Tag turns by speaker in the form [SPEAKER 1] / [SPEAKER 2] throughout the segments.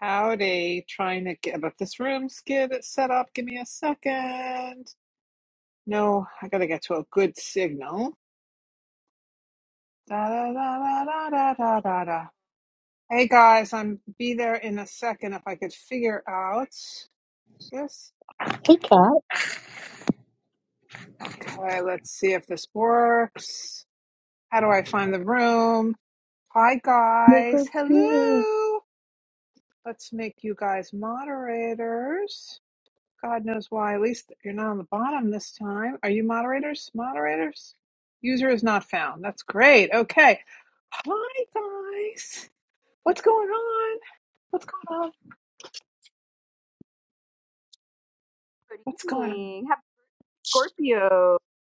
[SPEAKER 1] Howdy, trying to get about this room, skid it set up. Give me a second. No, I gotta get to a good signal. da da da da da da da. da. Hey guys, I'm be there in a second if I could figure out this.
[SPEAKER 2] Hey, Kat.
[SPEAKER 1] Okay, let's see if this works. How do I find the room? Hi
[SPEAKER 2] You're
[SPEAKER 1] guys,
[SPEAKER 2] first here.
[SPEAKER 1] hello. Let's make you guys moderators. God knows why. At least you're not on the bottom this time. Are you moderators? Moderators? User is not found. That's great. Okay. Hi, guys. What's going on? What's going on?
[SPEAKER 3] Good
[SPEAKER 1] What's going on?
[SPEAKER 3] evening. Happy Scorpio.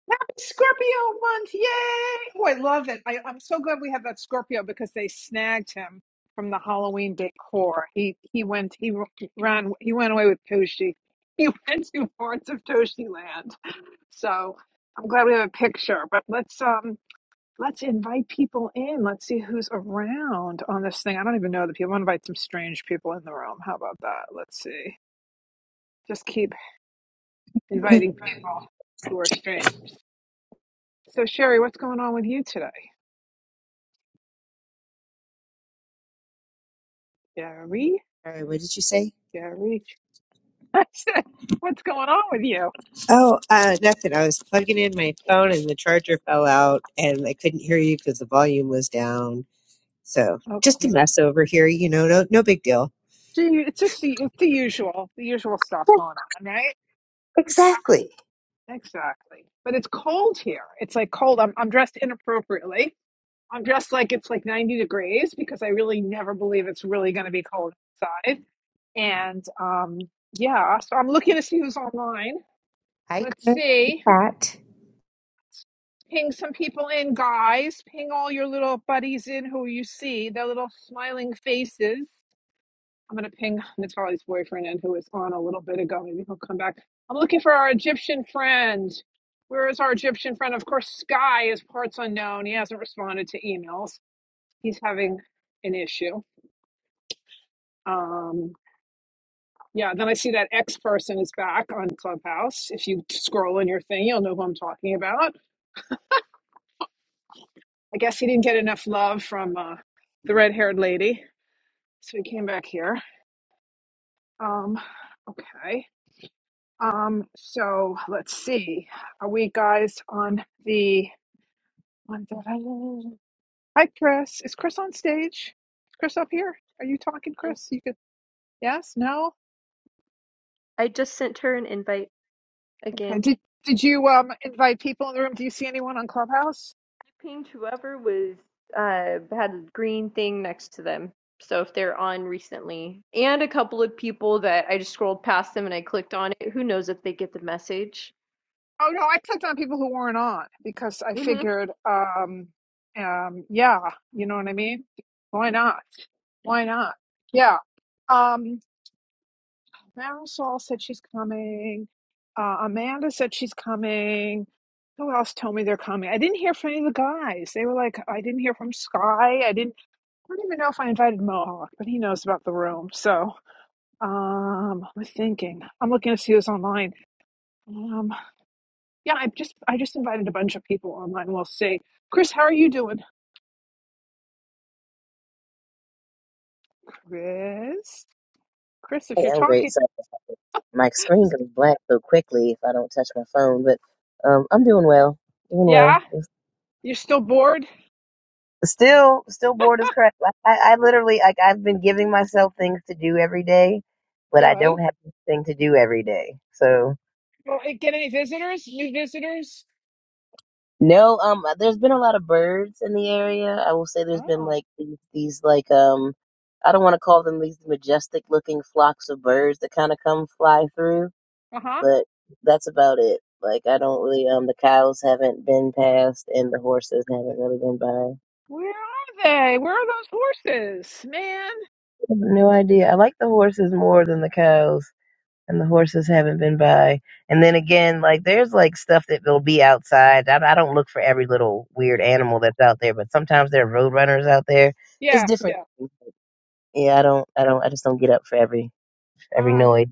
[SPEAKER 1] Happy Scorpio month. Yay. Oh, I love it. I, I'm so glad we have that Scorpio because they snagged him from the Halloween decor. He he went he ran he went away with Toshi. He went to parts of Toshi land. So I'm glad we have a picture, but let's um Let's invite people in. Let's see who's around on this thing. I don't even know the people. I'm gonna invite some strange people in the room. How about that? Let's see. Just keep inviting
[SPEAKER 2] Hey.
[SPEAKER 1] people who are strange. So Sherry, what's going on with you today? Sherry,
[SPEAKER 2] Sorry, what did you say?
[SPEAKER 1] Sherry, I said, what's going on with you?
[SPEAKER 2] Oh, uh, nothing. I was plugging in my phone and the charger fell out, and I couldn't hear you because the volume was down. So just a
[SPEAKER 1] Okay.
[SPEAKER 2] mess over here, you know. No, no big deal.
[SPEAKER 1] Do you, it's just the, it's the usual, the usual stuff
[SPEAKER 2] Yeah,
[SPEAKER 1] going on, right?
[SPEAKER 2] exactly.
[SPEAKER 1] Exactly. But it's cold here. It's like cold. I'm I'm dressed inappropriately I'm dressed like it's like 90 degrees because I really never believe it's really going to be cold outside. And um, yeah, so I'm looking to see who's online.
[SPEAKER 2] Hi,
[SPEAKER 1] Let's see.
[SPEAKER 2] Cat.
[SPEAKER 1] Ping some people in, guys. Ping all your little buddies in who you see, their little smiling faces. I'm going to ping Natalie's boyfriend in who was on a little bit ago. Maybe he'll come back. I'm looking for our Egyptian friend. Where is our Egyptian friend? Of course, Sky is parts unknown. He hasn't responded to emails. He's having an issue. Um, yeah, then I see that X person is back on Clubhouse. If you scroll in your thing, you'll know who I'm talking about. I guess he didn't get enough love from uh, the red haired lady, so he came back here. Um, okay. Um, so let's see. Are we guys on the. Hi, Chris. Is Chris on stage? Is Chris up here? Are you talking,
[SPEAKER 3] And
[SPEAKER 1] Chris? You could. Yes? No?
[SPEAKER 3] I just sent her an invite
[SPEAKER 1] Okay.
[SPEAKER 3] again.
[SPEAKER 1] Did Did you um invite people in the room? Do you see anyone on Clubhouse?
[SPEAKER 3] I pinged whoever was uh had a green thing next to them. So if they're on recently, and a couple of people that I just scrolled past them and I clicked on it, who knows if they get the message?
[SPEAKER 1] Oh no, I clicked on people who weren't on because I
[SPEAKER 3] hmm
[SPEAKER 1] figured, um, um, yeah, you know what I mean? Why not? Why not? Yeah. Um, Marisol said she's coming. Uh, Amanda said she's coming. Who else told me they're coming? I didn't hear from any of the guys. They were like, I didn't hear from Sky. I didn't. I don't even know if I invited Mohawk, but he knows about the room. So, um, I'm thinking. I'm looking to see who's online. Um, Yeah, I just I just invited a bunch of people online. We'll see. Chris, how are you doing? Chris, Chris,
[SPEAKER 4] I
[SPEAKER 1] if you're
[SPEAKER 4] am great.
[SPEAKER 1] talking,
[SPEAKER 4] Sorry, my screen goes black so quickly if I don't touch my phone, but um, I'm doing well. Doing
[SPEAKER 1] yeah,
[SPEAKER 4] well.
[SPEAKER 1] you're still bored.
[SPEAKER 4] Still, still bored as crap. Like, I, I literally, like, I've been giving myself things to do every day, but I
[SPEAKER 1] Good.
[SPEAKER 4] don't have anything to do every day. So
[SPEAKER 1] Well, eh, get any visitors? New visitors?
[SPEAKER 4] no, um, there's been a lot of birds in the area. I will say there's been
[SPEAKER 1] Oh,
[SPEAKER 4] like these, these like um, I don't want to call them these majestic looking flocks of birds that kind of come fly through.
[SPEAKER 1] uh huh.
[SPEAKER 4] but that's about it. Like I don't really um the cows haven't been passed and the horses haven't really been by. I
[SPEAKER 1] Where are they? Where are those horses, man?
[SPEAKER 4] have no idea. I like the horses more than the cows and the horses haven't been by. And then again, like there's like stuff that will be outside. I, I don't look for every little weird animal that's out there, but sometimes there are road runners out there. It's
[SPEAKER 1] Yeah,
[SPEAKER 4] different.
[SPEAKER 1] yeah.
[SPEAKER 4] Yeah, I don't I don't I just don't get up for every every
[SPEAKER 1] All right.
[SPEAKER 4] noise.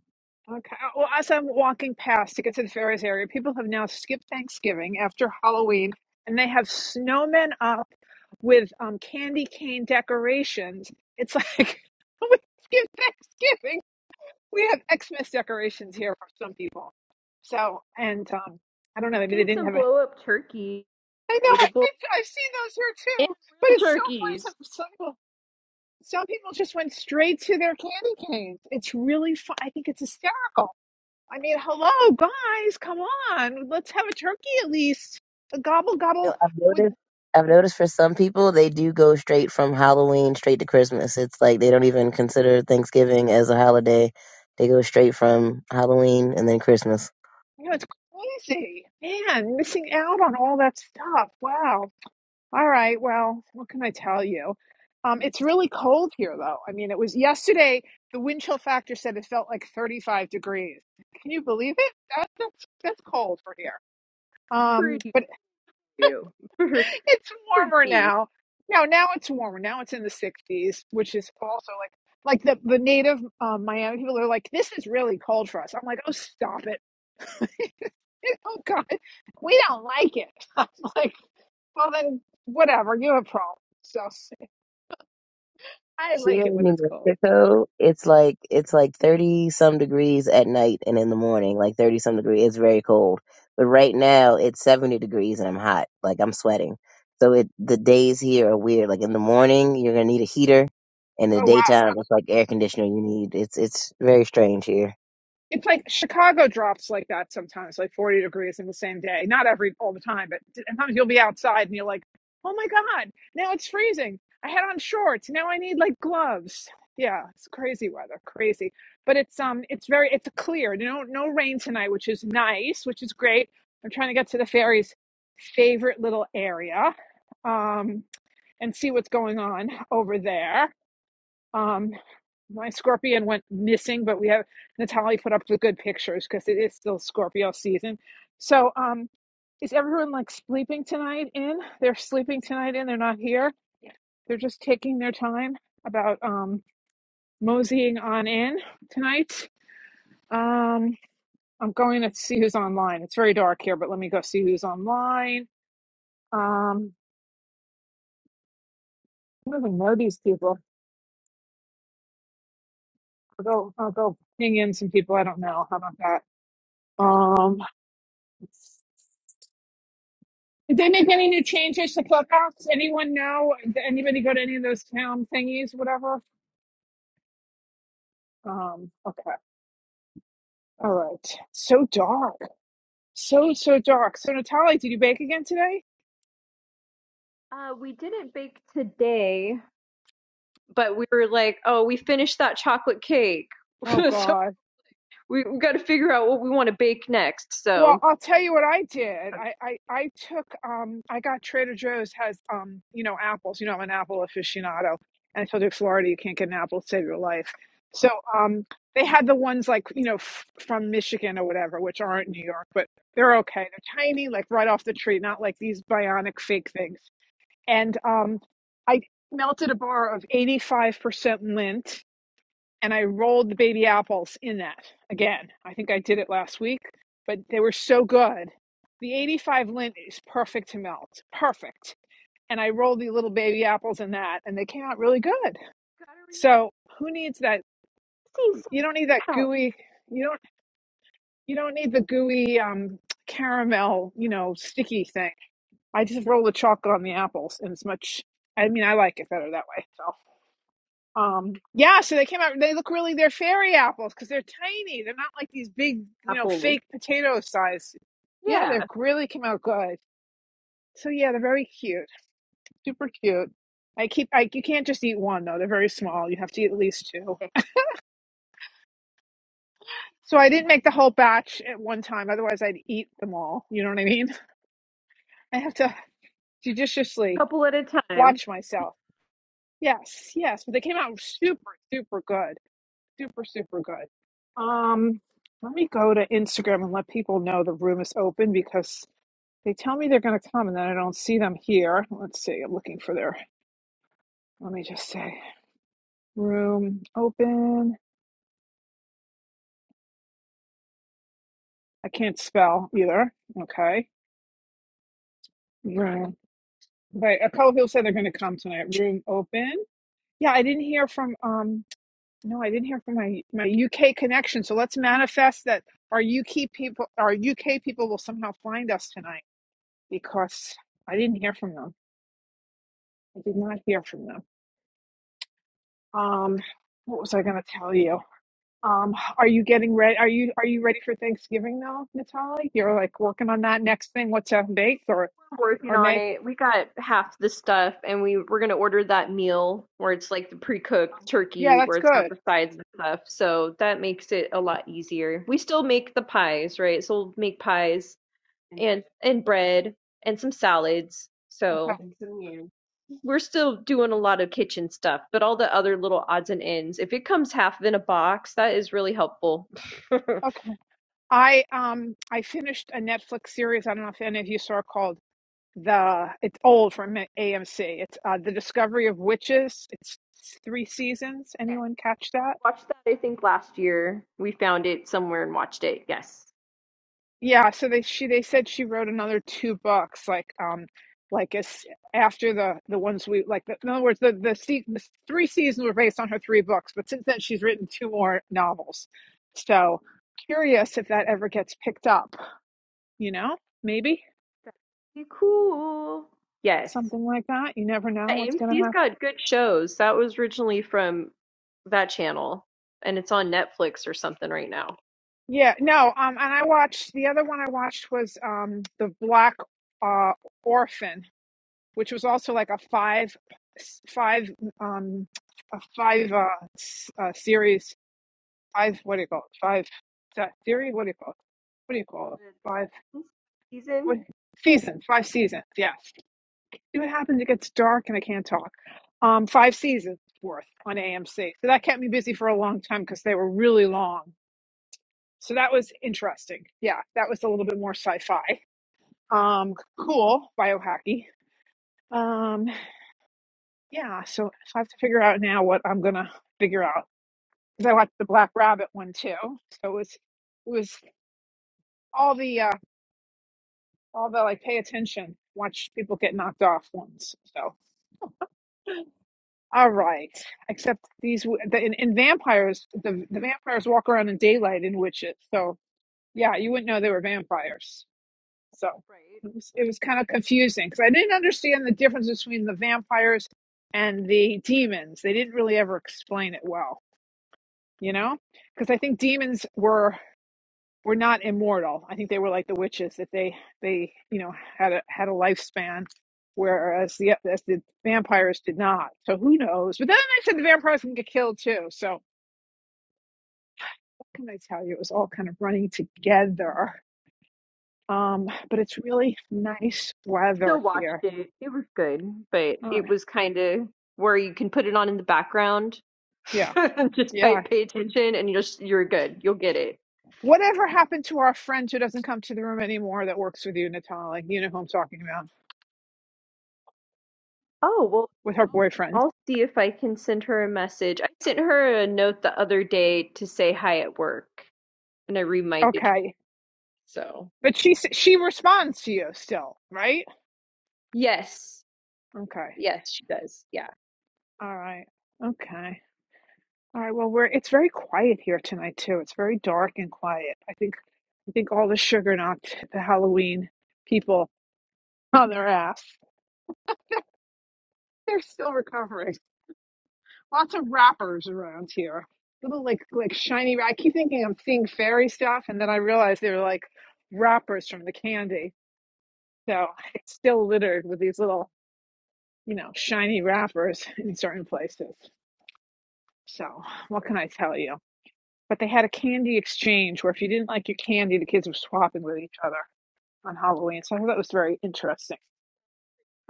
[SPEAKER 1] Okay. uh, Well, as I'm walking past to get to the Ferris area, people have now skipped Thanksgiving after Halloween, and they have snowmen up with um, candy cane decorations. It's like we skip Thanksgiving. We have Xmas decorations here for some people. So, and um, I don't know. Maybe they
[SPEAKER 3] Seen
[SPEAKER 1] didn't
[SPEAKER 3] some
[SPEAKER 1] have a.
[SPEAKER 3] blow up turkey,
[SPEAKER 1] I know. I,
[SPEAKER 3] relatable
[SPEAKER 1] I, I've seen those here
[SPEAKER 3] and
[SPEAKER 1] too. But
[SPEAKER 3] real
[SPEAKER 1] it's so funny. Some,
[SPEAKER 3] turkeys.
[SPEAKER 1] some people, some people just went straight to their candy canes. It's really fun. I think it's hysterical I mean, hello, guys, come on. Let's have a turkey at least. A gobble
[SPEAKER 4] No,
[SPEAKER 1] gobble
[SPEAKER 4] I've
[SPEAKER 1] with,
[SPEAKER 4] noticed. I've noticed for some people they do go straight from Halloween straight to Christmas. It's like they don't even consider Thanksgiving as a holiday. They go straight from Halloween and then Christmas.
[SPEAKER 1] you know, it's crazy. Man, missing out on all that stuff. Wow. All right, well, what can I tell you? Um, it's really cold here, though. I mean, it was yesterday, the wind chill factor said it felt like 35 degrees. Can you believe it? That, that's, that's cold for here. Um,
[SPEAKER 3] Pretty
[SPEAKER 1] but
[SPEAKER 3] few.
[SPEAKER 1] it's warmer
[SPEAKER 3] Pretty.
[SPEAKER 1] now. No, now it's warmer. Now it's in the 60s, which is also like like the the native um, Miami people are like, this is really cold for us. I'm like, oh, stop it. oh God, we don't like it. I'm like, well then, whatever. You have a problem. So I
[SPEAKER 4] Here
[SPEAKER 1] like it
[SPEAKER 4] in
[SPEAKER 1] when it's
[SPEAKER 4] New
[SPEAKER 1] cold.
[SPEAKER 4] Mexico, it's like it's like 30 some degrees at night and in the morning, like 30 some degree. It's very cold. But right now it's 70 degrees and I'm hot. Like I'm sweating. So it the days here are weird. Like in the morning, you're gonna need a heater. In
[SPEAKER 1] Oh
[SPEAKER 4] the
[SPEAKER 1] well.
[SPEAKER 4] daytime, it's like air conditioner you need. It's it's very strange here.
[SPEAKER 1] It's like Chicago drops like that sometimes, like 40 degrees in the same day. Not every all the time, but sometimes you'll be outside and you're like, "Oh my God, now it's freezing. I had on shorts. Now I need like gloves." Yeah, it's crazy weather, crazy. But it's um it's very it's clear. No no rain tonight, which is nice, which is great. I'm trying to get to the fairies' favorite little area um and see what's going on over there. Um, my scorpion went missing, but we have Natalie put up the good pictures because it is still Scorpio season. So, um, is everyone like sleeping tonight in? They're sleeping tonight in. They're not here. They're just taking their time about um moseying on in tonight. Um, I'm going to see who's online. It's very dark here, but let me go see who's online. Um, I don't even know these people. I'll go. I'll go ping in some people I don't know. How about that? Um. Did they make any new changes to Clubhouse? Anyone know? Did anybody go to any of those town thingies, whatever? Um, okay. All right. So dark. So, so dark. So, Natalie, did you bake again today?
[SPEAKER 3] Uh, we didn't bake today. but we were like, oh, we finished that chocolate cake.
[SPEAKER 1] Oh,
[SPEAKER 3] so
[SPEAKER 1] God.
[SPEAKER 3] we, we got to figure out what we want to bake next.
[SPEAKER 1] Well,
[SPEAKER 3] So
[SPEAKER 1] I'll tell you what I did.
[SPEAKER 3] I just
[SPEAKER 1] I I, I took um I got Trader Joe's has um you know apples. You know I'm an apple aficionado, and I told you Florida you can't get an apple to save your life. So um they had the ones like you know f- from Michigan or whatever, which aren't New York, but they're okay. They're tiny, like right off the tree, not like these bionic fake things. And um I melted a bar of 85% lint and I rolled the baby apples in that again. I think I did it last week, but they were so good. The 85 lint is perfect to melt, perfect. And I rolled the little baby apples in that, and they came out really good.
[SPEAKER 3] got to remember
[SPEAKER 1] So who needs that?
[SPEAKER 3] to see
[SPEAKER 1] You don't need that
[SPEAKER 3] some count
[SPEAKER 1] gooey. You don't. You don't need the gooey um, caramel. You know, sticky thing. I just roll the chocolate on the apples, and it's much. I mean, I like it better that way. So. Um, yeah, so they came out. They look really they're fairy apples because they're tiny. They're not like these big, you know,
[SPEAKER 3] apples.
[SPEAKER 1] fake potato size. Yeah,
[SPEAKER 3] Yeah,
[SPEAKER 1] they really came out good. So yeah, they're very cute, super cute. I keep I you can't just eat one though. They're very small. You have to eat at least two.
[SPEAKER 3] a
[SPEAKER 1] So I didn't make the whole batch at one time. Otherwise, I'd eat them all. You know what I mean? I have to judiciously
[SPEAKER 3] couple at a time.
[SPEAKER 1] watch myself. Yes, yes, but they came out super, super good. Super, super good. Um, let me go to Instagram and let people know the room is open because they tell me they're going to come and then I don't see them here. Let's see. I'm looking for their, let me just say, room open. I can't spell either. Okay. Room. But a couple people said they're going to come tonight. Room open. Yeah, I didn't hear from, um, no, I didn't hear from my, my UK connection. So let's manifest that our UK people, our UK people will somehow find us tonight. because I didn't hear from them. I did not hear from them. Um, what was I going to tell you? Um, are you getting ready? Are you are you ready for Thanksgiving now, Natalie? You're like working on that next thing. What to bake or
[SPEAKER 3] We're working
[SPEAKER 1] or
[SPEAKER 3] on
[SPEAKER 1] make?
[SPEAKER 3] it. We got half the stuff, and we we're gonna order that meal where it's like the pre-cooked turkey,
[SPEAKER 1] Yeah,
[SPEAKER 3] where
[SPEAKER 1] that's
[SPEAKER 3] it's got
[SPEAKER 1] good.
[SPEAKER 3] the sides and stuff. So that makes it a lot easier. We still make the pies, right? So we'll make pies and and bread and some salads.
[SPEAKER 1] Okay,
[SPEAKER 3] So we're still doing a lot of kitchen stuff, but all the other little odds and ends. If it comes half in a box, that is really helpful.
[SPEAKER 1] okay. I um I finished a Netflix series. I don't know if any of you saw it called the. It's old from AMC. It's uh, the Discovery of Witches. It's three seasons.
[SPEAKER 3] Yeah,
[SPEAKER 1] Anyone catch that?
[SPEAKER 3] watched that I think last year. We found it somewhere and watched it. Yes.
[SPEAKER 1] Yeah, so they she they said she wrote another two books, like um, like as after the the ones we like. The, in other words, the the, se- the three seasons were based on her three books, but since then she's written two more novels. So curious if that ever gets picked up. You know, maybe
[SPEAKER 3] That'd be cool. Yes.
[SPEAKER 1] something like that. You never
[SPEAKER 3] Yeah,
[SPEAKER 1] know what's gonna
[SPEAKER 3] AMC's
[SPEAKER 1] happen.
[SPEAKER 3] got good shows. That was originally from that channel, and it's on Netflix or something right now.
[SPEAKER 1] Yeah, no. Um, and I watched the other one. I watched was um the Black uh Orphan which was also like a five five um a five uh, uh series five what do you call it five is that theory what do you call it what do you call it five
[SPEAKER 3] Season.
[SPEAKER 1] what season five seasons yes see what happens it gets dark and I can't talk um five seasons worth on AMC so that kept me busy for a long time because they were really long so that was interesting yeah that was a little bit more sci-fi um cool biohacky Um, Yeah, so, so I have to figure out now what I'm gonna figure out because I watched the Black Rabbit one too. So it was it was all the uh all the like pay attention, watch people get knocked off ones. So all right, except these w- the, in, in vampires, the the vampires walk around in daylight in witches. So yeah, you wouldn't know they were vampires. So
[SPEAKER 3] Right.
[SPEAKER 1] it was, it was kind of confusing because I didn't understand the difference between the vampires and the demons. They didn't really ever explain it well. you know because i think demons were were not immortal i think they were like the witches that they they you know had a had a lifespan whereas the as the vampires did not so who knows but then i said the vampires can get killed too so what can i tell you it was all kind of running together um but it's really nice
[SPEAKER 3] I still
[SPEAKER 1] weather
[SPEAKER 3] watched
[SPEAKER 1] here
[SPEAKER 3] it. It was good, but
[SPEAKER 1] uh,
[SPEAKER 3] it was kind of where you can put it on in the background.
[SPEAKER 1] yeah
[SPEAKER 3] just pay,
[SPEAKER 1] yeah
[SPEAKER 3] pay attention and you're just, you're good. You'll get it.
[SPEAKER 1] whatever happened to our friend who doesn't come to the room anymore that works with you natalie you know who i'm talking about
[SPEAKER 3] Oh, well,
[SPEAKER 1] with her
[SPEAKER 3] I'll
[SPEAKER 1] boyfriend
[SPEAKER 3] I'll see if I can send her a message. I sent her a note the other day to say hi at work, and I reminded her.
[SPEAKER 1] okay
[SPEAKER 3] So,
[SPEAKER 1] But she s- she responds to you still, right?
[SPEAKER 3] yes.
[SPEAKER 1] Okay.
[SPEAKER 3] Yes, she does. Yeah.
[SPEAKER 1] All right. Okay. All right. Well, we're it's very quiet here tonight too. It's very dark and quiet. I think I think all the sugar knocked the Halloween people on their ass. They're still recovering. Lots of wrappers around here. Little like like shiny. I keep thinking I'm seeing fairy stuff, and then I realize they're like wrappers from the candy. So it's still littered with these little you know shiny wrappers in certain places. So, what can I tell you? But they had a candy exchange where if you didn't like your candy, the kids were swapping with each other on Halloween. So I thought that was very interesting.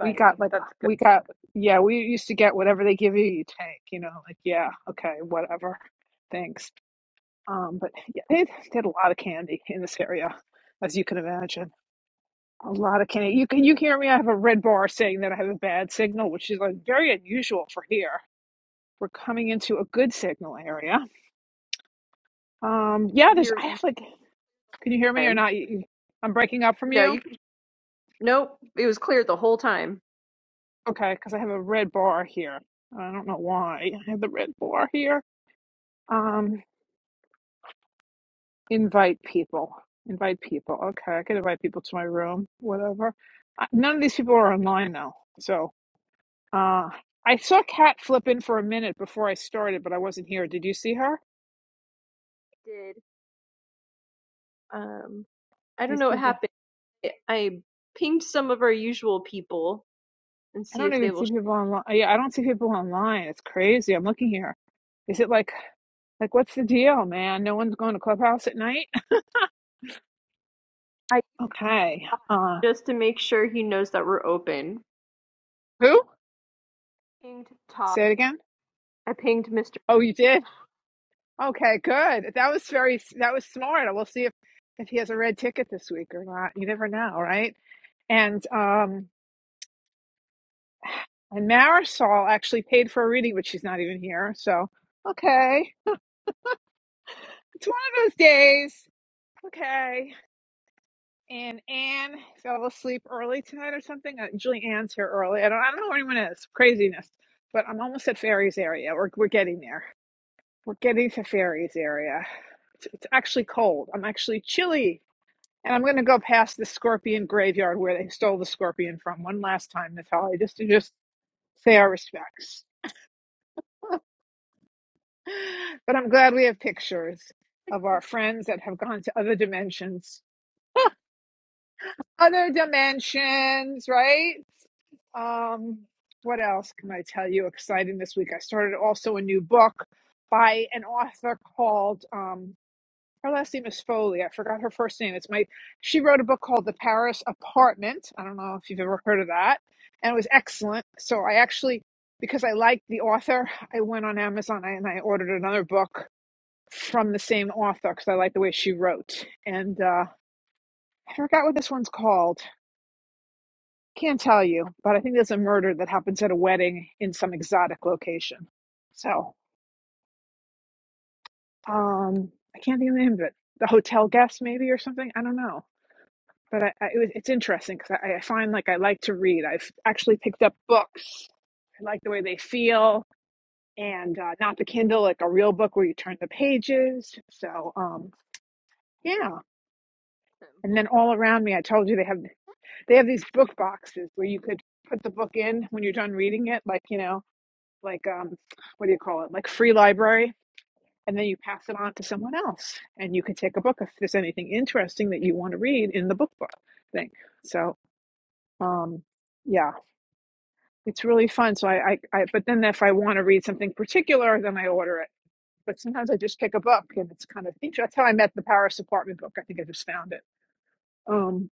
[SPEAKER 1] We got like
[SPEAKER 3] That's good.
[SPEAKER 1] we got yeah, we used to get whatever they give you, you take, you know, like yeah, okay, whatever. Thanks. Um, but yeah, they they had a lot of candy in this area, as you can imagine. A lot of candy. You can you hear me? I have a red bar saying that I have a bad signal, which is like very unusual for here. We're coming into a good signal area. Um, yeah, there's
[SPEAKER 3] You're,
[SPEAKER 1] I
[SPEAKER 3] you
[SPEAKER 1] have like
[SPEAKER 3] the whole
[SPEAKER 1] Can you hear me or
[SPEAKER 3] time.
[SPEAKER 1] not? You- you- I'm breaking up from
[SPEAKER 3] No,
[SPEAKER 1] you?
[SPEAKER 3] you nope. It was clear the whole time.
[SPEAKER 1] Okay, because I have a red bar here. I don't know why I have the red bar here. Um, invite people. Invite people. Okay, I could invite people to my room, whatever. Uh, None of these people are online now. So, uh, I saw Kat flip in for a minute before I started, but I wasn't here. Did you see her?
[SPEAKER 3] Did um I don't
[SPEAKER 1] These
[SPEAKER 3] know what
[SPEAKER 1] people.
[SPEAKER 3] happened. I pinged some of our usual people and
[SPEAKER 1] I
[SPEAKER 3] see
[SPEAKER 1] don't
[SPEAKER 3] if they
[SPEAKER 1] even
[SPEAKER 3] will.
[SPEAKER 1] see
[SPEAKER 3] Sh-
[SPEAKER 1] people online. Uh, Yeah, I don't see people online. It's crazy. I'm looking here. Is it like like what's the deal, man? No one's going to clubhouse at night.
[SPEAKER 3] I
[SPEAKER 1] Okay. Uh,
[SPEAKER 3] just to make sure he knows that we're open.
[SPEAKER 1] who?
[SPEAKER 3] Pinged Todd.
[SPEAKER 1] Say it again.
[SPEAKER 3] I pinged Mr.
[SPEAKER 1] Oh, you did. Okay, good. That was very that was smart. We'll see if if he has a red ticket this week or not. You never know, right? And um, and Marisol actually paid for a reading, but she's not even here. So okay, it's one of those days. Okay. And Anne fell asleep early tonight or something. Uh, Julie Ann's here early. I don't I don't know where anyone is. Craziness. But I'm almost at Fairy's area. We're we're getting there. We're getting to Fairies area. It's, it's actually cold. I'm actually chilly. And I'm going to go past the scorpion graveyard where they stole the scorpion from one last time, Natalia, just to just say our respects. But I'm glad we have pictures of our friends that have gone to other dimensions. Other dimensions, right? Um, what else can I tell you exciting this week? I started also a new book by an author called um, her last name is Foley. I forgot her first name. It's my she wrote a book called The Paris Apartment. I don't know if you've ever heard of that. And it was excellent. So I actually because I liked the author, I went on Amazon and I ordered another book from the same author because I liked the way she wrote. And uh, I forgot what this one's called. Can't tell you, but I think there's a murder that happens at a wedding in some exotic location. So um, I can't think of the name of it. The hotel guest, maybe, or something. I don't know but I, I, it was, it's interesting because I, I find like I like to read. I've actually picked up books. I like the way they feel, and uh, not the Kindle, like a real book where you turn the pages. So um, yeah. And
[SPEAKER 3] Well,
[SPEAKER 1] then all around me, I told you they have they have these book boxes where you could put the book in when you're done reading it, like you know, like um, what do you call it, like free library. And then you pass it on to someone else, and you can take a book if there's anything interesting that you want to read in the book book thing. So um, yeah, It's really fun. So I, I, I but then if I want to read something particular, then I order it. But sometimes I just pick a book and it's kind of interesting. That's how I met the Paris apartment book. I think I just found it. Um,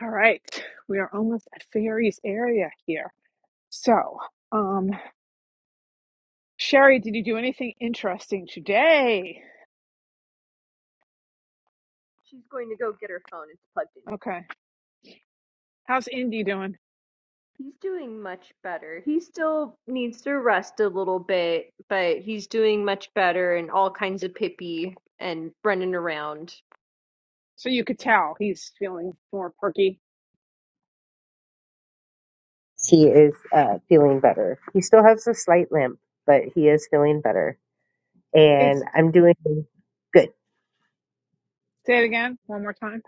[SPEAKER 1] all right. We are almost at Fairies area here. So, um, Sherry, did you do anything interesting today?
[SPEAKER 3] She's going to go get her phone. It's plugged in.
[SPEAKER 1] Okay. How's Indy doing?
[SPEAKER 3] He's doing much better. He still needs to rest a little bit, but he's doing much better and all kinds of pippy and running around.
[SPEAKER 1] So you could tell he's feeling more perky.
[SPEAKER 2] He is uh, feeling better. He still has a slight limp, but he is feeling better, and
[SPEAKER 1] It's
[SPEAKER 2] I'm doing good.
[SPEAKER 1] say it again one more time.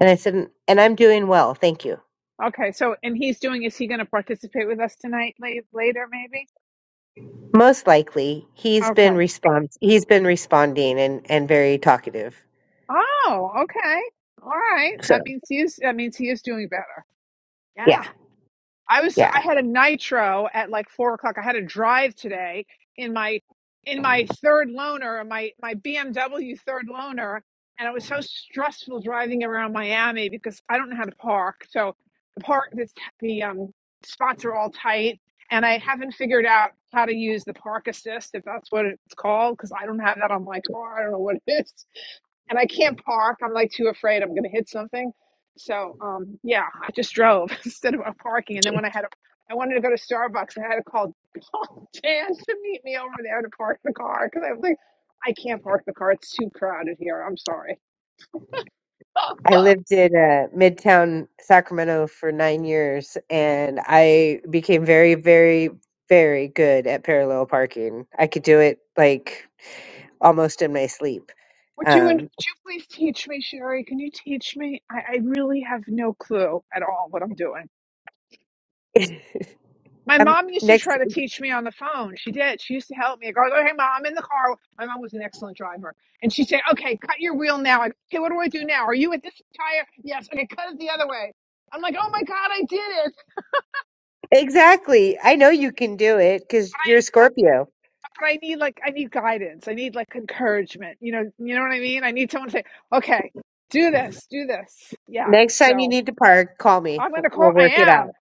[SPEAKER 2] And I said, and I'm doing well. Thank you.
[SPEAKER 1] Okay. So, and he's doing, is he going to participate with us tonight la- later, maybe?
[SPEAKER 2] Most likely, he's
[SPEAKER 1] Okay.
[SPEAKER 2] been respons he's been responding and and very talkative.
[SPEAKER 1] Oh, okay. All right. That
[SPEAKER 2] So,
[SPEAKER 1] means he is that means he is doing better.
[SPEAKER 2] yeah.
[SPEAKER 1] Yeah. I was I
[SPEAKER 2] Yeah.
[SPEAKER 1] had a nitro at like four o'clock. I had a drive today in my in my third loaner, my my BMW third loaner, and it was so stressful driving around Miami because I don't know how to park. So the park the, the um spots are all tight and I haven't figured out how to use the park assist if that's what it's called because I don't have that on my car. I don't know what it is and I can't park. I'm like too afraid I'm gonna hit something. So um yeah, I just drove instead of uh, parking. And then when I had a I wanted to go to Starbucks, I had to call Dan to meet me over there to park the car because I was like, I can't park the car. It's too crowded here. I'm sorry.
[SPEAKER 2] I lived in uh, Midtown Sacramento for 9 years and I became very very very good at parallel parking. I could do it like almost in my sleep.
[SPEAKER 1] Would you would
[SPEAKER 2] Um
[SPEAKER 1] you please teach me, Sherry? Can you teach me? I, I really have no clue at all what I'm doing. My
[SPEAKER 2] I'm
[SPEAKER 1] mom used to
[SPEAKER 2] next
[SPEAKER 1] try to teach me on the phone. She did. She used to help me. I go, hey, mom, I'm in the car. My mom was an excellent driver. And she'd say, okay, cut your wheel now. I go, okay, what do I do now? Are you at this tire? Yes. Okay, cut it the other way. I'm like, oh my God, I did it.
[SPEAKER 2] Exactly. I know you can do it cuz you're a
[SPEAKER 1] I, I,
[SPEAKER 2] Scorpio.
[SPEAKER 1] but I need like, I need guidance. I need like encouragement. You know, you know what I mean? I need someone to say, okay, do this, do this. Yeah.
[SPEAKER 2] Next time you
[SPEAKER 1] So
[SPEAKER 2] need to park, call me.
[SPEAKER 1] I'm going to call.
[SPEAKER 2] We'll
[SPEAKER 1] I
[SPEAKER 2] work it
[SPEAKER 1] am.
[SPEAKER 2] out.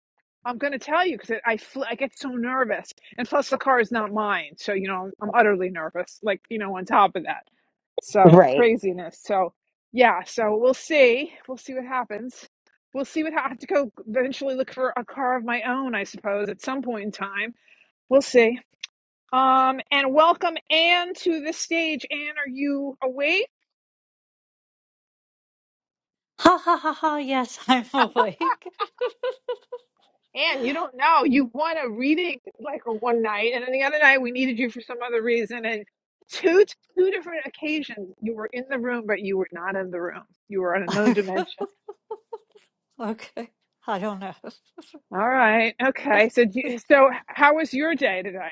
[SPEAKER 1] I'm going to tell you because I fl- I get so nervous, and plus the car is not mine, so you know I'm utterly nervous. Like you know, on top of that, so
[SPEAKER 2] Right.
[SPEAKER 1] craziness. So yeah, so we'll see. We'll see what happens. We'll see what ha- I have to go eventually look for a car of my own, I suppose, at some point in time. We'll see. Um, and welcome Anne to the stage. Anne, are you awake?
[SPEAKER 5] Ha ha ha ha, yes, I'm awake.
[SPEAKER 1] And you don't know. You want a reading it like one night, and then the other night we needed you for some other reason. And two two different occasions you were in the room, but you were not in the room. You were on another dimension.
[SPEAKER 5] okay, I don't know.
[SPEAKER 1] All right. Okay. So do you, so how was your day today?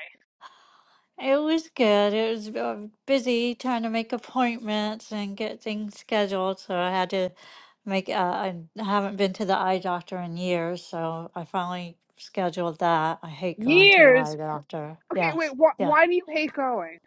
[SPEAKER 5] It was good. It was uh, busy trying to make appointments and get things scheduled, so I had to make. Uh, I haven't been to the eye doctor in years, so I finally scheduled that. I hate going to the eye
[SPEAKER 1] Years.
[SPEAKER 5] doctor.
[SPEAKER 1] Okay. Wait.
[SPEAKER 5] Yes,
[SPEAKER 1] Wh-
[SPEAKER 5] yeah,
[SPEAKER 1] why do you hate going?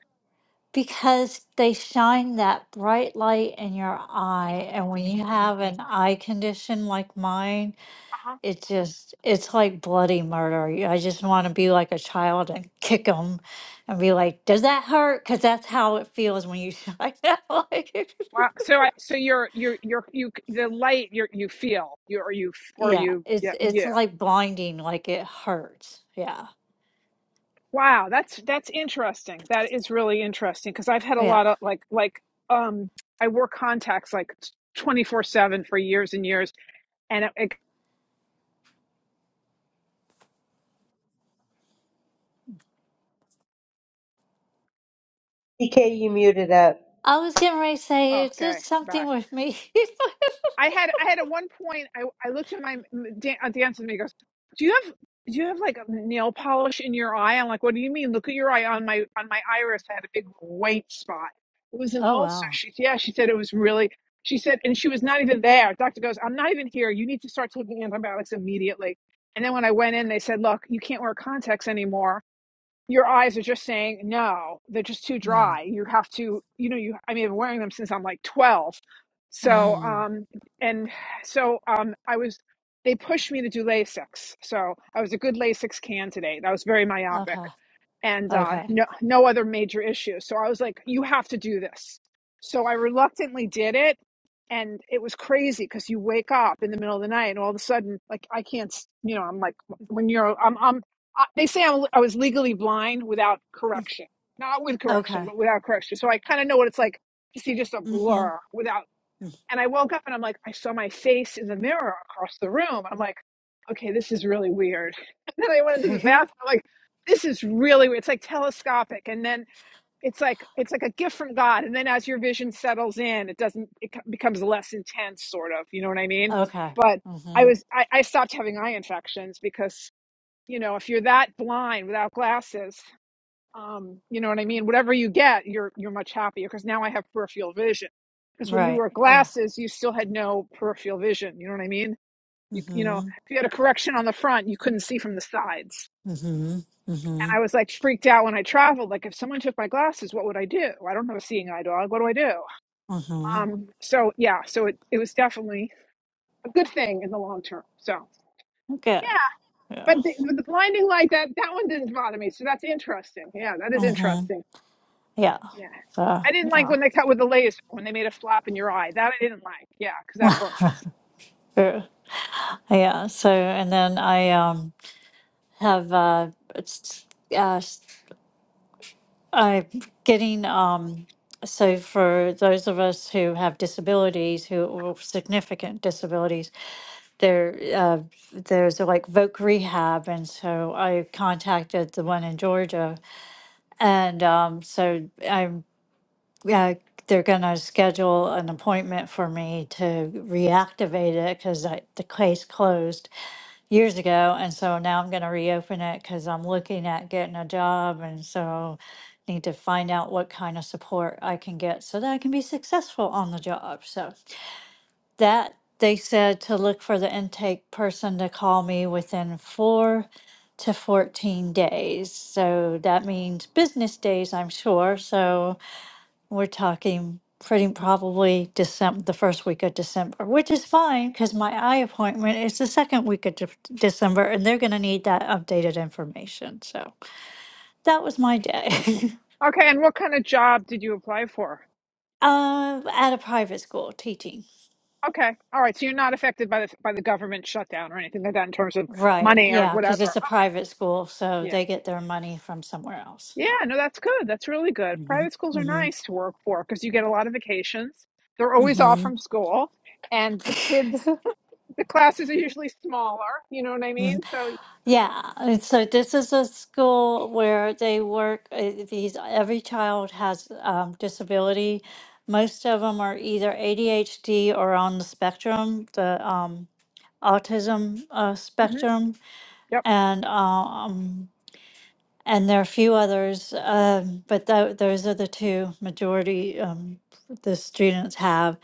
[SPEAKER 5] because they shine that bright light in your eye, and when you have an eye condition like mine.
[SPEAKER 1] Uh-huh.
[SPEAKER 5] it just it's like bloody murder i just want to be like a child and kick them and be like does that hurt because that's how it feels when you like that like
[SPEAKER 1] Wow. So I so you're you're you're you the light you you feel you or you or
[SPEAKER 5] yeah
[SPEAKER 1] you
[SPEAKER 5] it's
[SPEAKER 1] yeah
[SPEAKER 5] it's
[SPEAKER 1] yeah.
[SPEAKER 5] like blinding like it hurts yeah
[SPEAKER 1] Wow, that's that's interesting. That is really interesting because I've had a
[SPEAKER 5] yeah
[SPEAKER 1] lot of like like um I wore contacts like 24/7 for years and years and it, it
[SPEAKER 2] DK, you muted up.
[SPEAKER 5] i was getting ready to say it's
[SPEAKER 1] okay,
[SPEAKER 5] just something
[SPEAKER 1] back.
[SPEAKER 5] with me
[SPEAKER 1] I had I had at one point I I looked at my m- dan- uh, dance and he goes, "Do you have do you have like a nail polish in your eye?" I'm like, "What do you mean? Look at your eye on my on my iris. I had a big white spot. It was an
[SPEAKER 5] oh
[SPEAKER 1] ulcer."
[SPEAKER 5] wow
[SPEAKER 1] She yeah, she said it was really. She said, and she was not even there. Doctor goes, "I'm not even here. You need to start taking antibiotics immediately." And then when I went in, they said, "Look, you can't wear contacts anymore." your eyes are just saying no they're just too
[SPEAKER 5] mm.
[SPEAKER 1] dry you have to you know you i mean i've been wearing them since i'm like 12 so
[SPEAKER 5] Mm.
[SPEAKER 1] um and so um i was they pushed me to do lasix so i was a good lasix candidate i was very myopic
[SPEAKER 5] okay
[SPEAKER 1] and uh
[SPEAKER 5] okay
[SPEAKER 1] no no other major issues so i was like you have to do this so i reluctantly did it and it was crazy because you wake up in the middle of the night and all of a sudden like i can't s- you know i'm like when you're i'm i'm I, they say I'm, I was legally blind without correction, not with correction,
[SPEAKER 5] okay
[SPEAKER 1] but without correction. So I kind of know what it's like to see just a
[SPEAKER 5] mm-hmm
[SPEAKER 1] blur without. And I woke up and I'm like, I saw my face in the mirror across the room. I'm like, okay, this is really weird. And then I went into the bathroom. I'm like, this is really weird. It's like telescopic, and then it's like it's like a gift from God. And then as your vision settles in, it doesn't. It co- becomes less intense, sort of. You know what I mean?
[SPEAKER 5] okay
[SPEAKER 1] But I
[SPEAKER 5] mm-hmm
[SPEAKER 1] was I, I stopped having eye infections because you know if you're that blind without glasses um you know what i mean whatever you get you're you're much happier because now i have peripheral vision because when you
[SPEAKER 5] right
[SPEAKER 1] wore
[SPEAKER 5] yeah
[SPEAKER 1] glasses you still had no peripheral vision you know what i mean you you know
[SPEAKER 5] mm-hmm
[SPEAKER 1] if you had a correction on the front you couldn't see from the sides
[SPEAKER 5] mm-hmm mm-hmm
[SPEAKER 1] and i was like freaked out when i traveled like if someone took my glasses what would i do i don't have a seeing eye dog what do i do
[SPEAKER 5] mm-hmm
[SPEAKER 1] um so yeah so it, it was definitely a good thing in the long term so
[SPEAKER 5] okay
[SPEAKER 1] yeah.
[SPEAKER 5] Yeah.
[SPEAKER 1] But the, but the blinding light that that one didn't bother me. So that's interesting. Yeah, that is
[SPEAKER 5] hmm
[SPEAKER 1] interesting.
[SPEAKER 5] Yeah.
[SPEAKER 1] Yeah,
[SPEAKER 5] So
[SPEAKER 1] I didn't like
[SPEAKER 5] yeah.
[SPEAKER 1] when they cut with the laser when they made a flap in your eye. That I didn't like. Yeah, because that burns.
[SPEAKER 5] Very- Yeah. So and then I um have uh it's uh I'm getting um so for those of us who have disabilities who or significant disabilities there uh there's like voc rehab and so I contacted the one in Georgia and um so I'm uh, they're gonna schedule an appointment for me to reactivate it because the case closed years ago, and so now I'm gonna reopen it because I'm looking at getting a job, and so need to find out what kind of support I can get so that I can be successful on the job. So that they said to look for the intake person to call me within four to 14 days. So that means business days, I'm sure. So we're talking pretty probably December, the first week of December, which is fine because my eye appointment is the second week of Def- December, and they're going to need that updated information. So that was my day.
[SPEAKER 1] Okay, and what kind of job did you apply for?
[SPEAKER 5] um, at a private school teaching.
[SPEAKER 1] Okay, all right. So you're not affected by the by the government shutdown or anything like that in terms of
[SPEAKER 5] Right.
[SPEAKER 1] money or
[SPEAKER 5] Yeah, because
[SPEAKER 1] whatever.
[SPEAKER 5] it's a
[SPEAKER 1] Oh,
[SPEAKER 5] private school, so
[SPEAKER 1] yeah,
[SPEAKER 5] they get their money from somewhere else. So.
[SPEAKER 1] yeah. No, that's good. That's really good.
[SPEAKER 5] hmm
[SPEAKER 1] Private schools are
[SPEAKER 5] hmm
[SPEAKER 1] nice to work for because you get a lot of vacations. They're always off from school, and the kids the classes are usually smaller. You know what I
[SPEAKER 5] hmm
[SPEAKER 1] mean? So
[SPEAKER 5] Yeah, and so this is a school where they work. uh, These every child has um, disability. Most of them are either ADHD or on the spectrum, the um, autism uh,
[SPEAKER 1] hmm
[SPEAKER 5] spectrum,
[SPEAKER 1] Yep.
[SPEAKER 5] and um, and there are a few others, um, but tho- those are the two majority um, the students have.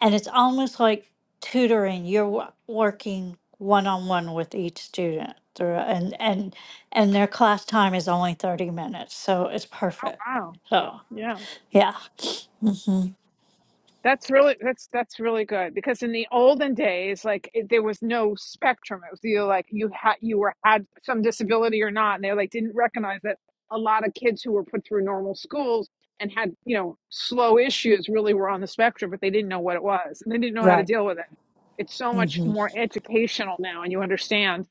[SPEAKER 5] And it's almost like tutoring. You're wo- working one on one with each student, through, and and and their class time is only thirty minutes, so it's perfect.
[SPEAKER 1] Wow.
[SPEAKER 5] So
[SPEAKER 1] Yeah.
[SPEAKER 5] yeah, Mm,
[SPEAKER 1] That's really that's that's really good because in the olden days, like it, there was no spectrum. It was either like you had you were had some disability or not, and they like didn't recognize that a lot of kids who were put through normal schools and had you know slow issues really were on the spectrum, but they didn't know what it was and they didn't know how to
[SPEAKER 5] right.
[SPEAKER 1] deal with it. It's so much
[SPEAKER 5] hmm
[SPEAKER 1] more educational now, and you understand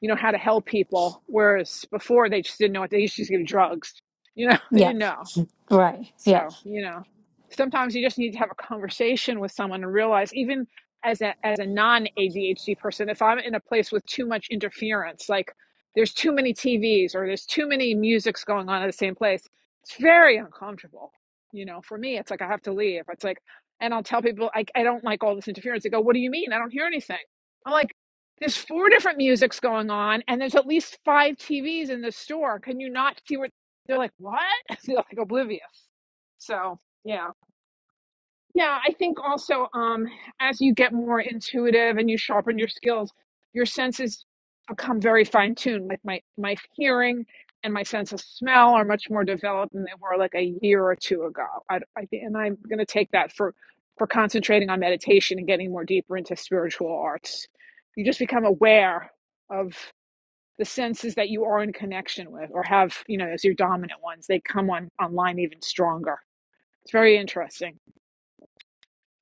[SPEAKER 1] you know how to help people, whereas before they just didn't know what they used to just give drugs. You know, they didn't
[SPEAKER 5] Yes,
[SPEAKER 1] know.
[SPEAKER 5] right.
[SPEAKER 1] So,
[SPEAKER 5] Yes.
[SPEAKER 1] you know, sometimes you just need to have a conversation with someone and realize even as a as a non-ADHD person, if I'm in a place with too much interference, like there's too many TVs or there's too many musics going on at the same place, it's very uncomfortable. You know, for me, it's like I have to leave. It's like, and I'll tell people I I don't like all this interference. They go, "What do you mean? I don't hear anything." I'm like, "There's four different musics going on, and there's at least five TVs in the store. Can you not see what?" They're like, "What?" They're like oblivious so yeah. Yeah, I think also um as you get more intuitive and you sharpen your skills, your senses become very fine tuned. Like my my hearing and my sense of smell are much more developed than they were like a year or two ago. I, I, and I'm going to take that for for concentrating on meditation and getting more deeper into spiritual arts. You just become aware of the senses that you are in connection with or have, you know, as your dominant ones. They come on online even stronger. It's very interesting.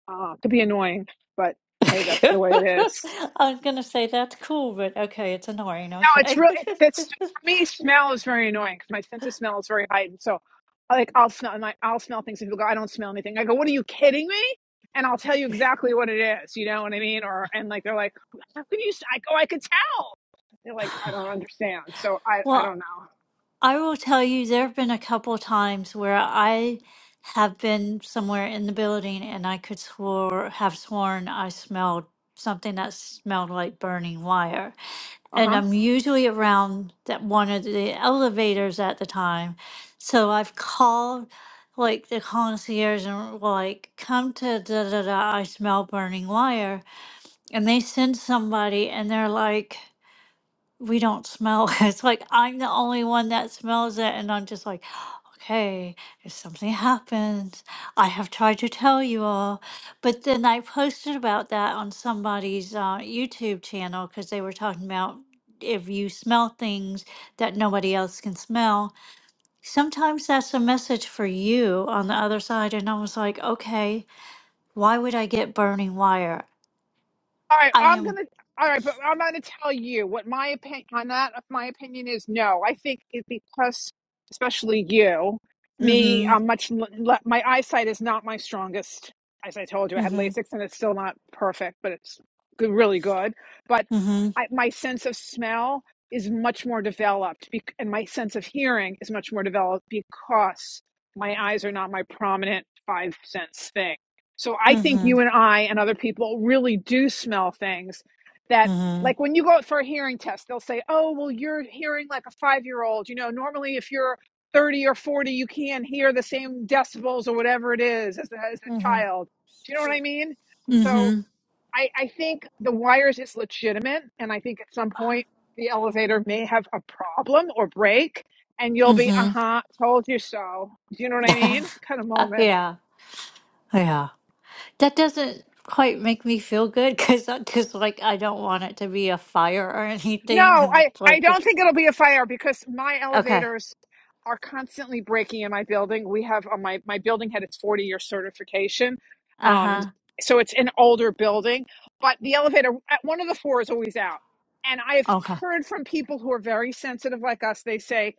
[SPEAKER 1] Uh, could be annoying, but hey, that's
[SPEAKER 5] I
[SPEAKER 1] the way it is.
[SPEAKER 5] was gonna say that's cool, but okay, it's annoying.
[SPEAKER 1] No, it's
[SPEAKER 5] Okay.
[SPEAKER 1] really it's, it's for me. Smell is very annoying because my sense of smell is very heightened. So, like, I'll smell and I, I'll smell things, and people go, "I don't smell anything." I go, "What are you kidding me?" And I'll tell you exactly what it is. You know what I mean? Or and like they're like, "How can you?" s-" I go, "I could tell." They're like, "I don't understand." So I I
[SPEAKER 5] Well,
[SPEAKER 1] don't know.
[SPEAKER 5] I will tell you, there have been a couple times where I have been somewhere in the building and I could swore have sworn I smelled something that smelled like burning wire.
[SPEAKER 1] Uh huh.
[SPEAKER 5] And I'm usually around that one of the elevators at the time. So I've called like the concierge and like come to da da da I smell burning wire and they send somebody and they're like we don't smell it. It's like I'm the only one that smells it. And I'm just like, okay, if something happens, I have tried to tell you all. But then I posted about that on somebody's uh, YouTube channel because they were talking about if you smell things that nobody else can smell. Sometimes that's a message for you on the other side. And I was like, okay, why would I get burning wire?
[SPEAKER 1] All right,
[SPEAKER 5] I
[SPEAKER 1] I'm
[SPEAKER 5] am.
[SPEAKER 1] gonna. All right, but I'm gonna tell you what my opinion on that. uh, My opinion is no. I think it because, especially you,
[SPEAKER 5] Mm
[SPEAKER 1] me,
[SPEAKER 5] hmm.
[SPEAKER 1] I'm much. l- le- My eyesight is not my strongest. As I told you, I
[SPEAKER 5] Mm
[SPEAKER 1] had
[SPEAKER 5] hmm.
[SPEAKER 1] LASIX, and it's still not perfect, but it's good, really good. But
[SPEAKER 5] Mm hmm.
[SPEAKER 1] I, my sense of smell is much more developed, bec- and my sense of hearing is much more developed because my eyes are not my prominent five sense thing. So I
[SPEAKER 5] Mm
[SPEAKER 1] think
[SPEAKER 5] hmm.
[SPEAKER 1] you and I and other people really do smell things that,
[SPEAKER 5] Mm
[SPEAKER 1] like when you go out for a hearing test, they'll say, oh, well, you're hearing like a five year old. You know, normally if you're 30 or 40, you can't hear the same decibels or whatever it is as, a, as
[SPEAKER 5] hmm.
[SPEAKER 1] a
[SPEAKER 5] Mm-hmm.
[SPEAKER 1] child. Do you know what I mean? So
[SPEAKER 5] Mm-hmm.
[SPEAKER 1] I, I think the wires is legitimate. And I think at some point the elevator may have a problem or break. And you'll be, uh
[SPEAKER 5] Mm-hmm.
[SPEAKER 1] huh, told you so. Do you know what I mean? Kind of moment.
[SPEAKER 5] yeah. Yeah. That doesn't quite make me feel good because I just like I don't want it to be a fire or anything.
[SPEAKER 1] No,
[SPEAKER 5] And
[SPEAKER 1] I,
[SPEAKER 5] it's
[SPEAKER 1] I
[SPEAKER 5] like
[SPEAKER 1] don't
[SPEAKER 5] it-
[SPEAKER 1] think it'll be a fire because my
[SPEAKER 5] okay.
[SPEAKER 1] elevators are constantly breaking in my building. We have uh, my my building had its 40 year certification. Um
[SPEAKER 5] Uh-huh.
[SPEAKER 1] and so it's an older building, but the elevator at one of the four is always out. And I've
[SPEAKER 5] Okay.
[SPEAKER 1] heard from people who are very sensitive like us, they say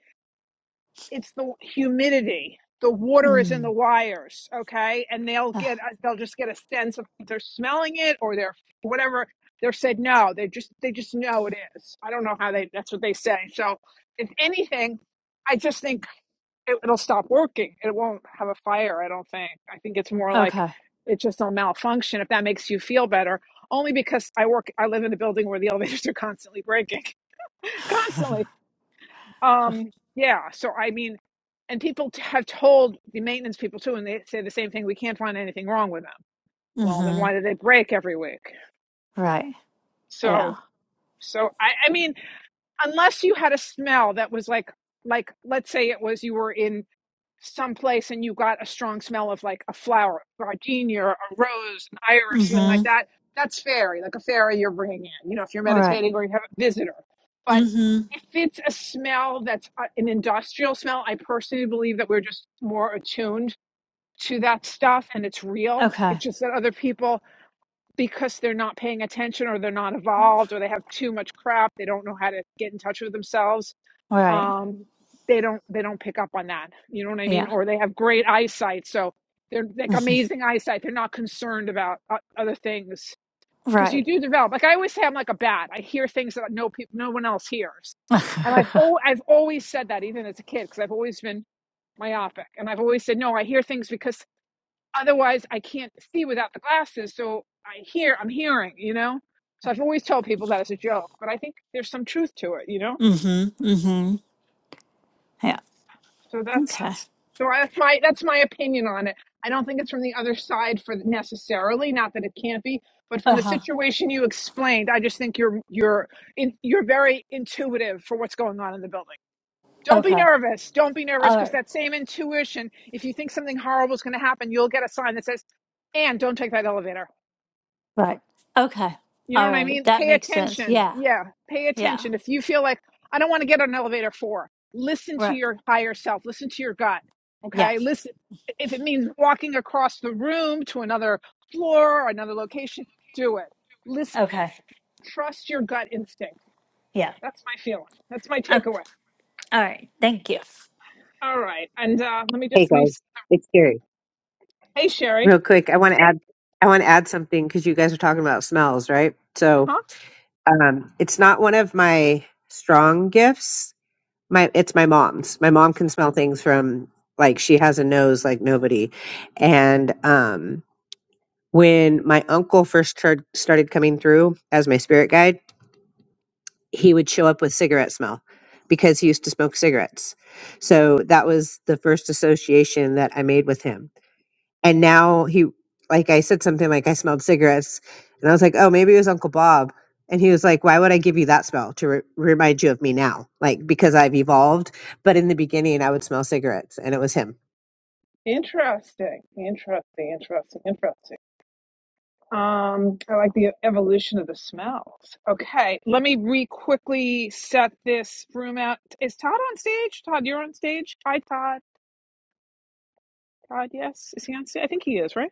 [SPEAKER 1] it's the humidity. The water is in the
[SPEAKER 5] Mm.
[SPEAKER 1] wires, okay? And they'll
[SPEAKER 5] Uh,
[SPEAKER 1] get they'll just get a sense of if they're smelling it or they're whatever. They're said no. They just they just know it is. I don't know how they that's what they say. So if anything, I just think it, it'll stop working. It won't have a fire. I don't think. I think it's more like
[SPEAKER 5] okay.
[SPEAKER 1] it just will malfunction. If that makes you feel better, only because I work I live in a building where the elevators are constantly breaking, constantly. Um, yeah, so I mean, and people t- have told the maintenance people too, and they say the same thing, we can't find anything wrong with them. Well, then
[SPEAKER 5] mm-hmm.
[SPEAKER 1] why do they break every week?
[SPEAKER 5] Right. Yeah.
[SPEAKER 1] So, so I, I mean, unless you had a smell that was like, like, let's say it was you were in someplace and you got a strong smell of like a flower, gardenia, a rose, an iris, something like
[SPEAKER 5] Mm-hmm.
[SPEAKER 1] that, that's fairy, like a fairy you're bringing in, you know, if you're
[SPEAKER 5] All right.
[SPEAKER 1] meditating or you have a visitor. But
[SPEAKER 5] Mm-hmm.
[SPEAKER 1] if it's a smell that's uh, an industrial smell, I personally believe that we're just more attuned to that stuff and it's real.
[SPEAKER 5] Okay.
[SPEAKER 1] It's just that other people, because they're not paying attention or they're not evolved or they have too much crap, they don't know how to get in touch with themselves
[SPEAKER 5] Right.
[SPEAKER 1] um, they don't they don't pick up on that. You know what I mean?
[SPEAKER 5] Yeah.
[SPEAKER 1] Or they have great eyesight, so they're like amazing eyesight. They're not concerned about o- other things because you
[SPEAKER 5] Right.
[SPEAKER 1] do develop. Like I always say, I'm like a bat. I hear things that no people, no one else hears, and I've
[SPEAKER 5] mm-hmm.
[SPEAKER 1] oh I've always said that even as a kid because I've always been myopic, and I've always said no. I hear things because otherwise I can't see without the glasses, so I hear I'm hearing. You know. So I've always told people that as a joke, but I think there's some truth to it, you know.
[SPEAKER 5] Mm-hmm. Yeah.
[SPEAKER 1] So that's
[SPEAKER 5] Okay.
[SPEAKER 1] So that's my that's my opinion on it. I don't think it's from the other side for necessarily, not that it can't be, but from the
[SPEAKER 5] Uh-huh.
[SPEAKER 1] situation you explained, I just think you're you're in, you're very intuitive for what's going on in the building. Don't be
[SPEAKER 5] Okay.
[SPEAKER 1] nervous. Don't be nervous
[SPEAKER 5] All right.
[SPEAKER 1] because that same intuition, if you think something horrible is going to happen, you'll get a sign that says, "And don't take that elevator."
[SPEAKER 5] Right. Okay.
[SPEAKER 1] You know
[SPEAKER 5] All
[SPEAKER 1] what I
[SPEAKER 5] right.
[SPEAKER 1] mean?
[SPEAKER 5] That
[SPEAKER 1] Pay
[SPEAKER 5] makes sense.
[SPEAKER 1] attention.
[SPEAKER 5] Yeah.
[SPEAKER 1] Yeah, pay
[SPEAKER 5] Yeah.
[SPEAKER 1] attention. If you feel like I don't want to get on elevator four, listen to
[SPEAKER 5] Right.
[SPEAKER 1] your higher self. Listen to your gut. Okay,
[SPEAKER 5] Yes.
[SPEAKER 1] listen. If it means walking across the room to another floor or another location, do it. Listen.
[SPEAKER 5] Okay.
[SPEAKER 1] Trust your gut instinct.
[SPEAKER 5] Yeah.
[SPEAKER 1] That's my feeling. That's my
[SPEAKER 5] Oh,
[SPEAKER 1] takeaway.
[SPEAKER 5] all right. Thank you.
[SPEAKER 1] All right, and uh, let me
[SPEAKER 2] Hey
[SPEAKER 1] just re.
[SPEAKER 2] guys, it's Gary.
[SPEAKER 1] Hey, Sherry.
[SPEAKER 2] Real quick, I want to add I want to add something because you guys are talking about smells, right?
[SPEAKER 1] Uh
[SPEAKER 2] So
[SPEAKER 1] huh.
[SPEAKER 2] um, it's not one of my strong gifts. My it's my mom's. My mom can smell things from like she has a nose like nobody. And um, when my uncle first turned started coming through as my spirit guide, he would show up with cigarette smell because he used to smoke cigarettes. So that was the first association that I made with him And now he, like I said something like I smelled cigarettes, and I was like, oh, maybe it was Uncle Bob. And he was like, why would I give you that smell to re- remind you of me now? Like, because I've evolved. But in the beginning, I would smell cigarettes, and it was him.
[SPEAKER 1] Interesting. Interesting. Interesting. Interesting. Um, I like the evolution of the smells. Okay, let me re quickly set this room out. Is Todd on stage? Todd, you're on stage. Hi, Todd. Todd, yes, is he on stage? I think he is, right?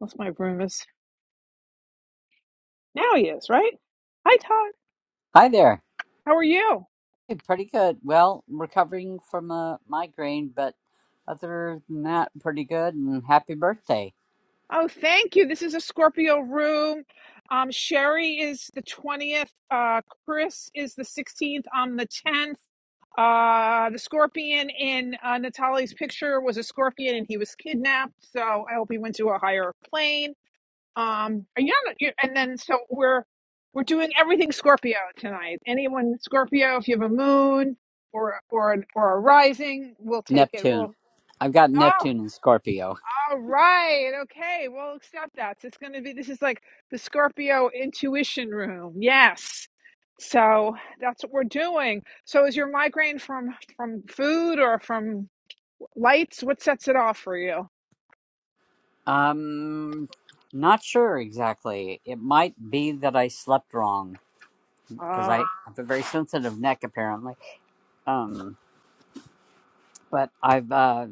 [SPEAKER 1] Unless my room is now. He is, right? Hi, Todd.
[SPEAKER 6] Hi there.
[SPEAKER 1] How are you?
[SPEAKER 6] Hey, Pretty good. Well, recovering from a migraine, but other than that, pretty good. And happy birthday,
[SPEAKER 1] Oh, thank you. This is a Scorpio room. Um, Sherry is the 20th. Uh, Chris is the 16th. I'm the 10th. Uh, the scorpion in uh, Natalie's picture was a scorpion and he was kidnapped. So I hope he went to a higher plane. Um, and yeah, you- and then so we're we're doing everything Scorpio tonight. Anyone Scorpio, if you have a moon or or an, or a rising, we'll take it.
[SPEAKER 6] Neptune.
[SPEAKER 1] We'll.
[SPEAKER 6] I've got
[SPEAKER 1] ah,
[SPEAKER 6] Neptune in Scorpio.
[SPEAKER 1] all right. Okay. We'll accept that. So it's going to be, this is like the Scorpio intuition room. Yes. So that's what we're doing. So is your migraine from, from food or from lights? What sets it off for you?
[SPEAKER 6] Um, not sure exactly. It might be that I slept wrong because I
[SPEAKER 1] Oh,
[SPEAKER 6] have a very sensitive neck, apparently. Um, but I've uh,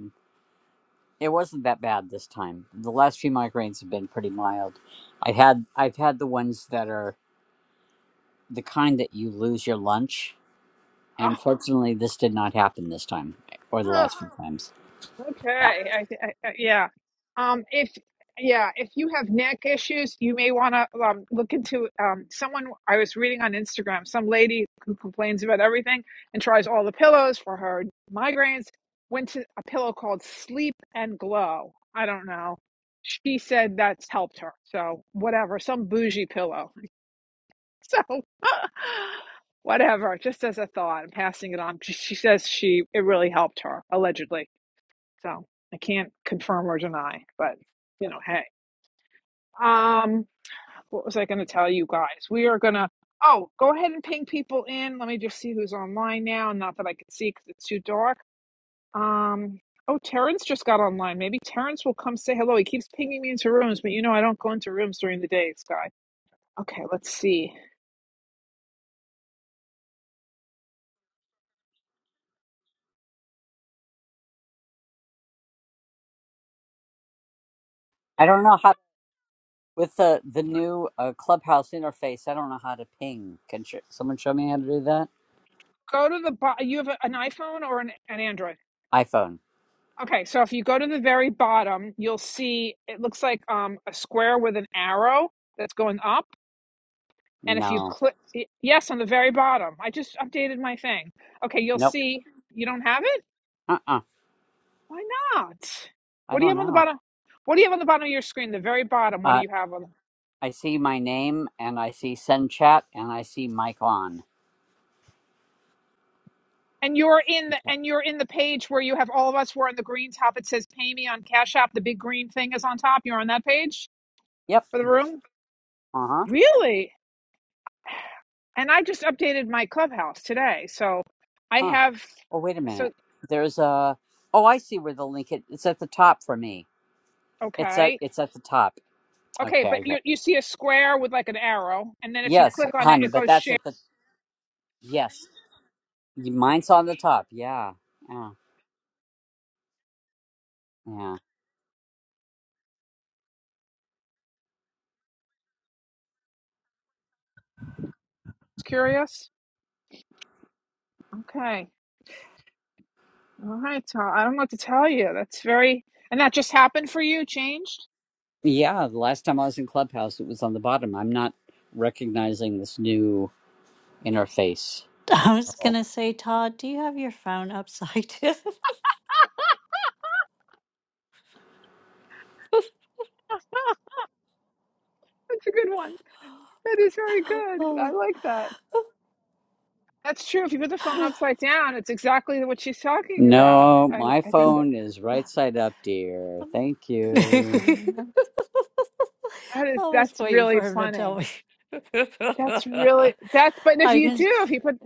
[SPEAKER 6] it wasn't that bad this time. The last few migraines have been pretty mild. I had I've had the ones that are the kind that you lose your lunch
[SPEAKER 1] oh,
[SPEAKER 6] And fortunately, this did not happen this time or the last few times. Yeah.
[SPEAKER 1] Okay. I, I, I- yeah. Um, if yeah, if you have neck issues, you may want to um, look into um, someone I was reading on Instagram, some lady who complains about everything and tries all the pillows for her migraines, went to a pillow called Sleep and Glow. I don't know. She said that's helped her. So whatever, some bougie pillow. So whatever, just as a thought, I'm passing it on. She, she says she it really helped her allegedly. So I can't confirm or deny, but you know, hey. Um, what was I going to tell you guys? We are going to, oh, go ahead and ping people in. Let me just see who's online now. Not that I can see because it's too dark. Um, oh, Terrence just got online. Maybe Terrence will come say hello. He keeps pinging me into rooms, but you know, I don't go into rooms during the day, Sky. Okay, let's see.
[SPEAKER 6] I don't know how, with the, the new uh, Clubhouse interface, I don't know how to ping. Can sh- someone show me how to do that?
[SPEAKER 1] Go to the, bottom. you have a- an iPhone or an, an Android?
[SPEAKER 6] iPhone.
[SPEAKER 1] Okay, so if you go to the very bottom, you'll see it looks like um, a square with an arrow that's going up And if you
[SPEAKER 6] No.
[SPEAKER 1] click, yes, on the very bottom, I just updated my thing. Okay, you'll
[SPEAKER 6] Nope.
[SPEAKER 1] see you don't have it.
[SPEAKER 6] Uh uh
[SPEAKER 1] Why not?
[SPEAKER 6] I
[SPEAKER 1] What do you
[SPEAKER 6] don't
[SPEAKER 1] have on the
[SPEAKER 6] know.
[SPEAKER 1] bottom? What do you have on the bottom of your screen? The very bottom. What do
[SPEAKER 6] Uh,
[SPEAKER 1] you have on?
[SPEAKER 6] I see my name and I see send chat and I see mic on.
[SPEAKER 1] And you're in
[SPEAKER 6] You
[SPEAKER 1] the
[SPEAKER 6] can't-
[SPEAKER 1] and you're in the page where you have all of us. We're on the green top. It says "Pay me on Cash App." The big green thing is on top. You're on that page
[SPEAKER 6] Yep.
[SPEAKER 1] for the room.
[SPEAKER 6] Uh huh.
[SPEAKER 1] Really? And I just updated my clubhouse today, so I
[SPEAKER 6] Huh.
[SPEAKER 1] have.
[SPEAKER 6] Oh, wait a
[SPEAKER 1] So
[SPEAKER 6] minute. There's a. Oh, I see where the link is. It's at the top for me. It's
[SPEAKER 1] okay.
[SPEAKER 6] at. It's at the top.
[SPEAKER 1] Okay,
[SPEAKER 6] Okay,
[SPEAKER 1] but
[SPEAKER 6] I
[SPEAKER 1] you
[SPEAKER 6] get.
[SPEAKER 1] you see a square with like an arrow, and then if you
[SPEAKER 6] Yes,
[SPEAKER 1] click on it, it
[SPEAKER 6] hun, but
[SPEAKER 1] goes
[SPEAKER 6] that's
[SPEAKER 1] share.
[SPEAKER 6] at the Yes. Y- Mine's on the top. Yeah. Yeah. Yeah.
[SPEAKER 1] It's curious. Okay. All right, so I don't know what to tell you. That's very and that just happened for you, changed?
[SPEAKER 6] Yeah. The last time I was in Clubhouse, it was on the bottom. I'm not recognizing this new interface.
[SPEAKER 5] I was going
[SPEAKER 6] Oh.
[SPEAKER 5] to say, Todd, do you have your phone upside down?
[SPEAKER 1] That's a good one. That is very good. I
[SPEAKER 5] oh.
[SPEAKER 1] like that. That's true. If you put the phone
[SPEAKER 5] I
[SPEAKER 1] upside down, it's exactly what she's talking about.
[SPEAKER 6] No,
[SPEAKER 1] I
[SPEAKER 6] my
[SPEAKER 1] I think that
[SPEAKER 6] phone is right side up, dear. Thank you.
[SPEAKER 1] um, that is
[SPEAKER 5] was
[SPEAKER 1] that's
[SPEAKER 5] waiting
[SPEAKER 1] really
[SPEAKER 5] for him to tell
[SPEAKER 1] funny.
[SPEAKER 5] me.
[SPEAKER 1] That's really that's but if
[SPEAKER 5] I
[SPEAKER 1] you
[SPEAKER 5] can.
[SPEAKER 1] do, if you put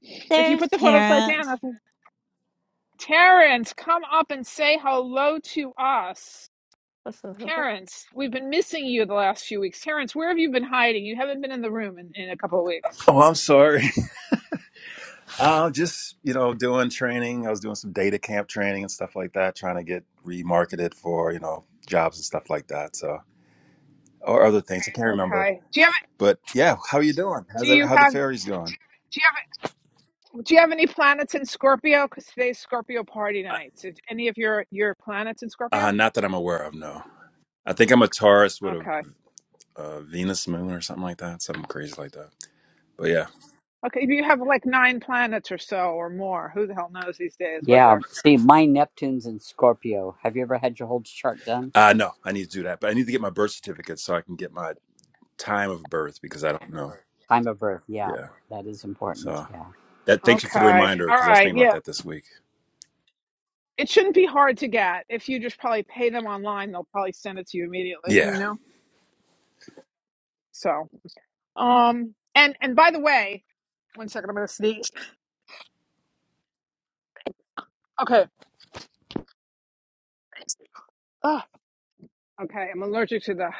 [SPEAKER 1] if you
[SPEAKER 5] There's
[SPEAKER 1] put the phone upside down,
[SPEAKER 5] Terrence.
[SPEAKER 1] that's Terrence, come up and say hello to us. Terrence, we've been missing you the last few weeks. Terrence, where have you been hiding? You haven't been in the room in, in a couple of weeks.
[SPEAKER 7] Oh, I'm sorry. Uh, just you know, doing training. I was doing some data camp training and stuff like that, trying to get remarketed for you know jobs and stuff like that. So or other things I can't remember.
[SPEAKER 1] Okay. Do you have
[SPEAKER 7] But yeah, how you doing?
[SPEAKER 1] do
[SPEAKER 7] How's every,
[SPEAKER 1] you
[SPEAKER 7] how the
[SPEAKER 1] have
[SPEAKER 7] fairies going?
[SPEAKER 1] do you have do you have any planets in Scorpio? Because today's Scorpio party
[SPEAKER 7] Uh,
[SPEAKER 1] night. So any of your your planets in
[SPEAKER 7] uh,
[SPEAKER 1] Scorpio?
[SPEAKER 7] not that I'm aware of. No, I think I'm a Taurus with a,
[SPEAKER 1] Okay.
[SPEAKER 7] uh Venus moon or something like that, something crazy like that. But yeah,
[SPEAKER 1] Okay. If you have like nine planets or so or more, who the hell knows these days what
[SPEAKER 6] Yeah.
[SPEAKER 1] they're
[SPEAKER 6] See, my Neptune's in Scorpio. Have you ever had your whole chart done?
[SPEAKER 7] uh, no, I need to do that. But I need to get my birth certificate so I can get my time of birth because I don't know.
[SPEAKER 6] Time of birth. Yeah.
[SPEAKER 7] Yeah,
[SPEAKER 6] That is important.
[SPEAKER 7] so
[SPEAKER 6] Yeah.
[SPEAKER 7] that. Thank you for the
[SPEAKER 1] okay.
[SPEAKER 7] reminder
[SPEAKER 1] All
[SPEAKER 7] because I was
[SPEAKER 1] right.
[SPEAKER 7] thinking about
[SPEAKER 1] Yeah.
[SPEAKER 7] that this week.
[SPEAKER 1] It shouldn't be hard to get. If you just probably pay them online, they'll probably send it to you immediately,
[SPEAKER 7] Yeah.
[SPEAKER 1] you know? So, um, and and by the way, one second, I'm gonna sneeze. Okay, Ugh. okay, I'm allergic to the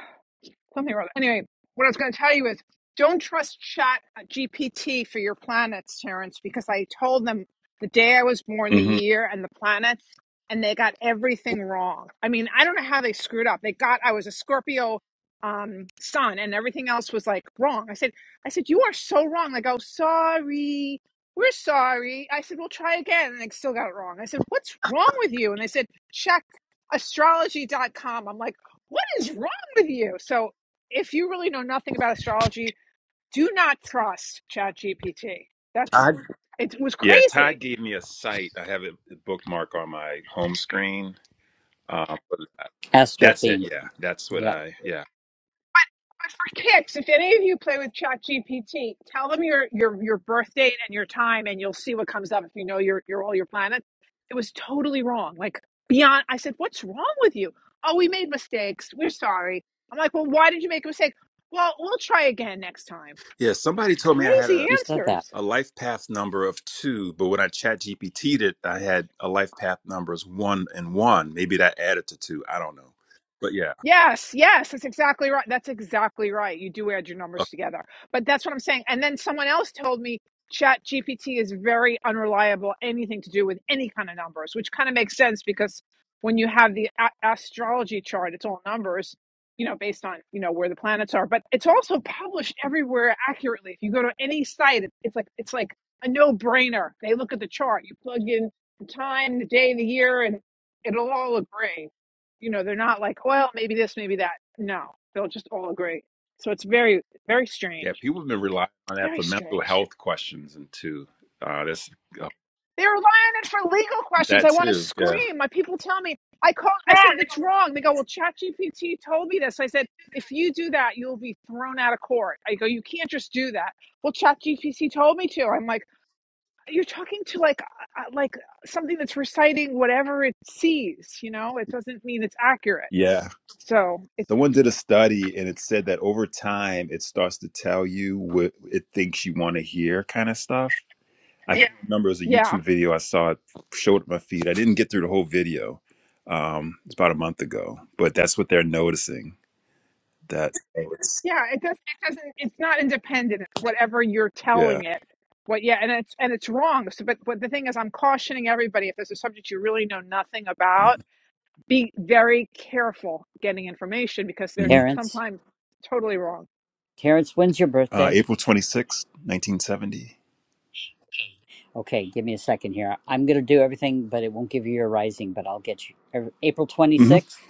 [SPEAKER 1] something wrong. Anyway, what I was going to tell you is don't trust chat uh, GPT for your planets, Terrence, because I told them the day I was born, the
[SPEAKER 7] hmm
[SPEAKER 1] year, and the planets, and they got everything wrong. I mean, I don't know how they screwed up. They got, I was a Scorpio um sun and everything else was like wrong i said i said you are so wrong they go sorry we're sorry i said we'll try again and they still got it wrong i said what's wrong with you and they said check astrology.com i'm like what is wrong with you? So if you really know nothing about astrology, do not trust Chat GPT. That's
[SPEAKER 7] I
[SPEAKER 1] it was
[SPEAKER 7] Yeah, Todd
[SPEAKER 1] crazy.
[SPEAKER 7] gave me a site. I have it bookmarked on my home screen. Um, but
[SPEAKER 6] Astro
[SPEAKER 7] that's it.
[SPEAKER 6] theme.
[SPEAKER 7] Yeah, that's what
[SPEAKER 6] Yep.
[SPEAKER 7] I. Yeah.
[SPEAKER 1] But for kicks, if any of you play with Chat GPT, tell them your your your birth date and your time, and you'll see what comes up. If you know your your all your planets, it was totally wrong. Like beyond, I said, "What's wrong with you?" Oh, we made mistakes. We're sorry. I'm like, "Well, why did you make a mistake?" Well, we'll try again next time.
[SPEAKER 7] yeah, somebody told me I had
[SPEAKER 1] Crazy
[SPEAKER 7] a,
[SPEAKER 6] You said that.
[SPEAKER 1] answers.
[SPEAKER 7] a life path number of two, but when I chat GPT'd it, I had a life path numbers one and one. Maybe that added to two. I don't know. But yeah.
[SPEAKER 1] Yes, yes, that's exactly right. That's exactly right. You do add your numbers
[SPEAKER 7] Okay.
[SPEAKER 1] together. But that's what I'm saying. And then someone else told me Chat GPT is very unreliable, anything to do with any kind of numbers, which kind of makes sense because when you have the a- astrology chart, it's all numbers, you know, based on, you know, where the planets are. But it's also published everywhere accurately. If you go to any site, it- it's like it's like a no-brainer. They look at the chart. You plug in the time, the day, the year, and it'll all agree. You know, they're not like, well, maybe this, maybe that. No, they'll just all agree. So it's very, very
[SPEAKER 7] Yeah,
[SPEAKER 1] strange.
[SPEAKER 7] people have been relying on that
[SPEAKER 1] Very
[SPEAKER 7] for mental
[SPEAKER 1] strange.
[SPEAKER 7] health questions and two. Uh, that's uh,
[SPEAKER 1] They were lying it for legal questions.
[SPEAKER 7] that
[SPEAKER 1] I want to
[SPEAKER 7] too. Yeah.
[SPEAKER 1] scream. My people tell me, I call, I said, that's wrong. They go, well, ChatGPT told me this. I said, if you do that, you'll be thrown out of court. I go, you can't just do that. Well, ChatGPT told me to. I'm like, you're talking to like, uh, uh, like something that's reciting whatever it sees, you know, it doesn't mean it's accurate.
[SPEAKER 7] Yeah.
[SPEAKER 1] So it,
[SPEAKER 7] Someone did a study and it said that over time it starts to tell you what it thinks you want to hear kind of stuff. I Yeah. remember it was a
[SPEAKER 1] yeah.
[SPEAKER 7] YouTube video I saw it showed up my feed. I didn't get through the whole video. Um, it's about a month ago, but that's what they're noticing. That oh, it's-
[SPEAKER 1] Yeah, it doesn't. It doesn't. It's not independent. It's whatever you're
[SPEAKER 7] yeah,
[SPEAKER 1] telling it. What? Yeah, and it's and it's wrong. So, but but the thing is, I'm cautioning everybody. If there's a subject you really know nothing about, be very careful getting information because they're
[SPEAKER 7] hmm
[SPEAKER 6] Terrence.
[SPEAKER 1] sometimes totally wrong.
[SPEAKER 6] Terrence, when's your
[SPEAKER 7] uh,
[SPEAKER 6] birthday?
[SPEAKER 7] April twenty sixth, nineteen seventy.
[SPEAKER 6] Okay, give me a second here. I'm going to do everything, but it won't give you your rising, but I'll get you. Er, April
[SPEAKER 7] Mm-hmm.
[SPEAKER 6] 26th?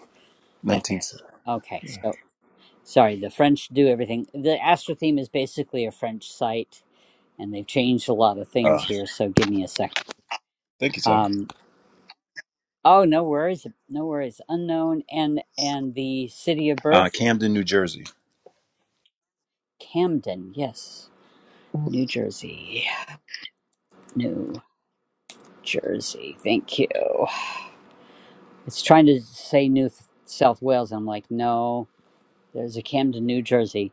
[SPEAKER 6] Okay.
[SPEAKER 7] Nineteen seventy.
[SPEAKER 6] Okay. So, sorry, the French do everything. The Astro theme is basically a French site, and they've changed a lot of things
[SPEAKER 7] Uh,
[SPEAKER 6] here, so give me a second.
[SPEAKER 7] thank you, Ty.
[SPEAKER 6] Um, oh, no worries. No worries. Unknown and and the city of
[SPEAKER 7] Uh,
[SPEAKER 6] birth,
[SPEAKER 7] Camden, New Jersey.
[SPEAKER 6] Camden. Yes. New Jersey. New Jersey. Thank you. It's trying to say New South Wales. I'm like, no. There's a Camden, New Jersey.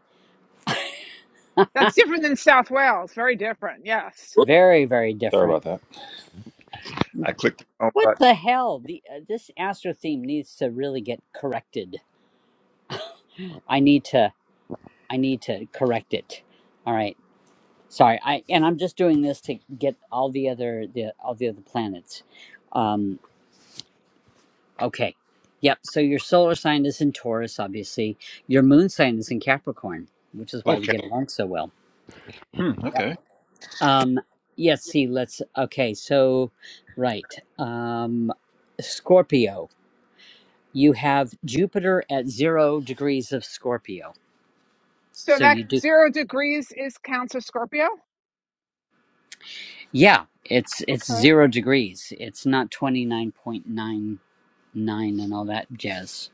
[SPEAKER 1] That's different than South Wales. Very different. Yes.
[SPEAKER 7] Whoops,
[SPEAKER 6] Very, very
[SPEAKER 7] Sorry
[SPEAKER 6] different.
[SPEAKER 7] about that. I clicked the wrong
[SPEAKER 6] What
[SPEAKER 7] button.
[SPEAKER 6] the hell? The uh, this Astro theme needs to really get corrected. I need to. I need to correct it. All right. Sorry. I and I'm just doing this to get all the other the all the other planets. Um. Okay. Yep. So your solar sign is in Taurus, obviously. Your moon sign is in Capricorn, which is why we
[SPEAKER 7] Okay.
[SPEAKER 6] get along so well.
[SPEAKER 7] Hmm,
[SPEAKER 6] Yep.
[SPEAKER 7] okay.
[SPEAKER 6] Um. Yes. see. Let's. Okay. So. Right. Um. Scorpio. you have Jupiter at zero degrees of Scorpio.
[SPEAKER 1] So
[SPEAKER 6] So
[SPEAKER 1] that
[SPEAKER 6] you do,
[SPEAKER 1] zero degrees is Cancer Scorpio.
[SPEAKER 6] yeah, it's it's
[SPEAKER 1] Okay. All
[SPEAKER 6] zero degrees. It's not twenty nine point nine nine and all that jazz.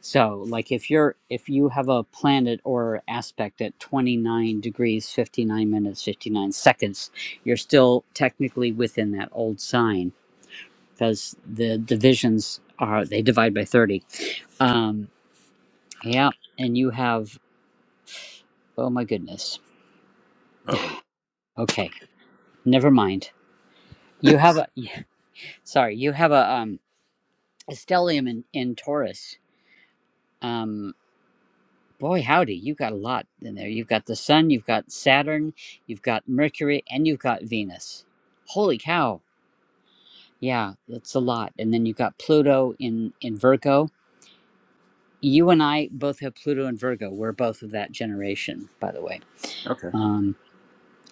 [SPEAKER 6] So like if you're if you have a planet or aspect at twenty nine degrees fifty nine minutes fifty nine seconds, you're still technically within that old sign because the divisions are they divide by thirty. Um, yeah, and you have oh my goodness.
[SPEAKER 7] Uh oh.
[SPEAKER 6] Okay, never mind. You have a sorry, you have a um a stellium in, in Taurus. Um boy howdy, you've got a lot in there. You've got the sun, you've got Saturn, you've got Mercury, and you've got Venus. Holy cow. Yeah, that's a lot. And then you've got Pluto in in Virgo. You and I both have Pluto and Virgo. We're both of that generation, by the way.
[SPEAKER 7] Okay.
[SPEAKER 6] Um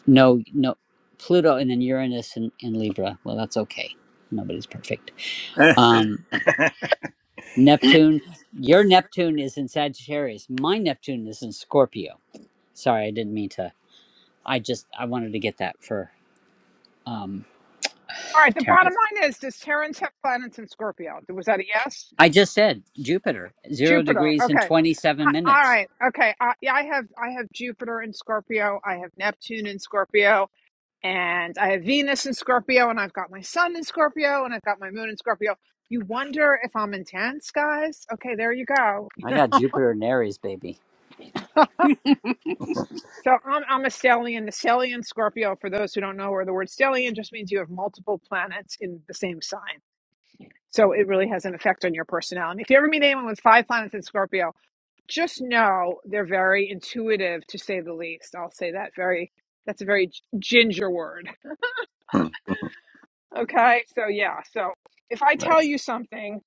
[SPEAKER 6] no no Pluto and then Uranus and, and Libra. Well that's okay. Nobody's perfect. Um Neptune, your Neptune is in Sagittarius. My Neptune is in Scorpio. Sorry, I didn't mean to. I just I wanted to get that for um
[SPEAKER 1] right. The bottom
[SPEAKER 6] Terrence.
[SPEAKER 1] line is: Does Terrence have planets in Scorpio? Was that a yes?
[SPEAKER 6] I just said Jupiter, zero
[SPEAKER 1] Jupiter.
[SPEAKER 6] degrees in
[SPEAKER 1] Okay.
[SPEAKER 6] twenty seven
[SPEAKER 1] I- All
[SPEAKER 6] minutes.
[SPEAKER 1] right. Okay. I, yeah, I have I have Jupiter in Scorpio. I have Neptune in Scorpio, and I have Venus in Scorpio, and I've got my Sun in Scorpio, and I've got my Moon in Scorpio. You wonder if I'm intense, guys? Okay, there you go.
[SPEAKER 6] I got Jupiter and Aries, baby.
[SPEAKER 1] So I'm I'm a stellium. The stellium Scorpio, for those who don't know, or the word stellium just means you have multiple planets in the same sign. So it really has an effect on your personality. If you ever meet anyone with five planets in Scorpio, just know they're very intuitive to say the least. I'll say that very that's a very ginger word.
[SPEAKER 7] Hmm,
[SPEAKER 1] Okay? So yeah, so if I
[SPEAKER 7] nice.
[SPEAKER 1] tell you something,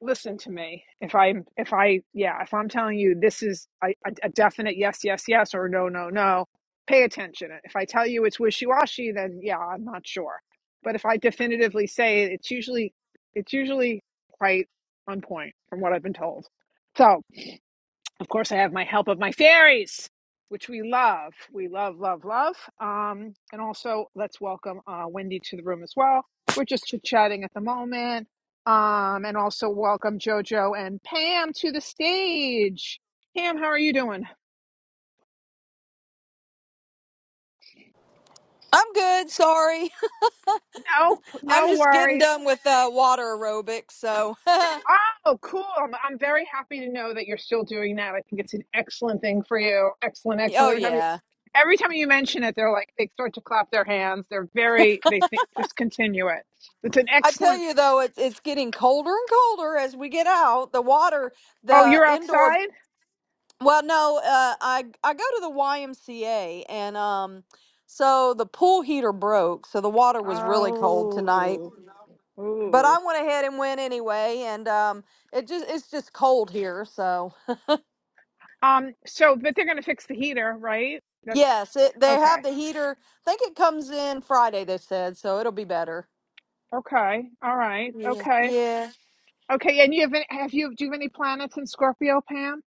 [SPEAKER 1] listen to me. If I am if I yeah, if I'm telling you this is a, a a definite yes, yes, yes or no, no, no, pay attention. If I tell you it's wishy-washy, then yeah, I'm not sure. But if I definitively say it, it's usually it's usually quite on point from what I've been told. So, of course, I have my help of my fairies, which we love. We love, love, love. Um, and also, let's welcome uh, Wendy to the room as well. We're just chit chatting at the moment. Um, and also, welcome JoJo and Pam to the stage. Pam, how are you doing?
[SPEAKER 8] I'm good. Sorry.
[SPEAKER 1] No,
[SPEAKER 8] I'm
[SPEAKER 1] no
[SPEAKER 8] just getting
[SPEAKER 1] worries.
[SPEAKER 8] done with uh, water aerobics. So, oh
[SPEAKER 1] Oh, cool. I'm, I'm very happy to know that you're still doing that. I think it's an excellent thing for you. Excellent, excellent. Every time you
[SPEAKER 8] yeah.
[SPEAKER 1] Every time you mention it, they're like they start to clap their hands. They're very they think just continue it. It's an
[SPEAKER 8] I tell
[SPEAKER 1] excellent.
[SPEAKER 8] you though, it's it's getting colder and colder as we get out. The water,
[SPEAKER 1] Oh,
[SPEAKER 8] the
[SPEAKER 1] you're
[SPEAKER 8] indoor.
[SPEAKER 1] outside.
[SPEAKER 8] Well, no, uh, I I go to the YMCA and um, so the pool heater broke, so the water was really cold tonight.
[SPEAKER 1] Oh,
[SPEAKER 8] But I
[SPEAKER 1] ooh.
[SPEAKER 8] went ahead and went anyway, and um, it just it's just cold here. So
[SPEAKER 1] Um. So, but they're gonna fix the heater, right? That's
[SPEAKER 8] yes, it, they
[SPEAKER 1] okay.
[SPEAKER 8] have the heater. I think it comes in Friday. They said so it'll be better.
[SPEAKER 1] Okay. All right.
[SPEAKER 8] Yeah.
[SPEAKER 1] Okay.
[SPEAKER 8] Yeah.
[SPEAKER 1] Okay. And you have any, have you do you have any planets in Scorpio, Pam?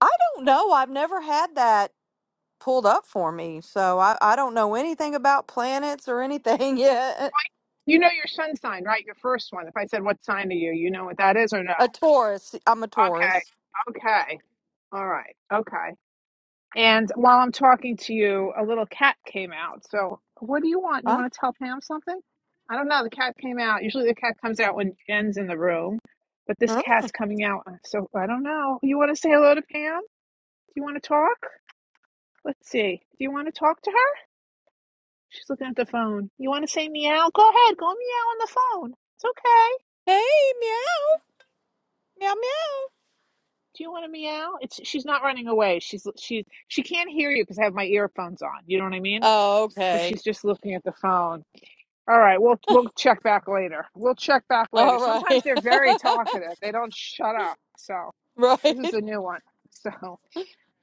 [SPEAKER 8] I don't know. I've never had that pulled up for me. So I, I don't know anything about planets or anything yet.
[SPEAKER 1] You know your sun sign, right? Your first one. If I said what sign are you, you know what that is or no?
[SPEAKER 8] A Taurus. I'm a
[SPEAKER 1] Okay.
[SPEAKER 8] Taurus.
[SPEAKER 1] Okay. All right. Okay. And while I'm talking to you, a little cat came out. So, what do you want? You
[SPEAKER 8] Huh?
[SPEAKER 1] want to tell Pam something? I don't know. The cat came out. Usually, the cat comes out when Jen's in the room, but this
[SPEAKER 8] Huh?
[SPEAKER 1] cat's coming out. uh, So, I don't know. You want to say hello to Pam? Do you want to talk? Let's see. Do you want to talk to her? She's looking at the phone. You want to say meow? Go ahead. Go meow on the phone. It's okay.
[SPEAKER 8] Hey, meow. Meow, meow.
[SPEAKER 1] Do you want to meow? It's she's not running away. She's she she can't hear you because I have my earphones on. You know what I mean?
[SPEAKER 8] Oh,
[SPEAKER 1] But
[SPEAKER 8] okay.
[SPEAKER 1] she's just looking at the phone. All right, we'll we'll check back later. We'll check back later.
[SPEAKER 8] All
[SPEAKER 1] Sometimes
[SPEAKER 8] right.
[SPEAKER 1] they're very talkative. They don't shut up. So this is
[SPEAKER 8] right.
[SPEAKER 1] a new one. So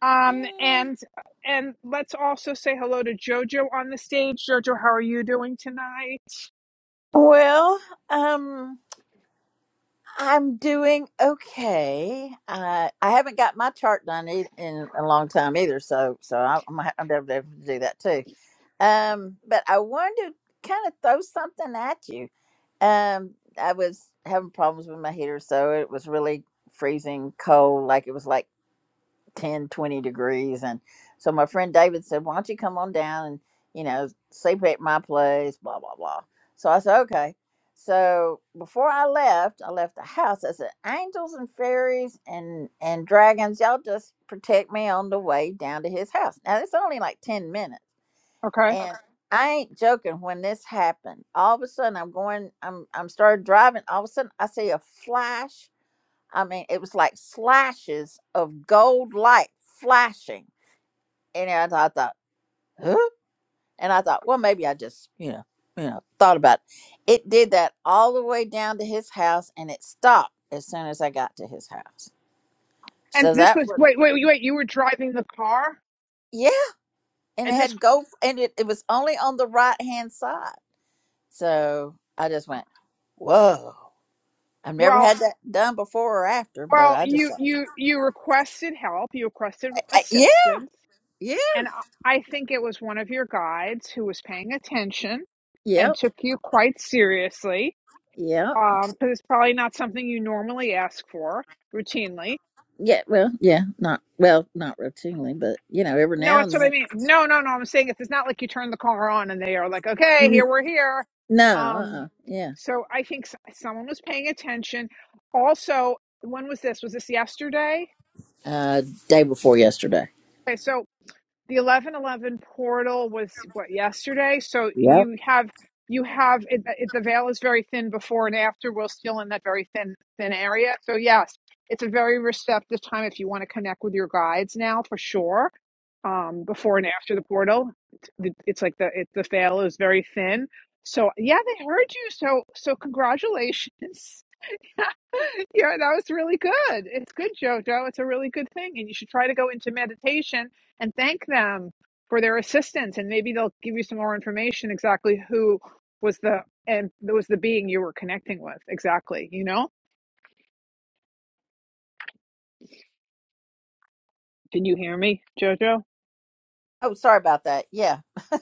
[SPEAKER 1] um and and let's also say hello to Jojo on the stage. Jojo, how are you doing tonight?
[SPEAKER 9] Well, um, I'm doing okay. Uh, I haven't got my chart done e- in a long time either, so so I'm I'm gonna have to have to do that too. Um, but I wanted to kind of throw something at you. Um, I was having problems with my heater, so it was really freezing cold, like it was like 10, 20 degrees and so my friend david said why don't you come on down and you know sleep at my place blah blah blah so i said okay so before i left i left the house i said angels and fairies and and dragons y'all just protect me on the way down to his house now it's only like 10 minutes
[SPEAKER 1] Okay.
[SPEAKER 9] and Okay. i ain't joking when this happened all of a sudden i'm going i'm i'm started driving all of a sudden i see a flash I mean, it was like slashes of gold light flashing. And I thought, I thought, huh? And I thought, well, maybe I just, you know, you know, thought about it. It did that all the way down to his house, and it stopped as soon as I got to his house.
[SPEAKER 1] And
[SPEAKER 9] So
[SPEAKER 1] this
[SPEAKER 9] that
[SPEAKER 1] was
[SPEAKER 9] was
[SPEAKER 1] wait wait wait. You were driving the car.
[SPEAKER 9] yeah. And it
[SPEAKER 1] and this
[SPEAKER 9] had gold, and it, it was only on the right hand side. So I just went, whoa! I've never
[SPEAKER 1] well
[SPEAKER 9] had that done before or after, but
[SPEAKER 1] well
[SPEAKER 9] I just
[SPEAKER 1] you
[SPEAKER 9] thought,
[SPEAKER 1] you you requested help you requested
[SPEAKER 9] I, yeah,
[SPEAKER 1] assistance
[SPEAKER 9] yeah,
[SPEAKER 1] and i I think it was one of your guides who was paying attention and
[SPEAKER 9] yep,
[SPEAKER 1] took you quite seriously
[SPEAKER 9] yep.
[SPEAKER 1] um because it's probably not something you normally ask for routinely
[SPEAKER 9] Yeah, well, yeah, not well, not routinely, but you know, every
[SPEAKER 1] no
[SPEAKER 9] now and
[SPEAKER 1] that's what i
[SPEAKER 9] then.
[SPEAKER 1] mean no no no i'm saying it's, it's not like you turn the car on and they are like okay
[SPEAKER 9] N-
[SPEAKER 1] here we're here
[SPEAKER 9] No,
[SPEAKER 1] um
[SPEAKER 9] uh-uh, yeah.
[SPEAKER 1] so i think s- someone was paying attention also when was this was this yesterday
[SPEAKER 9] Uh, day before yesterday.
[SPEAKER 1] okay so the 1111 portal was what yesterday so
[SPEAKER 9] Yep.
[SPEAKER 1] you have you have it, it, the veil is very thin before and after we're still in that very thin thin area so yes it's a very receptive time if you want to connect with your guides now for sure um before and after the portal it's, it's like the it, the veil is very thin so yeah they heard you so so congratulations Yeah, that was really good. It's good, Jojo. It's a really good thing. And you should try to go into meditation and thank them for their assistance. And maybe they'll give you some more information exactly who was the and was the being you were connecting with. Exactly. You know? Can you hear me, Jojo?
[SPEAKER 9] Oh, sorry about that. Yeah,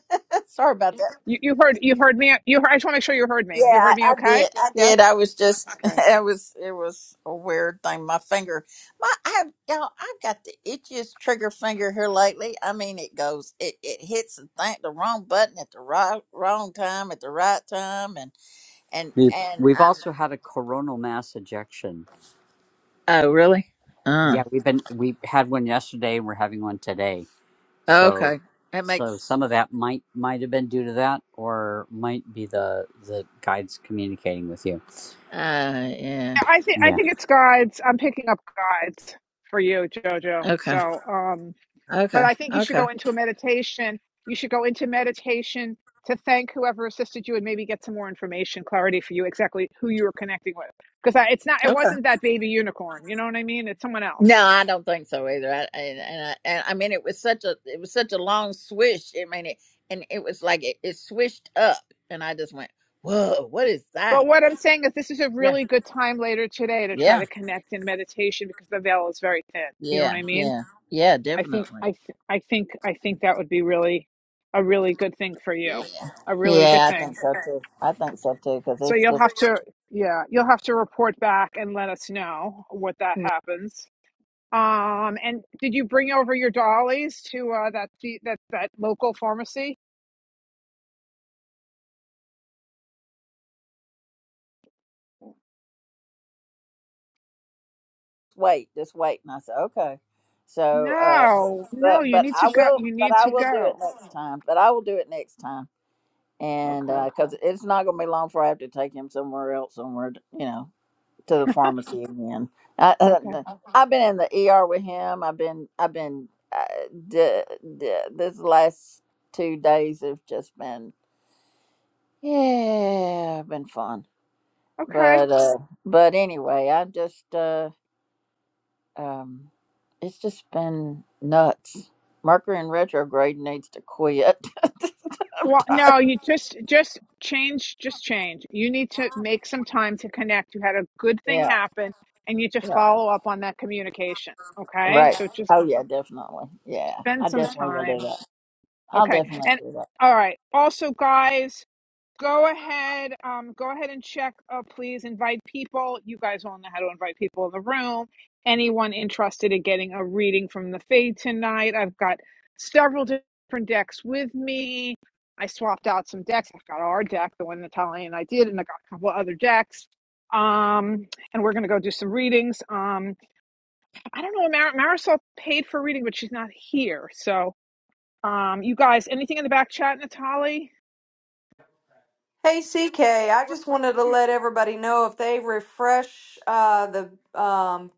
[SPEAKER 9] sorry about that.
[SPEAKER 1] You you heard you heard me. You heard, I just want to make sure you heard
[SPEAKER 9] Yeah,
[SPEAKER 1] me. You heard
[SPEAKER 9] I,
[SPEAKER 1] me
[SPEAKER 9] I
[SPEAKER 1] okay?
[SPEAKER 9] did. I
[SPEAKER 1] Yes?
[SPEAKER 9] did. I was just.
[SPEAKER 1] Okay.
[SPEAKER 9] It was. It was a weird thing. My finger. My. I have. Y'all. I've got the itchiest trigger finger here lately. I mean, it goes. It. It hits the thing, the wrong button at the right wrong time at the right time, and and
[SPEAKER 6] We've
[SPEAKER 9] and
[SPEAKER 6] we've
[SPEAKER 9] um.
[SPEAKER 6] also had a coronal mass ejection.
[SPEAKER 9] Oh really? Uh.
[SPEAKER 6] Yeah, we've been we had one yesterday and we're having one today. So
[SPEAKER 9] Okay. That
[SPEAKER 6] so
[SPEAKER 9] makes
[SPEAKER 6] some of that might might have been due to that or might be the the guides communicating with you.
[SPEAKER 9] uh yeah.
[SPEAKER 1] I think
[SPEAKER 6] Yeah.
[SPEAKER 1] I think it's guides. I'm picking up guides for you, Jojo.
[SPEAKER 9] Okay.
[SPEAKER 1] So um but
[SPEAKER 9] Okay.
[SPEAKER 1] I think you should
[SPEAKER 9] Okay.
[SPEAKER 1] go into a meditation. You should go into meditation to thank whoever assisted you and maybe get some more information, clarity for you exactly who you were connecting with. Because it's not, it
[SPEAKER 9] Okay.
[SPEAKER 1] wasn't that baby unicorn. You know what I mean? It's someone
[SPEAKER 9] No,
[SPEAKER 1] else.
[SPEAKER 9] I don't think so either. I, and and I, and I mean it was such a it was such a long swish. I mean it and it was like it, it swished up and I just went, "Whoa, what is that?"
[SPEAKER 1] But what I'm saying is, this is a
[SPEAKER 9] Yeah.
[SPEAKER 1] really good time later today to try
[SPEAKER 9] Yeah.
[SPEAKER 1] to connect in meditation because the veil is very thin. You know what
[SPEAKER 9] Yeah.
[SPEAKER 1] I mean?
[SPEAKER 9] Yeah. Yeah,
[SPEAKER 1] I think,
[SPEAKER 9] definitely.
[SPEAKER 1] I, th- I think, I think that would be really a really good thing for you.
[SPEAKER 9] Yeah.
[SPEAKER 1] A really good
[SPEAKER 9] Yeah, I
[SPEAKER 1] thing.
[SPEAKER 9] think so too. I think so too cuz
[SPEAKER 1] So
[SPEAKER 9] it's
[SPEAKER 1] you'll
[SPEAKER 9] just
[SPEAKER 1] have to, yeah, you'll have to report back and let us know what that happens. Um, and did you bring over your dollies to uh, that fe- that that local pharmacy?
[SPEAKER 9] wait, just wait. And I said, okay. So, uh,
[SPEAKER 1] No, no,
[SPEAKER 9] but
[SPEAKER 1] you
[SPEAKER 9] but
[SPEAKER 1] need to
[SPEAKER 9] I
[SPEAKER 1] go.
[SPEAKER 9] will,
[SPEAKER 1] You
[SPEAKER 9] but
[SPEAKER 1] need
[SPEAKER 9] I
[SPEAKER 1] to
[SPEAKER 9] will do it
[SPEAKER 1] go.
[SPEAKER 9] next time. But I will do it next time, and
[SPEAKER 1] Okay,
[SPEAKER 9] because it's not going to be long before I have to take him somewhere else, somewhere to- you know, to the pharmacy again. I,
[SPEAKER 1] okay,
[SPEAKER 9] I, I've been in the ER with him. I've been, I've been. Uh, d- d- this last two days have just been, yeah, been fun.
[SPEAKER 1] okay.
[SPEAKER 9] But uh, but anyway, I just uh. Um, it's just been nuts. Mercury in retrograde needs to quit.
[SPEAKER 1] Well, no, you just just change, just change. You need to make some time to connect. You had a good thing
[SPEAKER 9] yeah,
[SPEAKER 1] happen, and you need to
[SPEAKER 9] yeah,
[SPEAKER 1] follow up on that communication. Okay,
[SPEAKER 9] right.
[SPEAKER 1] so just
[SPEAKER 9] Oh yeah, definitely. Yeah,
[SPEAKER 1] spend
[SPEAKER 9] I
[SPEAKER 1] some
[SPEAKER 9] definitely will do
[SPEAKER 1] time.
[SPEAKER 9] that. I'll
[SPEAKER 1] Okay.
[SPEAKER 9] definitely
[SPEAKER 1] And
[SPEAKER 9] do that.
[SPEAKER 1] all right. Also, guys, go ahead. Um, go ahead and check. Uh, please invite people. You guys all know how to invite people in the room. Anyone interested in getting a reading from the Fade tonight? I've got several different decks with me. I swapped out some decks. I've got our deck, the one Natalia and I did, and I got a couple other decks. Um, and we're gonna go do some readings. Um, I don't know. Mar- Marisol paid for a reading, but she's not here, so um, you guys, anything in the back chat, Natalie?
[SPEAKER 8] Hey, CK, I
[SPEAKER 3] We're
[SPEAKER 8] just
[SPEAKER 3] all
[SPEAKER 8] wanted to
[SPEAKER 3] up to
[SPEAKER 8] let everybody know if they refresh uh, the um,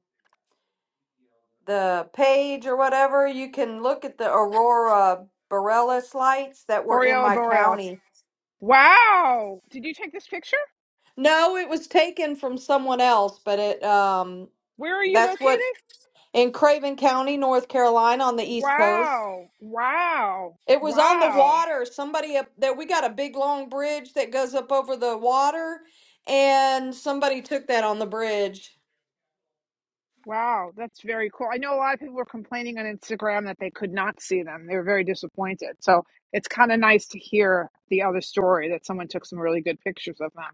[SPEAKER 8] the page or whatever, you can look at the aurora borealis lights that were in
[SPEAKER 1] Aureola
[SPEAKER 8] my
[SPEAKER 1] Borealis.
[SPEAKER 8] county.
[SPEAKER 1] Wow. Did you take this picture?
[SPEAKER 8] No, it was taken from someone else, but it um
[SPEAKER 1] Where are you
[SPEAKER 8] that's what
[SPEAKER 1] located?
[SPEAKER 8] in Craven County, North Carolina on the East Coast.
[SPEAKER 1] Wow. Wow.
[SPEAKER 8] It was on the
[SPEAKER 1] Wow.
[SPEAKER 8] water. Somebody up there we got a big long bridge that goes up over the water and somebody took that on the bridge
[SPEAKER 1] Wow. That's very cool. I know a lot of people were complaining on Instagram that they could not see them. They were very disappointed. So it's kind of nice to hear the other story that someone took some really good pictures of them.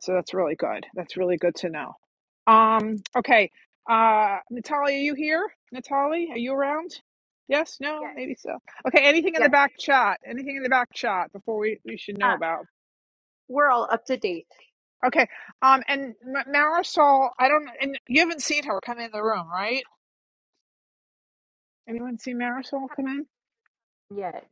[SPEAKER 1] So that's really good. That's really good to know. Um, okay. Uh, Natalia, are you here? Natalia, are you around? Yes, no,
[SPEAKER 3] yes,
[SPEAKER 1] maybe so. Okay, anything in the
[SPEAKER 3] yes.
[SPEAKER 1] back chat? Anything in the back chat before we, we should
[SPEAKER 3] Uh,
[SPEAKER 1] know about?
[SPEAKER 3] we're all up to date.
[SPEAKER 1] Okay. Um, and Ma- Marisol, I don't, and you haven't seen her come in the room, right? Anyone see Marisol come in?
[SPEAKER 3] Yet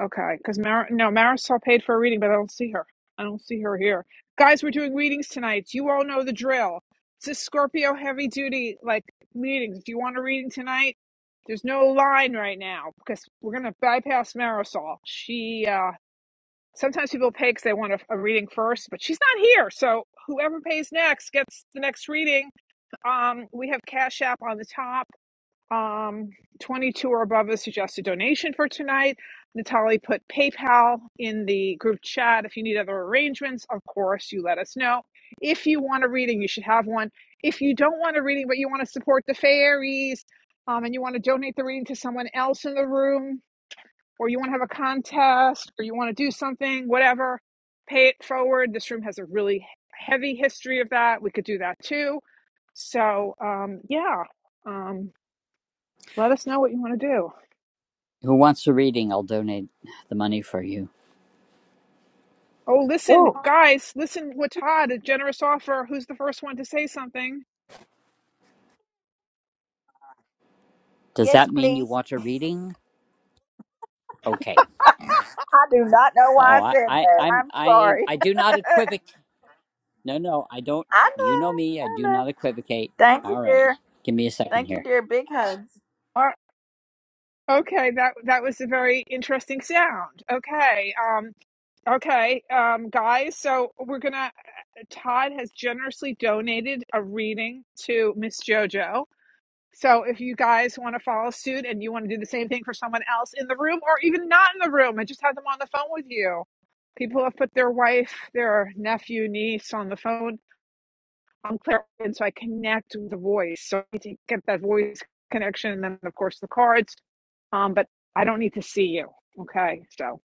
[SPEAKER 1] Okay, because Mar no, Marisol paid for a reading, but I don't see her. I don't see her here. Guys, we're doing readings tonight. You all know the drill. It's a Scorpio heavy duty like meetings. If you want a reading tonight, there's no line right now because we're gonna bypass Marisol. She uh sometimes people pay because they want a, a reading first, but she's not here. So whoever pays next gets the next reading. Um, we have Cash App on the top. Um, 22 or above is suggested donation for tonight. Natalie put PayPal in the group chat. If you need other arrangements, of course, you let us know. If you want a reading, you should have one. If you don't want a reading, but you want to support the fairies um, and you want to donate the reading to someone else in the room, or you want to have a contest, or you want to do something, whatever, pay it forward. This room has a really heavy history of that. We could do that too. So, um, yeah. Um, let us know what you want to do.
[SPEAKER 6] Who wants a reading? I'll donate the money for you.
[SPEAKER 1] Oh, listen,
[SPEAKER 9] Oh
[SPEAKER 1] guys, listen with Todd, a generous offer. Who's the first one to say something?
[SPEAKER 6] Does
[SPEAKER 9] yes,
[SPEAKER 6] that mean you
[SPEAKER 9] please.
[SPEAKER 6] want a reading? Okay.
[SPEAKER 9] I do not know why
[SPEAKER 6] Oh,
[SPEAKER 9] I
[SPEAKER 6] I,
[SPEAKER 9] said
[SPEAKER 6] I,
[SPEAKER 9] that.
[SPEAKER 6] I'm,
[SPEAKER 9] I'm
[SPEAKER 6] I,
[SPEAKER 9] sorry.
[SPEAKER 6] I do not equivocate. No, no, I don't.
[SPEAKER 9] I
[SPEAKER 6] You
[SPEAKER 9] know.
[SPEAKER 6] know me. I
[SPEAKER 9] I
[SPEAKER 6] do
[SPEAKER 9] know.
[SPEAKER 6] not equivocate.
[SPEAKER 9] Thank you,
[SPEAKER 6] All right.
[SPEAKER 9] dear.
[SPEAKER 6] Give me a second
[SPEAKER 9] Thank you,
[SPEAKER 6] here.
[SPEAKER 9] dear. Big hugs.
[SPEAKER 1] Uh, okay, that that was a very interesting sound. Okay, um, okay, um, guys. So we're gonna. Todd has generously donated a reading to Miss JoJo. So if you guys want to follow suit and you want to do the same thing for someone else in the room or even not in the room, I just had them on the phone with you people have put their wife, their nephew, niece on the phone I'm clear, and so I connect with the voice. So I need to get that voice connection, and then of course the cards. Um, but I don't need to see you. Okay, so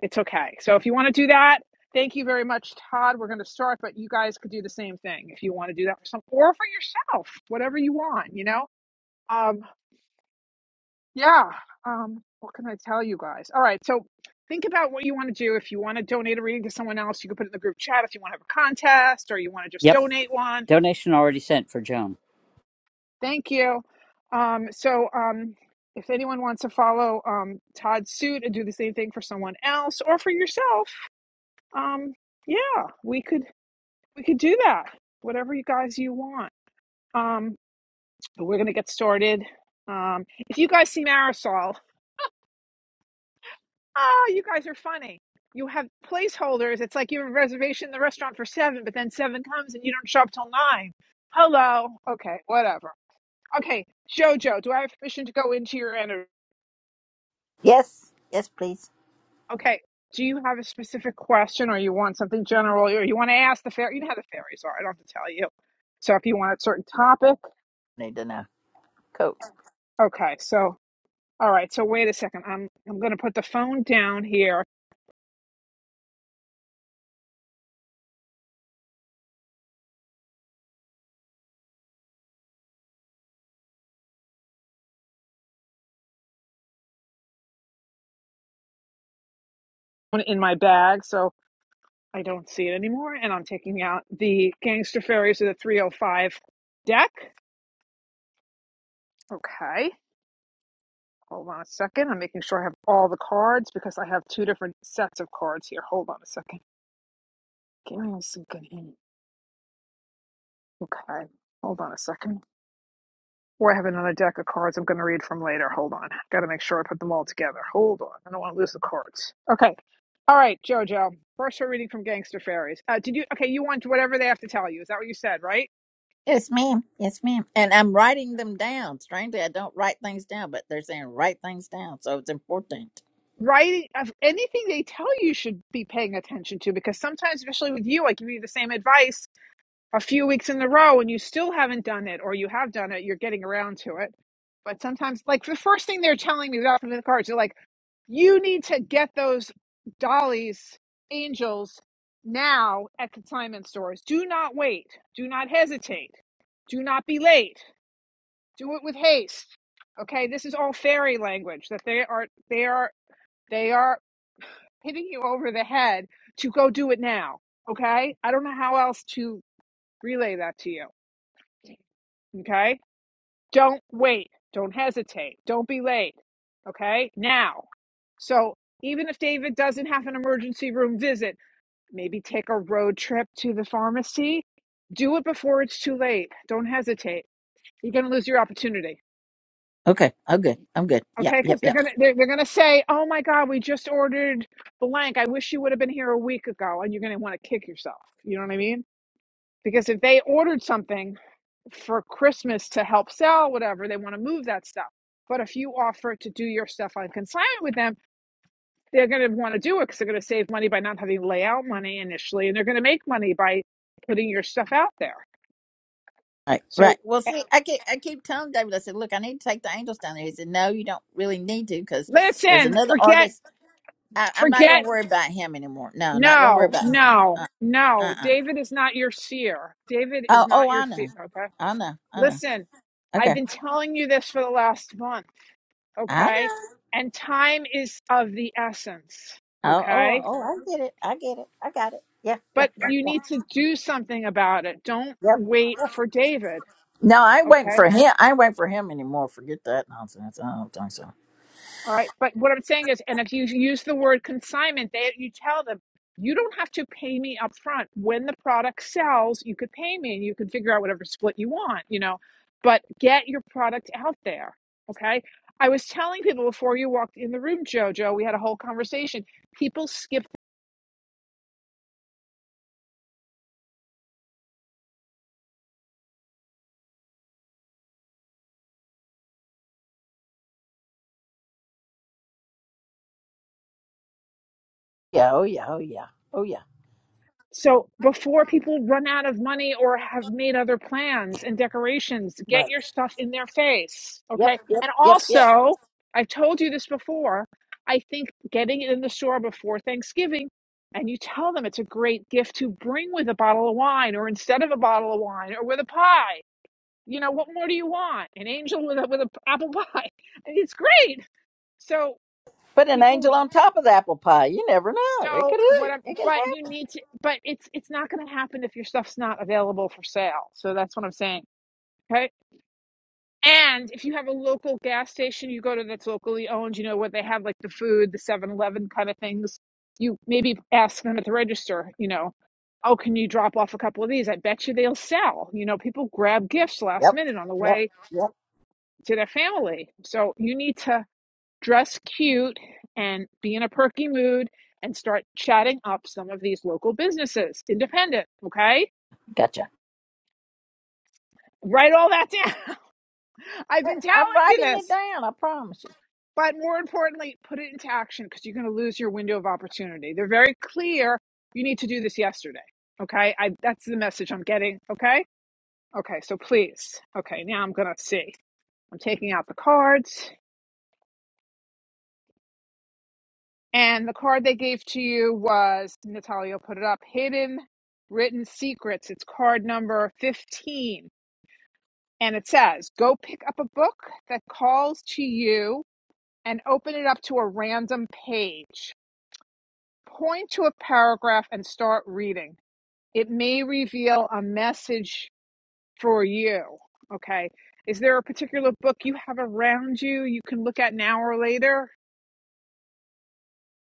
[SPEAKER 1] it's okay. So if you want to do that, thank you very much, Todd. We're going to start, but you guys could do the same thing if you want to do that for some or for yourself, whatever you want. You know, um, yeah. Um, what can I tell you guys? All right, so. Think about what you want to do. If you want to donate a reading to someone else, you can put it in the group chat. If you want to have a contest or you want to just
[SPEAKER 6] Yep.
[SPEAKER 1] donate one,
[SPEAKER 6] Donation already sent for Joan.
[SPEAKER 1] Thank you. Um, so, um, if anyone wants to follow um, Todd's suit and do the same thing for someone else or for yourself, um, yeah, we could we could do that. Whatever you guys you want. Um, but we're gonna get started. Um, if you guys see Marisol, ah, you guys are funny. You have placeholders. It's like you have a reservation in the restaurant for seven, but then seven comes and you don't show up till nine. Hello. Okay, whatever. Okay, Jojo, do I have permission to go into your energy?
[SPEAKER 9] Yes. Yes, please.
[SPEAKER 1] Okay. Do you have a specific question or you want something general or you want to ask the fairy? You know how the fairies are. I don't have to tell you. So if you want a certain topic,
[SPEAKER 9] Need to know. Cool.
[SPEAKER 1] okay. So, all right. So wait a second. I'm, I'm going to put the phone down here in my bag so I don't see it anymore. And I'm taking out the Gangster Fairies of the 305 deck. Okay. Hold on a second. I'm making sure I have all the cards because I have two different sets of cards here. Hold on a second. Give me a second. Okay. Hold on a second. Or I have another deck of cards I'm going to read from later. Hold on. Got to make sure I put them all together. Hold on. I don't want to lose the cards. Okay. All right, JoJo. First, we're reading from Gangster Fairies. Uh, did you? Okay, you want whatever they have to tell you. Is that what you said, right?
[SPEAKER 9] Yes, ma'am. Yes, ma'am. And I'm writing them down. Strangely, I don't write things down, but they're saying write things down, so it's important.
[SPEAKER 1] Writing of anything they tell you, you should be paying attention to because sometimes, especially with you, I give you the same advice a few weeks in a row and you still haven't done it, or you have done it, you're getting around to it. But sometimes, like the first thing they're telling me without the cards, they're like. You need to get those dollies, angels, now at the time in stores. Do not wait. Do not hesitate. Do not be late. Do it with haste. Okay, this is all fairy language that they are they are they are hitting you over the head to go do it now. Okay? I don't know how else to relay that to you. Okay? Don't wait. Don't hesitate. Don't be late. Okay? Now. So even if David doesn't have an emergency room visit, maybe take a road trip to the pharmacy. Do it before it's too late. Don't hesitate. You're going to lose your opportunity.
[SPEAKER 9] Okay, I'm good. I'm good. Yep,
[SPEAKER 1] Okay?
[SPEAKER 9] yep,
[SPEAKER 1] Because they're
[SPEAKER 9] yep.
[SPEAKER 1] going to they're, they're going to say, oh my God, we just ordered blank. I wish you would have been here a week ago. And you're going to want to kick yourself. You know what I mean? Because if they ordered something for Christmas to help sell, whatever, they want to move that stuff. But if you offer to do your stuff on consignment with them, they're going to want to do it because they're going to save money by not having layout money initially, and they're going to make money by putting your stuff out there.
[SPEAKER 9] Right. right.
[SPEAKER 1] So
[SPEAKER 9] Well,
[SPEAKER 1] eh,
[SPEAKER 9] see, I keep I keep telling David. I said, look, I need to take the angels down there. He said, no, you don't really need to because there's
[SPEAKER 1] listen,
[SPEAKER 9] another
[SPEAKER 1] forget,
[SPEAKER 9] artist. I, I'm not going
[SPEAKER 1] forget.
[SPEAKER 9] to worry about him anymore. No, not going to worry
[SPEAKER 1] No,
[SPEAKER 9] about him.
[SPEAKER 1] no,
[SPEAKER 9] Uh,
[SPEAKER 1] no.
[SPEAKER 9] uh-uh.
[SPEAKER 1] David is not your seer. David is
[SPEAKER 9] Oh,
[SPEAKER 1] not
[SPEAKER 9] oh,
[SPEAKER 1] your
[SPEAKER 9] I know.
[SPEAKER 1] seer. Okay.
[SPEAKER 9] I know. I know.
[SPEAKER 1] Listen, I've
[SPEAKER 9] Okay,
[SPEAKER 1] been telling you this for the last month.
[SPEAKER 9] I
[SPEAKER 1] Okay.
[SPEAKER 9] know.
[SPEAKER 1] And time is of the essence.
[SPEAKER 9] Oh, oh,
[SPEAKER 1] Okay
[SPEAKER 9] oh, I get it. I get it. I got it. Yeah, yeah.
[SPEAKER 1] but you need to do something about it. Don't
[SPEAKER 9] Yep.
[SPEAKER 1] wait for David.
[SPEAKER 9] No, I went
[SPEAKER 1] Okay.
[SPEAKER 9] for him. I went for him anymore. Forget that nonsense. I don't think so.
[SPEAKER 1] All right. But what I'm saying is, and if you use the word consignment, they, you tell them, you don't have to pay me up front. When the product sells, you could pay me and you can figure out whatever split you want, you know, but get your product out there. Okay. I was telling people before you walked in the room, Jojo, we had a whole conversation. People skip
[SPEAKER 9] Yeah. Oh yeah. Oh yeah. Oh yeah.
[SPEAKER 1] So before people run out of money or have made other plans and decorations, get
[SPEAKER 9] Right.
[SPEAKER 1] your stuff in their face.
[SPEAKER 9] Yep.
[SPEAKER 1] Okay.
[SPEAKER 9] Yep.
[SPEAKER 1] And
[SPEAKER 9] Yep. Yep.
[SPEAKER 1] also, I've told you this before, I think getting it in the store before Thanksgiving and you tell them it's a great gift to bring with a bottle of wine or instead of a bottle of wine or with a pie. You know, what more do you want? An angel with a with an apple pie. It's great. So
[SPEAKER 9] Put an
[SPEAKER 1] people
[SPEAKER 9] angel on top of the apple pie. You never know. It
[SPEAKER 1] so
[SPEAKER 9] could.
[SPEAKER 1] what I'm,
[SPEAKER 9] It could
[SPEAKER 1] but
[SPEAKER 9] happen.
[SPEAKER 1] you need to, but it's it's not going to happen if your stuff's not available for sale. So that's what I'm saying. Okay. And if you have a local gas station you go to that's locally owned, you know, where they have like the food, the Seven Eleven kind of things, you maybe ask them at the register, you know, oh, can you drop off a couple of these? I bet you they'll sell. You know, people grab gifts last
[SPEAKER 9] Yep.
[SPEAKER 1] minute on the
[SPEAKER 9] Yep.
[SPEAKER 1] way
[SPEAKER 9] Yep.
[SPEAKER 1] to their family. So you need to dress cute and be in a perky mood and start chatting up some of these local businesses. Independent, okay?
[SPEAKER 9] Gotcha.
[SPEAKER 1] Write all that down. I've been telling
[SPEAKER 9] I'm
[SPEAKER 1] you
[SPEAKER 9] writing it
[SPEAKER 1] this.
[SPEAKER 9] down. I promise you.
[SPEAKER 1] But more importantly, put it into action because you're going to lose your window of opportunity. They're very clear. You need to do this yesterday. Okay. I, that's the message I'm getting. Okay. Okay. So please. Okay. Now I'm going to see. I'm taking out the cards. And the card they gave to you was Natalia put it up Hidden Written Secrets. It's card number 15. And it says, Go pick up a book that calls to you and open it up to a random page. Point to a paragraph and start reading. It may reveal a message for you. Okay. Is there a particular book you have around you you can look at now or later?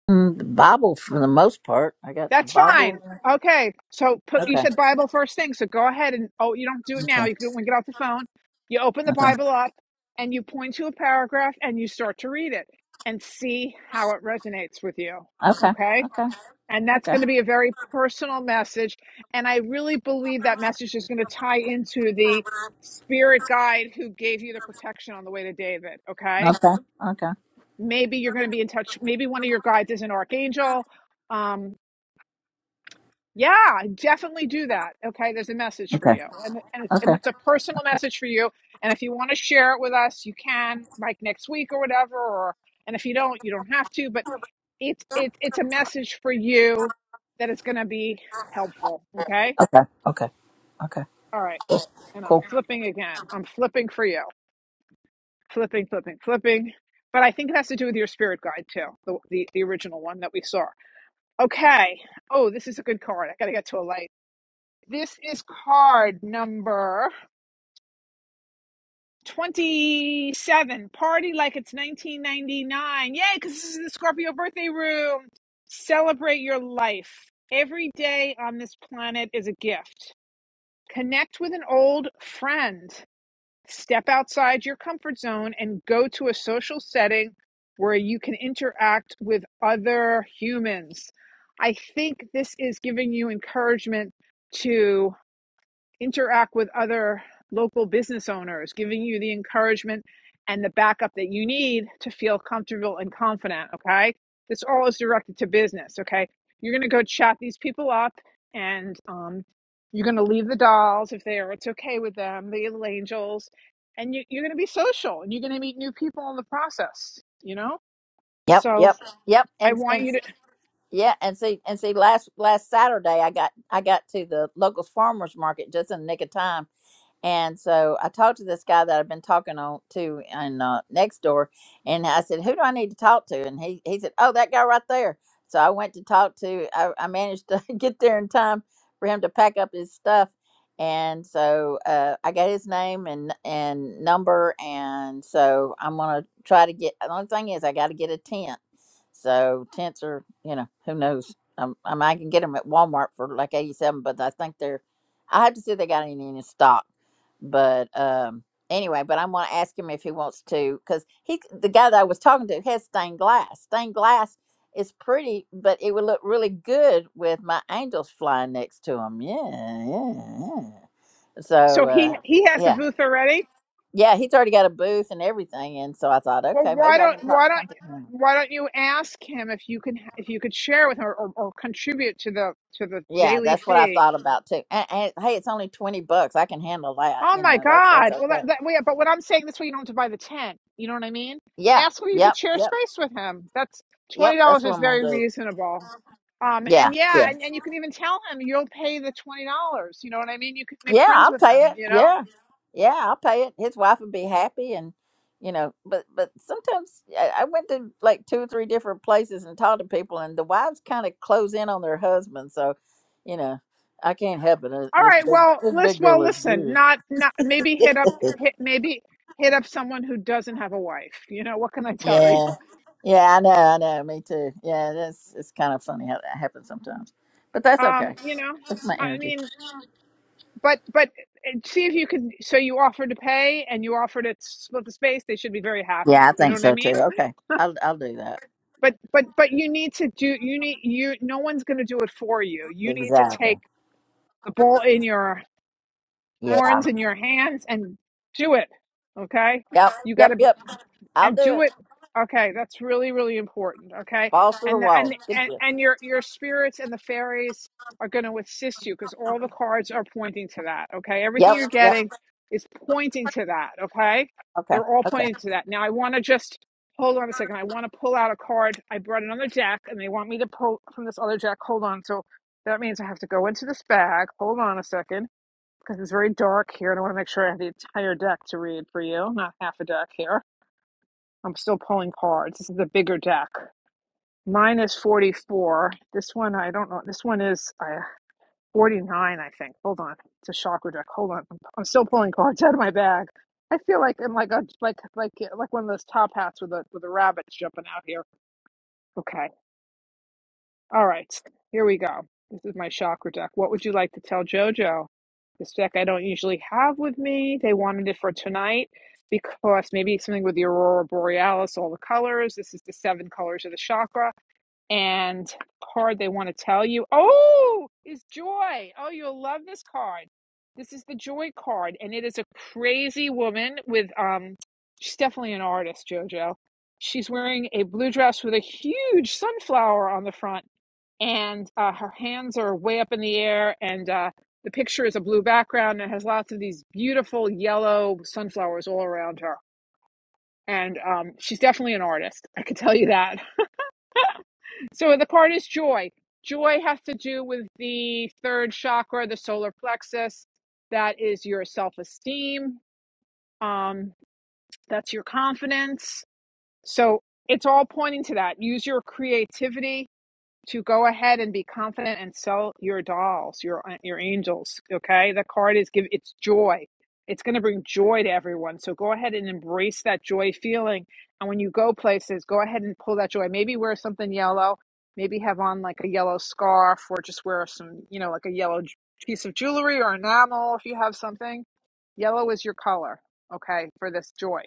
[SPEAKER 9] Mm, the Bible for the most part. I got the
[SPEAKER 1] That's
[SPEAKER 9] Bible.
[SPEAKER 1] fine. Okay. So put you
[SPEAKER 9] Okay.
[SPEAKER 1] said Bible first thing. So go ahead and oh, you don't do it now.
[SPEAKER 9] Okay.
[SPEAKER 1] You can do it when you get off the phone. You open the
[SPEAKER 9] Okay.
[SPEAKER 1] Bible up and you point to a paragraph and you start to read it and see how it resonates with you.
[SPEAKER 9] Okay. Okay.
[SPEAKER 1] Okay?
[SPEAKER 9] Okay.
[SPEAKER 1] And that's
[SPEAKER 9] Okay.
[SPEAKER 1] going to be a very personal message and I really believe that message is going to tie into the spirit guide who gave you the protection on the way to David, okay?
[SPEAKER 9] Okay. Okay.
[SPEAKER 1] Maybe you're going to be in touch maybe one of your guides is an archangel. Um, yeah, definitely do that. Okay, there's a message for
[SPEAKER 9] Okay.
[SPEAKER 1] you, and and it's, and it's a personal message for you. And if you want to share it with us, you can, like next week or whatever. Or and if you don't, you don't have to. But it's it's it's a message for you that is going to be helpful. Okay,
[SPEAKER 9] Okay. Okay.
[SPEAKER 1] all right.
[SPEAKER 9] Okay.
[SPEAKER 1] And I'm
[SPEAKER 9] Cool.
[SPEAKER 1] flipping again. I'm flipping for you. Flipping, flipping, flipping. But I think it has to do with your spirit guide too, the the, the original one that we saw. Okay. Oh, this is a good card. I got to get to a light. This is card number 27. Party like it's 1999. Yay, because this is the Scorpio birthday room. Celebrate your life. Every day on this planet is a gift. Connect with an old friend. Step outside your comfort zone and go to a social setting where you can interact with other humans. I think this is giving you encouragement to. interact with other local business owners, giving you the encouragement and the backup that you need to feel comfortable and confident. Okay. This all is directed to business. Okay. You're going to go chat these people up and um, you're going to leave the dolls if they are, it's okay with them, the little angels. And you, you're going to be social and you're going to meet new people in the process, you know?
[SPEAKER 9] Yep,
[SPEAKER 1] So
[SPEAKER 9] yep, yep,
[SPEAKER 1] I
[SPEAKER 9] and
[SPEAKER 1] want
[SPEAKER 9] and
[SPEAKER 1] you to.
[SPEAKER 9] yeah, and see, and see, last last Saturday, I got I got to the local farmers market just in the nick of time and so I talked to this guy that I've been talking on to in uh, next door, and I said, "Who do I need to talk to?" And he he said, "Oh, that guy right there." So I went to talk to. I, I managed to get there in time for him to pack up his stuff, and so uh, I got his name and and number, and so I'm gonna try to get. The only thing is, I got to get a tent. So tents are, you know, who knows? Um, I mean, I can get them at Walmart for like eighty-seven, but I think they're. I have to see if they got any in stock but um anyway but i'm going to ask him if he wants to because he the guy that i was talking to has stained glass stained glass is pretty but it would look really good with my angels flying next to him yeah yeah, yeah.
[SPEAKER 1] So
[SPEAKER 9] so
[SPEAKER 1] he
[SPEAKER 9] uh
[SPEAKER 1] he has a
[SPEAKER 9] yeah
[SPEAKER 1] booth already
[SPEAKER 9] yeah he's already got a booth and everything and so i thought
[SPEAKER 1] Well,
[SPEAKER 9] okay
[SPEAKER 1] why
[SPEAKER 9] maybe i
[SPEAKER 1] don't
[SPEAKER 9] can talk
[SPEAKER 1] why
[SPEAKER 9] to
[SPEAKER 1] don't
[SPEAKER 9] come to him
[SPEAKER 1] why don't you ask him if you can if you could share with him or, or, or contribute to the to the
[SPEAKER 9] yeah
[SPEAKER 1] daily
[SPEAKER 9] that's what i
[SPEAKER 1] fee?
[SPEAKER 9] thought about too and, and hey it's only 20 bucks i can handle that
[SPEAKER 1] Oh
[SPEAKER 9] you
[SPEAKER 1] my
[SPEAKER 9] know that's that's
[SPEAKER 1] God! Well, that,
[SPEAKER 9] okay
[SPEAKER 1] that well, yeah, but what I'm saying this way, you don't have to buy the tent. You know what I mean?
[SPEAKER 9] yeah
[SPEAKER 1] Ask where you could
[SPEAKER 9] yep
[SPEAKER 1] share
[SPEAKER 9] yep
[SPEAKER 1] space with him. That's twenty
[SPEAKER 9] yep that's
[SPEAKER 1] dollars
[SPEAKER 9] what
[SPEAKER 1] is
[SPEAKER 9] i'm gonna
[SPEAKER 1] very
[SPEAKER 9] do
[SPEAKER 1] reasonable. Um,
[SPEAKER 9] yeah,
[SPEAKER 1] and
[SPEAKER 9] yeah.
[SPEAKER 1] yeah, and, and you can even tell him you'll pay the twenty dollars. You know what I mean? You could make
[SPEAKER 9] Yeah,
[SPEAKER 1] friends
[SPEAKER 9] I'll
[SPEAKER 1] with
[SPEAKER 9] pay
[SPEAKER 1] him.
[SPEAKER 9] it.
[SPEAKER 1] You know.
[SPEAKER 9] Yeah, yeah, I'll pay it. His wife would be happy, and you know, but but sometimes I, I went to like two or three different places and talked to people, and the wives kind of close in on their husbands. So, you know, I can't help it. Uh,
[SPEAKER 1] All
[SPEAKER 9] This
[SPEAKER 1] right.
[SPEAKER 9] big
[SPEAKER 1] Well,
[SPEAKER 9] this big
[SPEAKER 1] listen.
[SPEAKER 9] girl
[SPEAKER 1] Well,
[SPEAKER 9] looks
[SPEAKER 1] listen.
[SPEAKER 9] good.
[SPEAKER 1] Not not maybe hit up hit maybe hit up someone who doesn't have a wife. You know what can I tell you?
[SPEAKER 9] yeah, yeah, I know, I know. Me too. Yeah, that's it's kind of funny how that happens sometimes, but that's okay.
[SPEAKER 1] Um, you know,
[SPEAKER 9] That's my
[SPEAKER 1] I
[SPEAKER 9] energy.
[SPEAKER 1] mean, but but uh, see if you can. So you offered to pay and you offered to split the space. They should be very
[SPEAKER 9] Yeah,
[SPEAKER 1] happy.
[SPEAKER 9] I
[SPEAKER 1] You know
[SPEAKER 9] think
[SPEAKER 1] what I
[SPEAKER 9] so too.
[SPEAKER 1] mean?
[SPEAKER 9] Okay, I'll I'll do that.
[SPEAKER 1] But but but you need to do. You need you. No one's going to do it for you. You need to
[SPEAKER 9] Exactly.
[SPEAKER 1] take the bull in your horns
[SPEAKER 9] Yeah.
[SPEAKER 1] in your hands and do it. Okay.
[SPEAKER 9] Yep,
[SPEAKER 1] You got
[SPEAKER 9] yep,
[SPEAKER 1] to
[SPEAKER 9] yep. I'll
[SPEAKER 1] and
[SPEAKER 9] do
[SPEAKER 1] do
[SPEAKER 9] it.
[SPEAKER 1] it okay that's really really important okay
[SPEAKER 9] Balls to the
[SPEAKER 1] and the,
[SPEAKER 9] wall.
[SPEAKER 1] and,
[SPEAKER 9] Good
[SPEAKER 1] and
[SPEAKER 9] deal.
[SPEAKER 1] and your your spirits and the fairies are going to assist you because all the cards are pointing to that okay everything
[SPEAKER 9] Yep,
[SPEAKER 1] you're
[SPEAKER 9] yep.
[SPEAKER 1] getting is pointing to that okay
[SPEAKER 9] Okay,
[SPEAKER 1] they're all
[SPEAKER 9] okay.
[SPEAKER 1] pointing to that now i want to just hold on a second i want to pull out a card i brought another deck and they want me to pull from this other deck hold on so that means i have to go into this bag hold on a second because it's very dark here and i want to make sure i have the entire deck to read for you not half a deck here I'm still pulling cards. This is the bigger deck. Mine is 44. This one, I don't know. This one is uh, 49, I think. Hold on. It's a chakra deck. Hold on. I'm, I'm still pulling cards out of my bag. I feel like I'm like a like like like one of those top hats with a with a rabbit jumping out here. Okay. All right, here we go. This is my chakra deck. What would you like to tell JoJo? This deck I don't usually have with me. They wanted it for tonight because maybe something with the aurora borealis, all the colors. This is the seven colors of the chakra and card they want to tell you. Oh, is Joy. Oh, you'll love this card. This is the Joy card, and it is a crazy woman with um she's definitely an artist, Jojo. She's wearing a blue dress with a huge sunflower on the front, and uh, her hands are way up in the air, and uh, the picture is a blue background and it has lots of these beautiful yellow sunflowers all around her. And um, she's definitely an artist. I could tell you that. So the part is joy. Joy has to do with the third chakra, the solar plexus. That is your self esteem. Um, that's your confidence. So it's all pointing to that. Use your creativity to go ahead and be confident and sell your dolls, your uh, your angels. Okay, the card is give it's joy. It's going to bring joy to everyone. So go ahead and embrace that joy feeling. And when you go places, go ahead and pull that joy. Maybe wear something yellow. Maybe have on like a yellow scarf, or just wear some, you know, like a yellow piece of jewelry or enamel if you have something. Yellow is your color, okay, for this joy.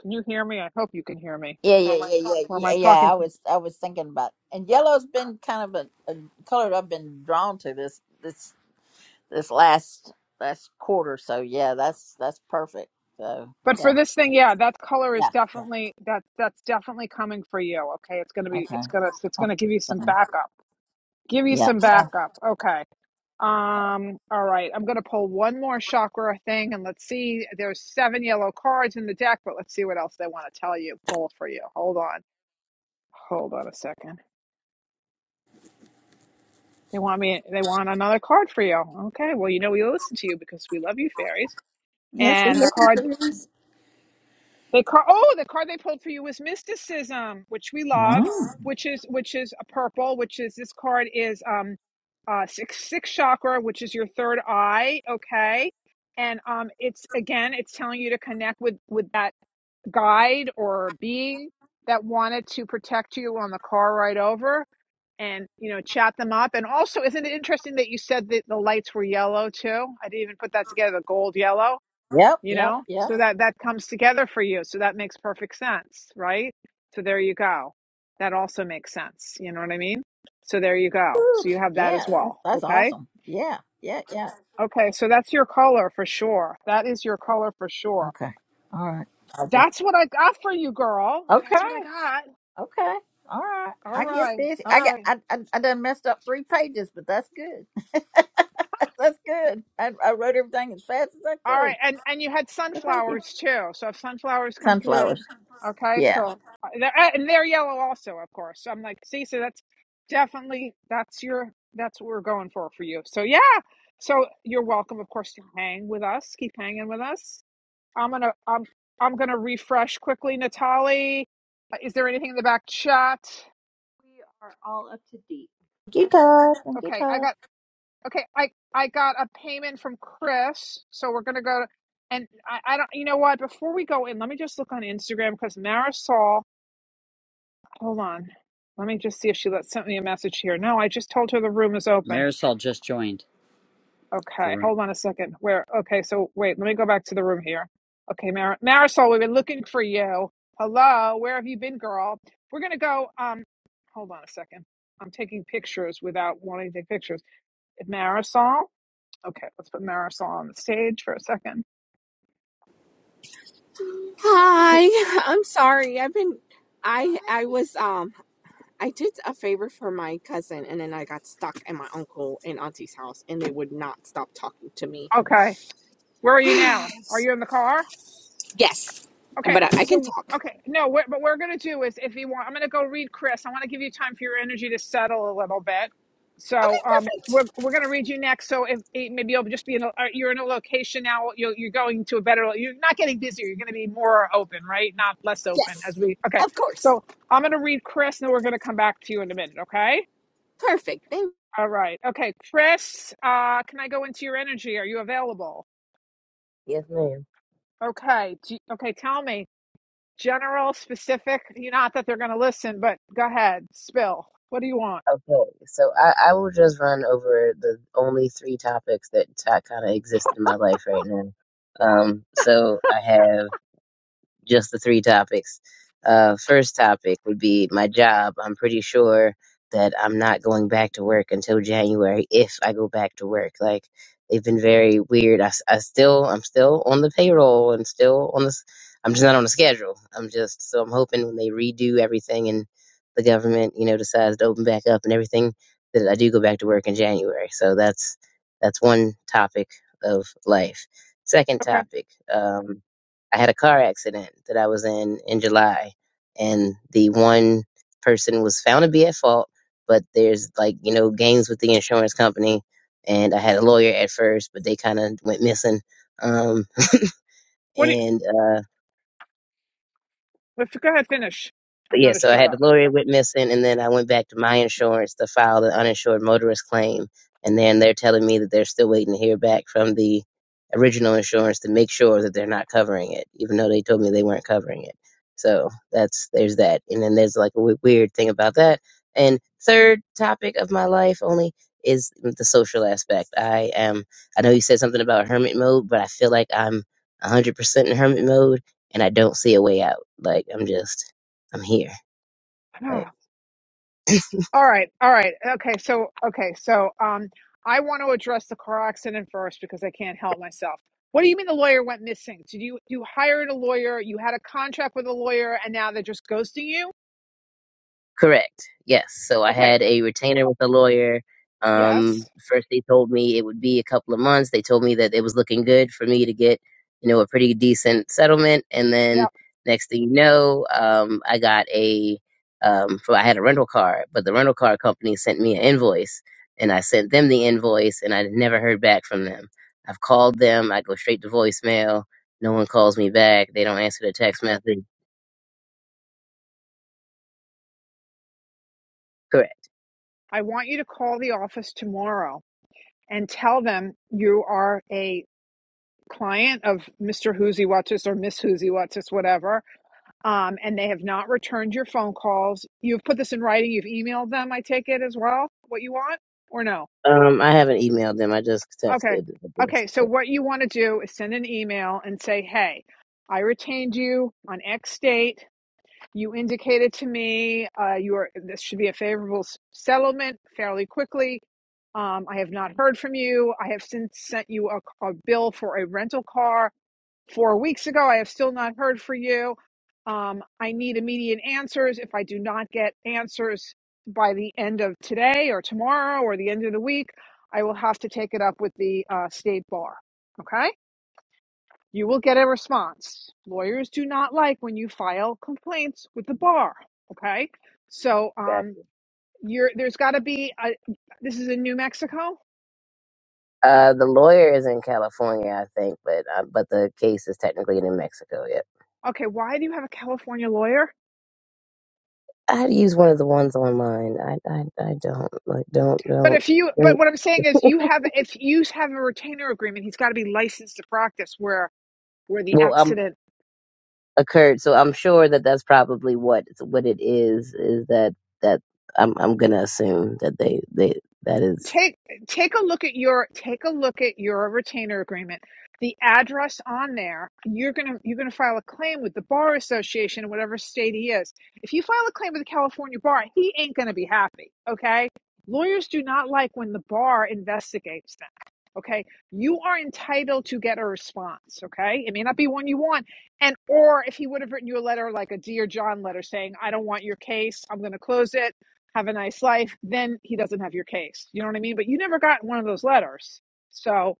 [SPEAKER 1] Can you hear me? I hope you can hear me.
[SPEAKER 9] Yeah, yeah, yeah, yeah,
[SPEAKER 1] Or am
[SPEAKER 9] yeah,
[SPEAKER 1] I
[SPEAKER 9] yeah.
[SPEAKER 1] talking?
[SPEAKER 9] I
[SPEAKER 1] to?
[SPEAKER 9] was, I was thinking about, and yellow's been kind of a, a color I've been drawn to this, this, this last, last quarter. So yeah, that's that's perfect. So
[SPEAKER 1] But for
[SPEAKER 9] yeah,
[SPEAKER 1] this thing, yeah, that color is
[SPEAKER 9] yeah, yeah.
[SPEAKER 1] definitely that that's definitely coming for you. Okay, it's gonna be it's
[SPEAKER 9] Okay.
[SPEAKER 1] gonna it's gonna give you some
[SPEAKER 9] Awesome.
[SPEAKER 1] backup. Give you
[SPEAKER 9] Yeah.
[SPEAKER 1] some backup. Okay. Um. All right. I'm gonna pull one more chakra thing, and let's see. There's seven yellow cards in the deck, but let's see what else they want to tell you. Pull for you. Hold on. Hold on a second. They want me. They want another card for you. Okay. Well, you know we listen to you because we love you, fairies.
[SPEAKER 9] Yes, we
[SPEAKER 1] And the
[SPEAKER 9] love
[SPEAKER 1] card
[SPEAKER 9] you, please.
[SPEAKER 1] The car oh, the card they pulled for you was mysticism, which we love,
[SPEAKER 9] Oh.
[SPEAKER 1] which is which is a purple, which is this card is um uh six six chakra, which is your third eye, okay? And um it's again, it's telling you to connect with with that guide or being that wanted to protect you on the car ride over and you know chat them up and also isn't it interesting that you said that the lights were yellow too i didn't even put that together the gold yellow
[SPEAKER 9] Yep,
[SPEAKER 1] you
[SPEAKER 9] yep,
[SPEAKER 1] know
[SPEAKER 9] yep.
[SPEAKER 1] so that that comes together for you so that makes perfect sense right so there you go that also makes sense you know what i mean so there you go so you have that as
[SPEAKER 9] Yeah, that's,
[SPEAKER 1] well
[SPEAKER 9] that's
[SPEAKER 1] okay
[SPEAKER 9] awesome. Yeah, yeah, yeah.
[SPEAKER 1] okay so that's your color for sure that is your color for sure
[SPEAKER 9] Okay. All right.
[SPEAKER 1] that's what i got for you girl
[SPEAKER 9] Okay.
[SPEAKER 1] that's what i got
[SPEAKER 9] Okay. All right.
[SPEAKER 1] all
[SPEAKER 9] I get
[SPEAKER 1] right
[SPEAKER 9] busy.
[SPEAKER 1] all
[SPEAKER 9] I got.
[SPEAKER 1] right
[SPEAKER 9] I. I, I done messed up three pages, but that's good. that's good. I, I wrote everything as fast as I
[SPEAKER 1] All
[SPEAKER 9] could.
[SPEAKER 1] right, and and you had
[SPEAKER 9] So thank you.
[SPEAKER 1] sunflowers too. So if sunflowers come through,
[SPEAKER 9] Sunflowers.
[SPEAKER 1] okay.
[SPEAKER 9] Yeah.
[SPEAKER 1] So uh, uh, and they're yellow also, of course. So I'm like, see, so that's definitely that's your that's what we're going for for you. So yeah, so you're welcome, of course, to hang with us. Keep hanging with us. I'm gonna I'm I'm gonna refresh quickly. Natali, Uh, is there anything in the back chat?
[SPEAKER 3] we are all up to date.
[SPEAKER 9] Thank you, Todd. Thank you,
[SPEAKER 1] Okay, I
[SPEAKER 9] Todd.
[SPEAKER 1] got. Okay, I I got a payment from Chris, so we're gonna go. And I, I don't, you know what? Before we go in, let me just look on Instagram because Marisol. Hold on, let me just see if she let sent me a message here. No, I just told her the room is open.
[SPEAKER 6] Marisol just joined the
[SPEAKER 1] Okay,
[SPEAKER 6] room.
[SPEAKER 1] hold on a second. Where? Okay, so wait, let me go back to the room here. Okay, Mar- Marisol, we've been looking for you. Hello, where have you been, girl? We're gonna go. Um, hold on a second. I'm taking pictures without wanting to take pictures. Marisol. Okay, let's put Marisol on the stage for a second.
[SPEAKER 10] Hi, I'm sorry. I've been I I was um I did a favor for my cousin and then I got stuck at my uncle and auntie's house and they would not stop talking to me.
[SPEAKER 1] Okay, where are you now? Are you in the car?
[SPEAKER 10] And
[SPEAKER 1] Okay,
[SPEAKER 10] But I, I can
[SPEAKER 1] so
[SPEAKER 10] talk.
[SPEAKER 1] okay, no, what but we're gonna do is if you want, I'm gonna go read Chris. I want to give you time for your energy to settle a little bit. So
[SPEAKER 10] Okay,
[SPEAKER 1] um,
[SPEAKER 10] perfect.
[SPEAKER 1] we're we're gonna read you next. So if eh, maybe you'll just be in a uh, you're in a location now. You're you're going to a better. lo- You're not getting busier. You're gonna be more open, right? Not less open
[SPEAKER 10] Yes.
[SPEAKER 1] as we. Okay,
[SPEAKER 10] Of course.
[SPEAKER 1] so I'm gonna read Chris, and then we're gonna come back to you in a minute. Okay.
[SPEAKER 10] Perfect. Thank
[SPEAKER 1] All right. Okay, Chris, uh, can I go into your energy? Are you available?
[SPEAKER 4] Yes, ma'am.
[SPEAKER 1] Okay. Do okay, tell me. General, specific, you not that they're going to listen, but go ahead, spill. What do you want?
[SPEAKER 4] Okay, so I, I will just run over the only three topics that kind of exist in my life right now. Um, so I have. just the three topics. Uh, first topic would be my job. I'm pretty sure that I'm not going back to work until January if I go back to work. Like they've been very weird. I, s- I still I'm still on the payroll and still on the s- I'm just not on the schedule. I'm just so I'm hoping when they redo everything and the government you know decides to open back up and everything that I do go back to work in January. So that's that's one topic of life. Second
[SPEAKER 1] Okay.
[SPEAKER 4] topic. Um, I had a car accident that I was in in July, and the one person was found to be at fault, but there's like, you know, games with the insurance company. And I had a lawyer at first, but they kind of went missing. Um,
[SPEAKER 1] What do you
[SPEAKER 4] and uh,
[SPEAKER 1] if, go ahead finish. I'm
[SPEAKER 4] But
[SPEAKER 1] going
[SPEAKER 4] yeah,
[SPEAKER 1] to
[SPEAKER 4] so I
[SPEAKER 1] shut
[SPEAKER 4] had
[SPEAKER 1] up.
[SPEAKER 4] the lawyer went missing, and then I went back to my insurance to file the uninsured motorist claim. And then they're telling me that they're still waiting to hear back from the original insurance to make sure that they're not covering it, even though they told me they weren't covering it. So that's there's that. And then there's like a w- weird thing about that. And third topic of my life only is the social aspect. I am. I know you said something about hermit mode, but I feel like I'm 100% in hermit mode, and I don't see a way out. Like I'm just. I'm here. Like,
[SPEAKER 1] Ah, All right. All right. Okay, so okay, so um I want to address the car accident first because I can't help myself. What do you mean the lawyer went missing? Did you you hired a lawyer, you had a contract with a lawyer and now they're just ghosting you?
[SPEAKER 4] correct. Yes. So I
[SPEAKER 1] Okay.
[SPEAKER 4] had a retainer with a lawyer. Um,
[SPEAKER 1] Yes.
[SPEAKER 4] first they told me it would be a couple of months. They told me that it was looking good for me to get, you know, a pretty decent settlement. And
[SPEAKER 1] Yeah.
[SPEAKER 4] then next thing you know, um, I got a, um, for, I had a rental car, but the rental car company sent me an invoice and I sent them the invoice and I never heard back from them. I've called them. I go straight to voicemail. No one calls me back. They don't answer the text message. Correct.
[SPEAKER 1] I want you to call the office tomorrow and tell them you are a client of Mr. Hoosie or Miss Hoosie whatever, um, and they have not returned your phone calls. You've put this in writing. You've emailed them, I take it as well, what you want, or no?
[SPEAKER 4] Um, I haven't emailed them. I just
[SPEAKER 1] Okay.
[SPEAKER 4] texted. I just
[SPEAKER 1] Okay. So,
[SPEAKER 4] yeah,
[SPEAKER 1] what you want to do is send an email and say, hey, I retained you on X date You indicated to me uh, you are, this should be a favorable s- settlement fairly quickly. Um, I have not heard from you. I have since sent you a, a bill for a rental car four weeks ago. I have still not heard from you. Um, I need immediate answers. If I do not get answers by the end of today or tomorrow or the end of the week, I will have to take it up with the uh, state bar. Okay? You will get a response. Lawyers do not like when you file complaints with the bar. Okay, so
[SPEAKER 4] got
[SPEAKER 1] um,
[SPEAKER 4] you.
[SPEAKER 1] you're there's got to be a. This is in New Mexico.
[SPEAKER 4] Uh, the lawyer is in California, I think, but uh, but the case is technically in Mexico. Yep.
[SPEAKER 1] Okay, why do you have a California lawyer?
[SPEAKER 4] I had to use one of the ones online. I I, I don't like don't
[SPEAKER 1] But
[SPEAKER 4] don't.
[SPEAKER 1] if you, but
[SPEAKER 4] don't-
[SPEAKER 1] what I'm saying is, you have if you have a retainer agreement, he's got to be licensed to practice where where the
[SPEAKER 4] Well,
[SPEAKER 1] accident
[SPEAKER 4] occurred. So I'm sure that that's probably what what it is. Is that that I'm I'm gonna assume that they they that is.
[SPEAKER 1] take take a look at your take a look at your retainer agreement the address on there you're going to you're going to file a claim with the bar association in whatever state he is if you file a claim with the california bar he ain't going to be happy okay lawyers do not like when the bar investigates them okay you are entitled to get a response okay it may not be one you want and or if he would have written you a letter like a dear john letter saying i don't want your case i'm going to close it have a nice life, then he doesn't have your case. You know what I mean? But you never got one of those letters. So,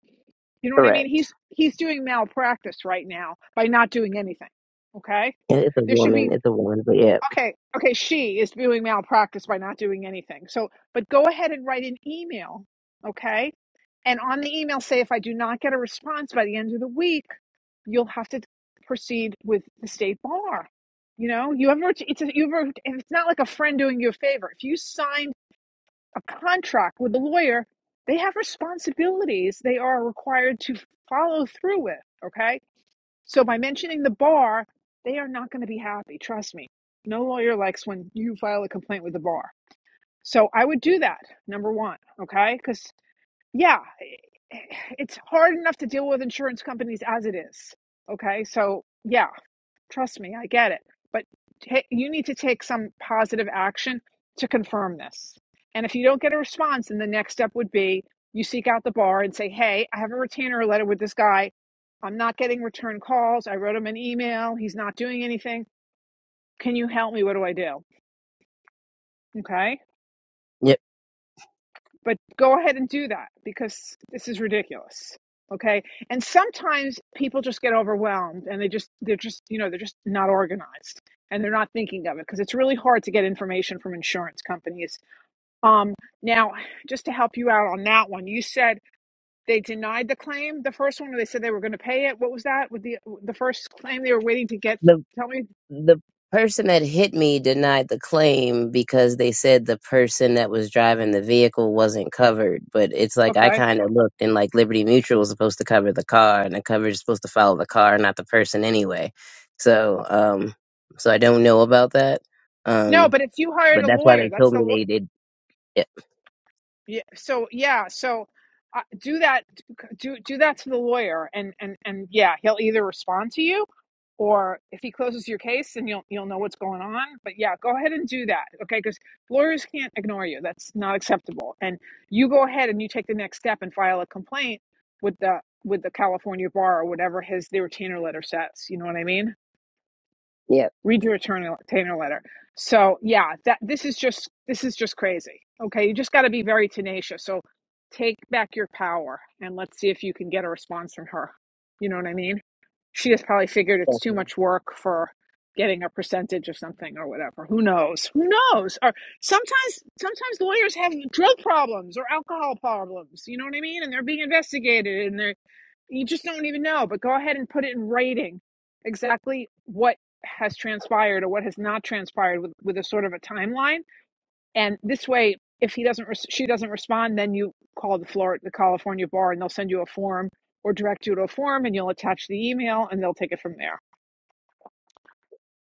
[SPEAKER 1] you know what I
[SPEAKER 4] Correct.
[SPEAKER 1] mean? He's he's doing malpractice right now by not doing anything. Okay?
[SPEAKER 4] Yeah, It's a
[SPEAKER 1] There should be
[SPEAKER 4] woman. It's a woman. But yeah.
[SPEAKER 1] okay, okay, she is doing malpractice by not doing anything. So, but go ahead and write an email, okay? And on the email say if I do not get a response by the end of the week, you'll have to proceed with the state bar. You know, you ever it's a, you ever it's not like a friend doing you a favor. If you signed a contract with a lawyer, they have responsibilities they are required to follow through with. Okay. So by mentioning the bar, they are not going to be happy. Trust me. No lawyer likes when you file a complaint with the bar. So I would do that, number one. Okay. Because, yeah, eh, eh, it's hard enough to deal with insurance companies as it is. Okay. So, yeah. Trust me, I get it. But ta you need to take some positive action to confirm this. And if you don't get a response, then the next step would be you seek out the bar and say, hey, I have a retainer letter with this guy. I'm not getting return calls. I wrote him an email. He's not doing anything. Can you help me? What do I do? Okay.
[SPEAKER 4] Yep.
[SPEAKER 1] but go ahead and do that because this is ridiculous okay and sometimes people just get overwhelmed and they just they're just you know they're just not organized and they're not thinking of it because it's really hard to get information from insurance companies um now just to help you out on that one you said they denied the claim the first one or they said they were going to pay it what was that with the the first claim they were waiting to get
[SPEAKER 4] The
[SPEAKER 1] tell me
[SPEAKER 4] the person that hit me denied the claim because they said the person that was driving the vehicle wasn't covered. But it's like I
[SPEAKER 1] okay
[SPEAKER 4] kind of looked and like Liberty Mutual was supposed to cover the car, and the coverage is supposed to follow the car, not the person anyway. So, um, so I don't know about that.
[SPEAKER 1] no
[SPEAKER 4] Um,
[SPEAKER 1] but if you hired
[SPEAKER 4] but
[SPEAKER 1] a
[SPEAKER 4] that's why
[SPEAKER 1] lawyer
[SPEAKER 4] they
[SPEAKER 1] that's
[SPEAKER 4] told
[SPEAKER 1] the
[SPEAKER 4] me they did. Yeah,
[SPEAKER 1] Yeah. So yeah. So uh, do that. Do do that to the lawyer, and and and yeah, he'll either respond to you, or if he closes your case, then you'll you'll know what's going on. But yeah, go ahead and do that, okay? Because lawyers can't ignore you. That's not acceptable. And you go ahead and you take the next step and file a complaint with the with the California bar or whatever his the retainer letter says. You know what I mean?
[SPEAKER 4] yeah.
[SPEAKER 1] read your retainer letter. So yeah, that this is just this is just crazy. Okay, you just got to be very tenacious. So take back your power and let's see if you can get a response from her. You know what I mean? She has probably figured it's too
[SPEAKER 4] definitely.
[SPEAKER 1] much work for getting a percentage of something or whatever. Who knows? Who knows? Or sometimes sometimes lawyers have drug problems or alcohol problems. You know what I mean? And they're being investigated and they're you just don't even know, but go ahead and put it in writing exactly what has transpired or what has not transpired with, with a sort of a timeline. And this way, if he doesn't, res- she doesn't respond, then you call the Florida, the California bar, and they'll send you a form or direct you to a form, and you'll attach the email, and they'll take it from there.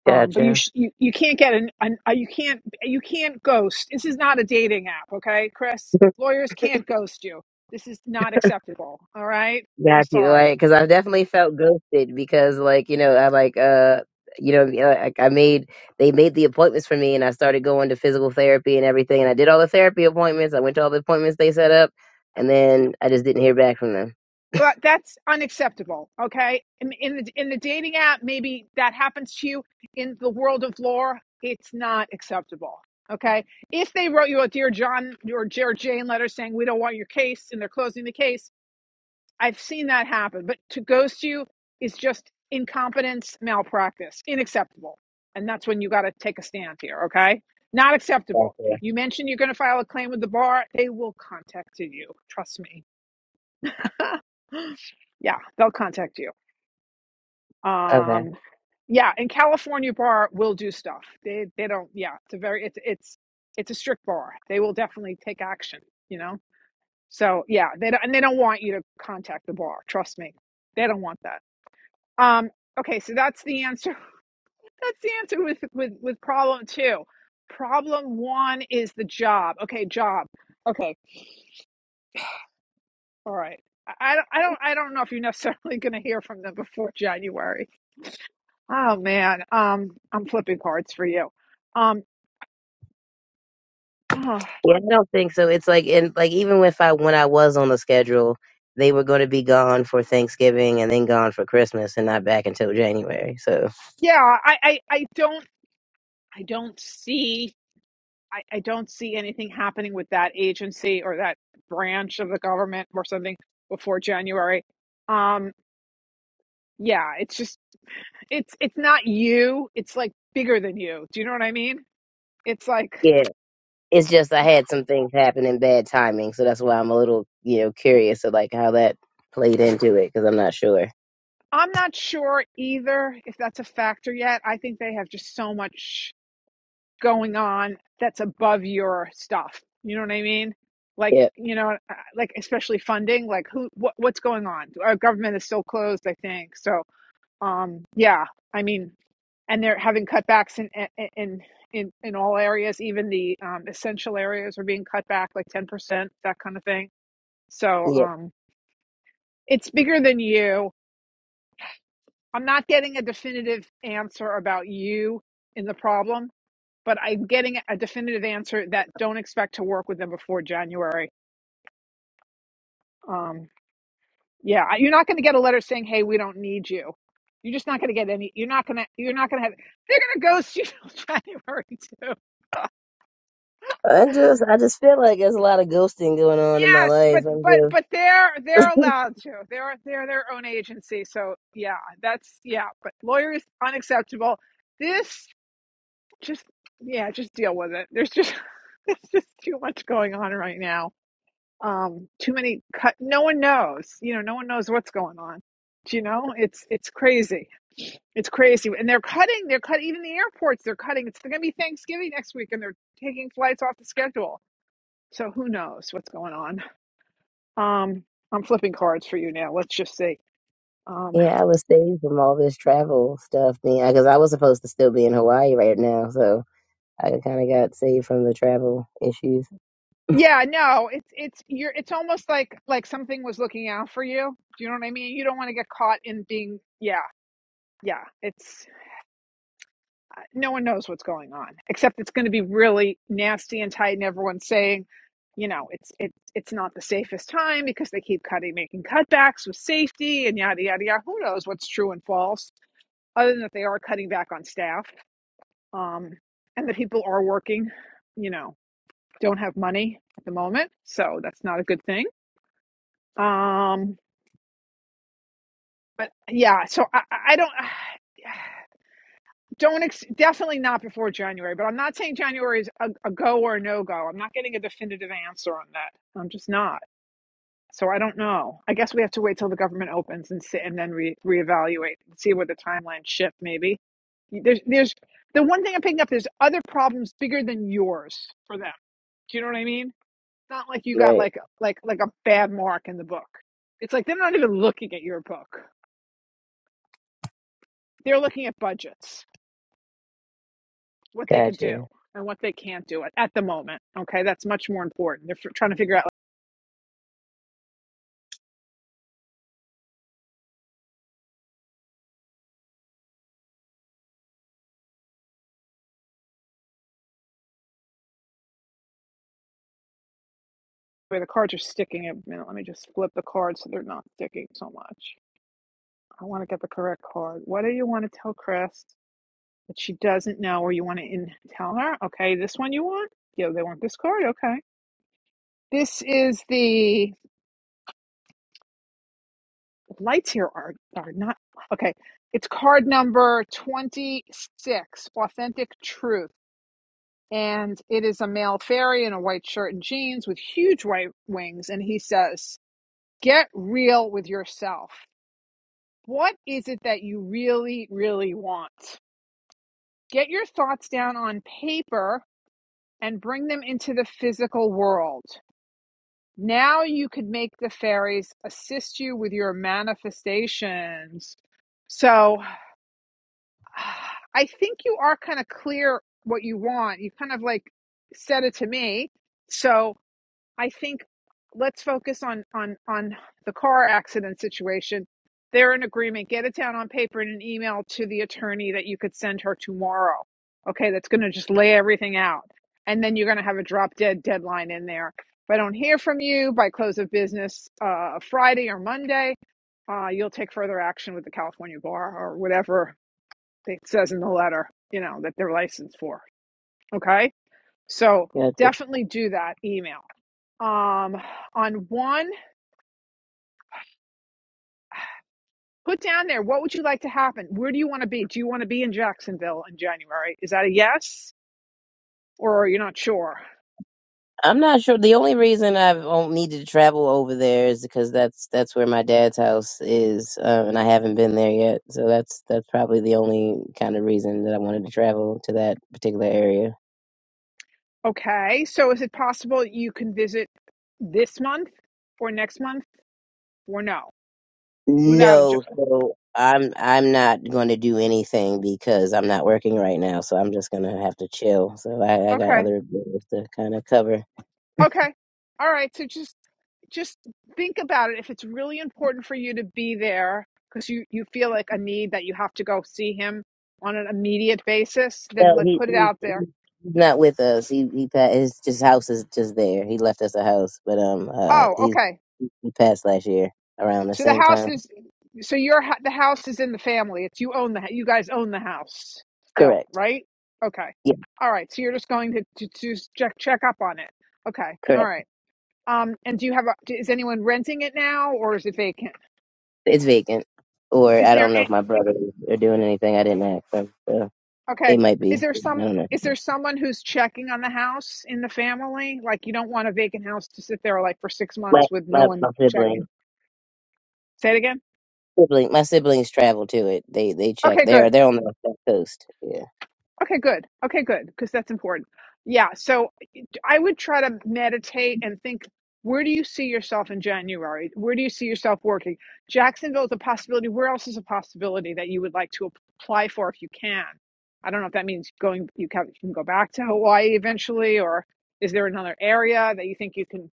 [SPEAKER 1] Um, but you,
[SPEAKER 4] Gotcha.
[SPEAKER 1] sh- you you can't get an, an uh, you can't you can't ghost. This is not a dating app, okay, Chris? Lawyers can't ghost you. This is not acceptable. All right, I'm
[SPEAKER 4] Got you,
[SPEAKER 1] sorry.
[SPEAKER 4] like, because I've definitely felt ghosted because, like, you know, I like, uh, you know, you know, like I made they made the appointments for me, and I started going to physical therapy and everything, and I did all the therapy appointments. I went to all the appointments they set up, and then I just didn't hear back from them.
[SPEAKER 1] Well, that's unacceptable. Okay, in, in the in the dating app, maybe that happens to you. In the world of lore, it's not acceptable. Okay, if they wrote you a dear John or dear Jane letter saying we don't want your case and they're closing the case, I've seen that happen. But to ghost you is just incompetence, malpractice, unacceptable, and that's when you got to take a stand here. Okay, not acceptable.
[SPEAKER 4] Gotcha.
[SPEAKER 1] You mentioned you're going to file a claim with the bar; they will contact you. Trust me. Yeah, they'll contact you.
[SPEAKER 4] Okay.
[SPEAKER 1] Um, yeah, and California bar will do stuff. They they don't. Yeah, it's a very it's it's it's a strict bar. They will definitely take action. You know. So yeah, they don't, and they don't want you to contact the bar. Trust me, they don't want that. Um, okay, so that's the answer. That's the answer with with with problem two. Problem one is the job. Okay, job. Okay, all right. I I don't I don't I don't know if you're necessarily going to hear from them before January Oh man, um, I'm flipping cards for you. Um, oh,
[SPEAKER 4] Yeah, I don't think so. It's like, and like, even if I when I was on the schedule, they were going to be gone for Thanksgiving and then gone for Christmas, and not back until January. So.
[SPEAKER 1] yeah, I, I, I don't, I don't see, I, I don't see anything happening with that agency or that branch of the government or something before January. Um, yeah, it's just, it's, it's not you. It's like bigger than you. Do you know what I mean? It's like,
[SPEAKER 4] It's just I
[SPEAKER 1] yeah,
[SPEAKER 4] had some things happen in bad timing, so that's why I'm a little, you know, curious of like how that played into it because I'm not sure.
[SPEAKER 1] I'm not sure either if that's a factor yet. I think they have just so much. going on that's above your stuff. You know what I mean? Like,
[SPEAKER 4] Yep,
[SPEAKER 1] you know, uh, like especially funding, like who what what's going on? Our government is still closed, I think. So, um yeah, I mean, and they're having cutbacks in in in in all areas, even the um essential areas are being cut back like 10%, that kind of thing. So,
[SPEAKER 4] yep.
[SPEAKER 1] um it's bigger than you. I'm not getting a definitive answer about you in the problem but I'm getting a definitive answer that don't expect to work with them before January. Um, yeah, I- you're not going to get a letter saying, "Hey, we don't need you." You're just not going to get any. You're not going to. You're not going to have. They're going to ghost you till January too.
[SPEAKER 4] I just, I just feel like there's a lot of ghosting going on in my
[SPEAKER 1] Yes, but
[SPEAKER 4] life. I'm
[SPEAKER 1] but
[SPEAKER 4] just,
[SPEAKER 1] but they're they're allowed to. They're they're their own agency. So yeah, that's yeah. But lawyers unacceptable. This just yeah, just deal with it. There's just there's just too much going on right now. um too many cut no one knows you know no one knows what's going on do you know it's it's crazy it's crazy and they're cutting they're cutting even the airports they're cutting it's going to be thanksgiving next week and they're taking flights off the schedule so who knows what's going on um i'm flipping cards for you now let's just see um
[SPEAKER 4] yeah, I was saved from all this travel stuff, being because I was supposed to still be in Hawaii right now, so I kind of got saved from the travel issues.
[SPEAKER 1] yeah no it's it's you're it's almost like like something was looking out for you do you know what i mean you don't want to get caught in being yeah yeah it's no one knows what's going on except it's going to be really nasty and tight and everyone's saying you know it's it's it's not the safest time because they keep cutting making cutbacks with safety and yada yada yada who knows what's true and false other than that they are cutting back on staff um and that people are working you know don't have money at the moment so that's not a good thing um but yeah so i i I don't yeah, don't ex- definitely not before January, but I'm not saying January is a, a go or a no go. I'm not getting a definitive answer on that. I'm just not. So I don't know. I guess we have to wait till the government opens and sit and then re- reevaluate and see where the timeline shift maybe. There's there's the one thing I'm picking up there's other problems bigger than yours for them. Do you know what I mean? It's not like you got
[SPEAKER 4] Right.
[SPEAKER 1] like like like a bad mark in the book. It's like they're not even looking at your book. They're looking at budgets what they could do
[SPEAKER 4] Gotcha.
[SPEAKER 1] and what they can't do at, at the moment. Okay, that's much more important. They're f- trying to figure out like, where the cards are sticking. A minute, let me just flip the cards so they're not sticking so much. I want to get the correct card. What do you want to tell Chris that she doesn't know, or you want to in- tell her? Okay, this one you want. Yeah, they want this card. Okay, this is the lights here are are not okay. It's card number twenty six. Authentic truth. and it is a male fairy in a white shirt and jeans with huge white wings. And he says, Get real with yourself. What is it that you really, really want? Get your thoughts down on paper and bring them into the physical world. Now you could make the fairies assist you with your manifestations. So I think you are kind of clear what you want. You kind of like said it to me. So I think let's focus on on on the car accident situation. They're in agreement. Get it down on paper in an email to the attorney that you could send her tomorrow. Okay, that's going to just lay everything out, and then you're going to have a drop dead deadline in there. If I don't hear from you by close of business uh, Friday or Monday, uh, you'll take further action with the California bar or whatever it says in the letter. You know that they're licensed for. Okay, so
[SPEAKER 4] Gotcha.
[SPEAKER 1] definitely do that email um on one put down there what would you like to happen where do you want to be do you want to be in jacksonville in january is that a yes or are you not sure
[SPEAKER 4] I'm not sure. The only reason I've on- needed to travel over there is because that's that's where my dad's house is, um, and I haven't been there yet. So that's that's probably the only kind of reason that I wanted to travel to that particular area.
[SPEAKER 1] okay so is it possible you can visit this month or next month or no without a ju-
[SPEAKER 4] No, so I'm I'm not going to do anything because I'm not working right now. So I'm just gonna have to chill. So I, I got
[SPEAKER 1] okay
[SPEAKER 4] other bills to kind of cover.
[SPEAKER 1] okay all right so just just think about it if it's really important for you to be there because you you feel like a need that you have to go see him on an immediate basis then
[SPEAKER 4] No,
[SPEAKER 1] like
[SPEAKER 4] he
[SPEAKER 1] put it
[SPEAKER 4] he's,
[SPEAKER 1] out there
[SPEAKER 4] he's not with us. He he pa- his his house is just there. He left us a house, but um, uh,
[SPEAKER 1] oh
[SPEAKER 4] he's
[SPEAKER 1] okay
[SPEAKER 4] He passed last year around the
[SPEAKER 1] So the
[SPEAKER 4] same
[SPEAKER 1] house
[SPEAKER 4] time.
[SPEAKER 1] is so your the house is in the family. It's you own the you guys own the house still,
[SPEAKER 4] Correct.
[SPEAKER 1] right? Okay.
[SPEAKER 4] Yeah,
[SPEAKER 1] All right. So you're just going to to, to check check up on it. Okay. All
[SPEAKER 4] correct.
[SPEAKER 1] right. Um. And do you have a? Is anyone renting it now, or is it vacant?
[SPEAKER 4] It's vacant. Or
[SPEAKER 1] Is
[SPEAKER 4] I
[SPEAKER 1] there?
[SPEAKER 4] don't know if
[SPEAKER 1] a-
[SPEAKER 4] my brothers are doing anything. I didn't ask them. So they
[SPEAKER 1] Okay.
[SPEAKER 4] might
[SPEAKER 1] Is
[SPEAKER 4] be.
[SPEAKER 1] there
[SPEAKER 4] I
[SPEAKER 1] some?
[SPEAKER 4] don't know.
[SPEAKER 1] Is there someone who's checking on the house in the family? Like you don't want a vacant house to sit there like for six
[SPEAKER 4] My
[SPEAKER 1] months with no
[SPEAKER 4] my, my
[SPEAKER 1] one checking.
[SPEAKER 4] sibling.
[SPEAKER 1] Say it again.
[SPEAKER 4] Sibling, my siblings travel to it. They they check.
[SPEAKER 1] Okay.
[SPEAKER 4] They're
[SPEAKER 1] Good.
[SPEAKER 4] they're on the west coast. Yeah,
[SPEAKER 1] Okay. Good. Okay. Good. Because that's important. Yeah. So I would try to meditate and think where do you see yourself in January? Where do you see yourself working? Jacksonville is a possibility. Where else is a possibility that you would like to apply for if you can? I don't know if that means going you can, you can go back to Hawaii eventually or is there another area that you think you can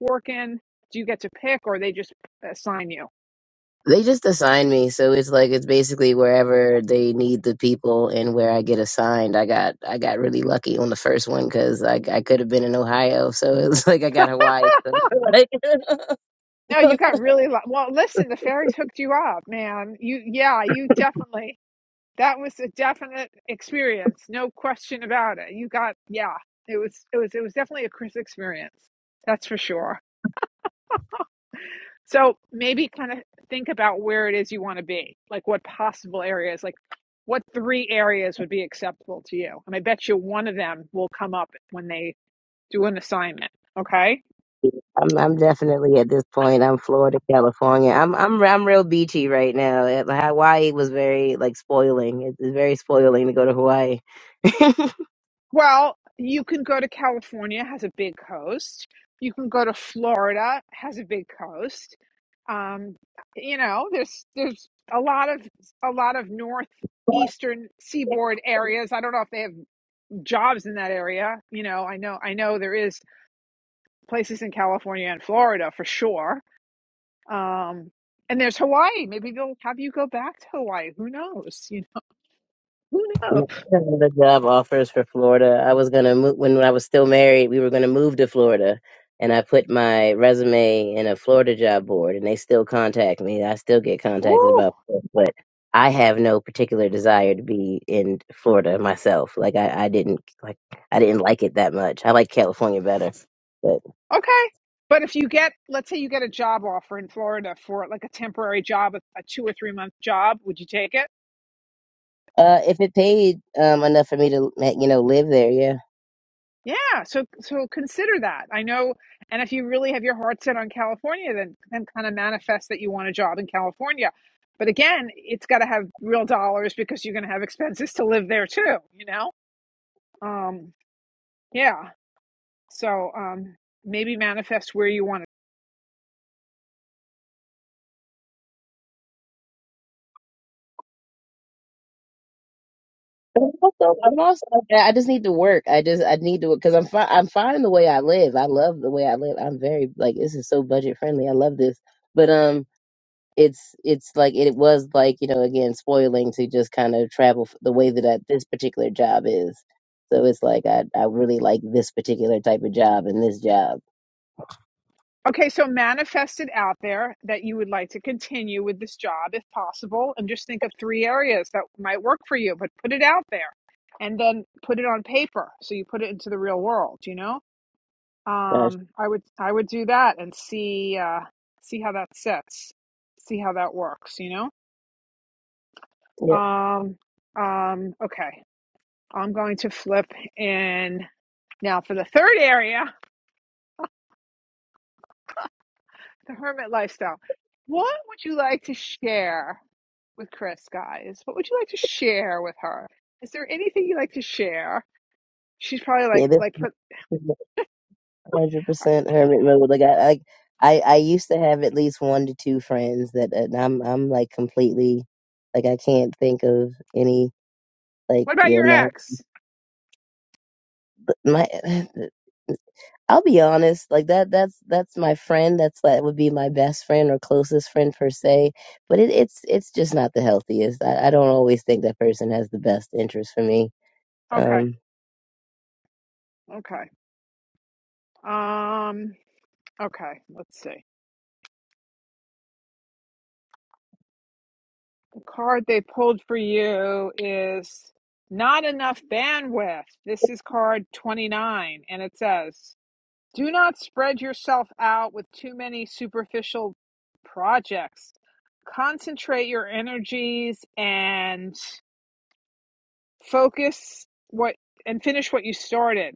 [SPEAKER 1] work in? Do you get to pick or they just assign you?
[SPEAKER 4] they just assign me, so it's like it's basically wherever they need the people and where I get assigned. I got I got really lucky on the first one because I I could have been in Ohio, so it's like I got Hawaii. So like,
[SPEAKER 1] No, you got really lu- well. Listen, the fairies hooked you up, man. You yeah, you definitely. that was a definite experience no question about it you got yeah it was it was it was definitely a chris experience that's for sure so maybe kind of think about where it is you want to be like what possible areas like what three areas would be acceptable to you and i bet you one of them will come up when they do an assignment okay
[SPEAKER 4] I'm I'm definitely at this point. I'm Florida, California. I'm I'm I'm real beachy right now. Uh, Hawaii was very like spoiling. It's it's very spoiling to go to Hawaii.
[SPEAKER 1] Well, you can go to California, has a big coast. You can go to Florida, has a big coast. Um, you know, there's there's a lot of a lot of northeastern seaboard areas. I don't know if they have jobs in that area. You know, I know I know there is places in California and Florida for sure. Um, and there's Hawaii. Maybe they'll have you go back to Hawaii. Who knows? You know, who knows?
[SPEAKER 4] You know, The job offers for Florida. I was gonna move when I was still married. We were gonna move to Florida, and I put my resume in a Florida job board, and they still contact me. I still get contacted
[SPEAKER 1] Ooh.
[SPEAKER 4] about, Florida, but I have no particular desire to be in Florida myself. Like I I didn't like I didn't like it that much. I like California better.
[SPEAKER 1] Okay. But if you get, let's say you get a job offer in Florida for like a temporary job, a a two or three month job, would you take it?
[SPEAKER 4] Uh, if it paid um enough for me to you know live there, yeah.
[SPEAKER 1] Yeah. So, so consider that. I know. And if you really have your heart set on California, then, then kind of manifest that you want a job in California. But again, it's got to have real dollars because you're going to have expenses to live there too, you know? Um, yeah. So, um, maybe manifest where you want to
[SPEAKER 4] But I'm also, I'm also, I just need to work. I just, I need to, because I'm fine. I'm fine the way I live. I love the way I live. I'm very like this is so budget friendly. I love this, but um, it's it's like it was like you know again spoiling to just kind of travel f- the way that I, this particular job is. So it's like I I really like this particular type of job and this job.
[SPEAKER 1] Okay, so manifest it out there that you would like to continue with this job if possible, and just think of three areas that might work for you, but put it out there and then put it on paper. So you put it into the real world, you know?
[SPEAKER 4] Gosh,
[SPEAKER 1] Um, I would I would do that and see uh see how that sits, see how that works, you know?
[SPEAKER 4] yep,
[SPEAKER 1] Um um okay. I'm going to flip in now for the third area. the hermit lifestyle. What would you like to share with Chris, guys? What would you like to share with her? Is there anything you like to share? She's probably
[SPEAKER 4] yeah,
[SPEAKER 1] like, like,
[SPEAKER 4] this. hundred percent hermit mode. Like I, I, I I used to have at least one to two friends that and I'm, I'm like completely, like I can't think of any. Like
[SPEAKER 1] what about
[SPEAKER 4] you
[SPEAKER 1] your
[SPEAKER 4] know,
[SPEAKER 1] ex?
[SPEAKER 4] my, I'll be honest. Like that, that's that's my friend. That's that would be my best friend or closest friend per se. But it, it's it's just not the healthiest. I, I don't always think that person has the best interest for me.
[SPEAKER 1] Okay,
[SPEAKER 4] Um,
[SPEAKER 1] okay, um, okay. Let's see. The card they pulled for you is not enough bandwidth. This is card twenty nine, and it says. Do not spread yourself out with too many superficial projects. Concentrate your energies and focus what and finish what you started.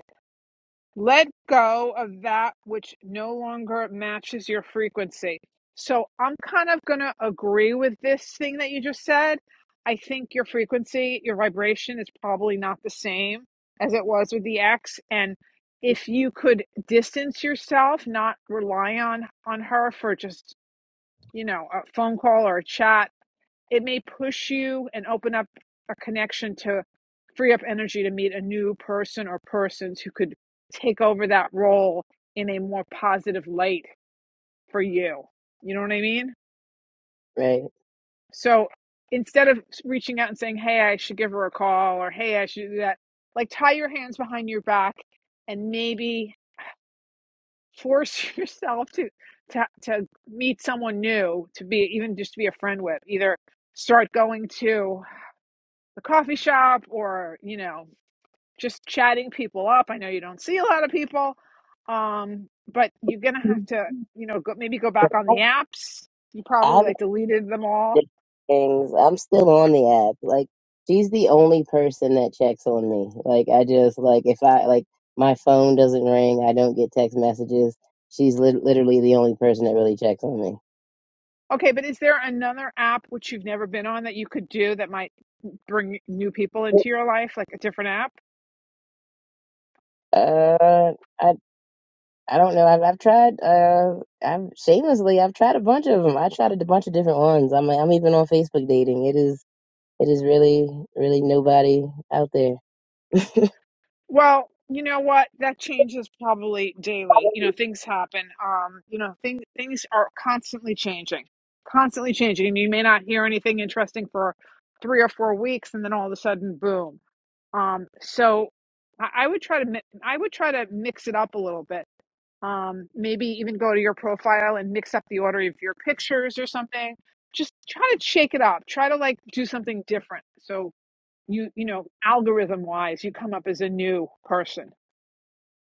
[SPEAKER 1] Let go of that which no longer matches your frequency. So I'm kind of going to agree with this thing that you just said. I think your frequency, your vibration is probably not the same as it was with the ex and if you could distance yourself, not rely on on her for just, you know, a phone call or a chat it may push you and open up a connection to free up energy to meet a new person or persons who could take over that role in a more positive light for you. You know what I mean?
[SPEAKER 4] right.
[SPEAKER 1] So instead of reaching out and saying, hey, I should give her a call or hey, I should do that, like tie your hands behind your back and maybe force yourself to, to, to meet someone new to be even just to be a friend with. Either start going to the coffee shop or you know just chatting people up i know you don't see a lot of people um but you're gonna have to you know go, maybe go back on the apps you probably
[SPEAKER 4] I've,
[SPEAKER 1] like deleted them all
[SPEAKER 4] different things. I'm still on the app. Like she's the only person that checks on me. Like I just like if I like my phone doesn't ring, I don't get text messages. She's lit literally the only person that really checks on me.
[SPEAKER 1] okay but is there another app which you've never been on that you could do that might bring new people into your life like a different app
[SPEAKER 4] Uh, I I don't know. I've I've tried. Uh, I've shamelessly I've tried a bunch of them. I tried a bunch of different ones. I'm I'm even on Facebook dating. It is it is really really nobody out there.
[SPEAKER 1] Well, you know what? That changes probably daily. You know, things happen. Um, you know, things things are constantly changing, constantly changing. And you may not hear anything interesting for three or four weeks, and then all of a sudden, boom. Um, so I, I would try to mi- I would try to mix it up a little bit. Um, maybe even go to your profile and mix up the order of your pictures or something. Just try to shake it up. Try to like do something different. So you you know algorithm wise you come up as a new person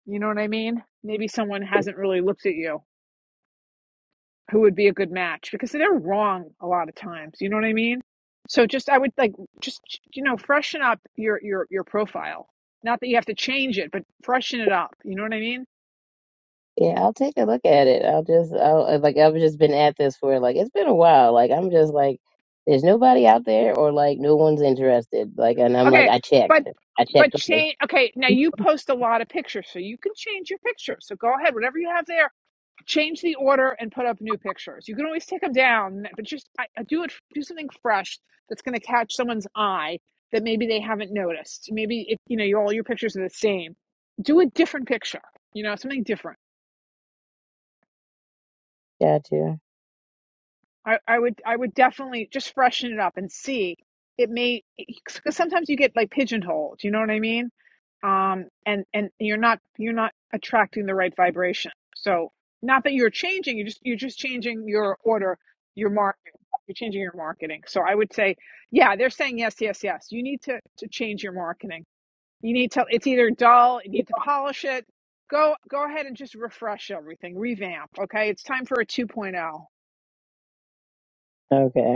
[SPEAKER 1] you know what I mean? Maybe someone hasn't really looked at you who would be a good match because they're wrong a lot of times. You know what I mean? So just I would like just you know freshen up your your your profile. Not that you have to change it, but freshen it up. You know what I mean?
[SPEAKER 4] Yeah, I'll take a look at it. I'll just, I'll, uh, like, I've just been at this for like, it's been a while. Like, I'm just like, there's nobody out there, or like, no one's interested. Like, and I'm like,
[SPEAKER 1] Okay,
[SPEAKER 4] I checked.
[SPEAKER 1] but
[SPEAKER 4] I checked
[SPEAKER 1] but
[SPEAKER 4] twice.
[SPEAKER 1] change. Okay, now you post a lot of pictures, so you can change your picture. So go ahead, whatever you have there change the order and put up new pictures. You can always take them down, but just I, I do it. Do something fresh that's going to catch someone's eye that maybe they haven't noticed. Maybe if you know you, all your pictures are the same, do a different picture. You know, something different.
[SPEAKER 4] Gotcha.
[SPEAKER 1] I, I would I would definitely just freshen it up and see. It may because sometimes you get like pigeonholed. You know what I mean? Um, and and you're not you're not attracting the right vibration. So not that you're changing. You just you're just changing your order, your marketing. You're changing your marketing. So I would say, yeah, they're saying yes, yes, yes. You need to to change your marketing. You need to. It's either dull. You need to polish it. Go go ahead and just refresh everything, revamp. Okay, it's time for a 2.0.
[SPEAKER 4] Okay.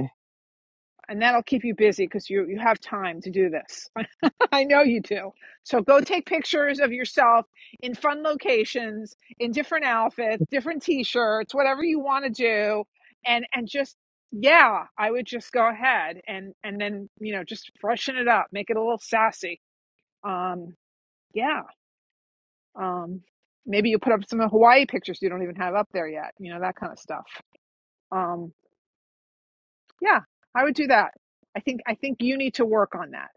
[SPEAKER 1] and that'll keep you busy because you you have time to do this. I know you do. So go take pictures of yourself in fun locations, in different outfits, different t-shirts, whatever you want to do, and and just yeah, I would just go ahead and and then you know just freshen it up, make it a little sassy. Um, yeah. Um, maybe you put up some Hawaii pictures you don't even have up there yet. You know that kind of stuff. Um, yeah, I would do that. I think I think you need to work on that.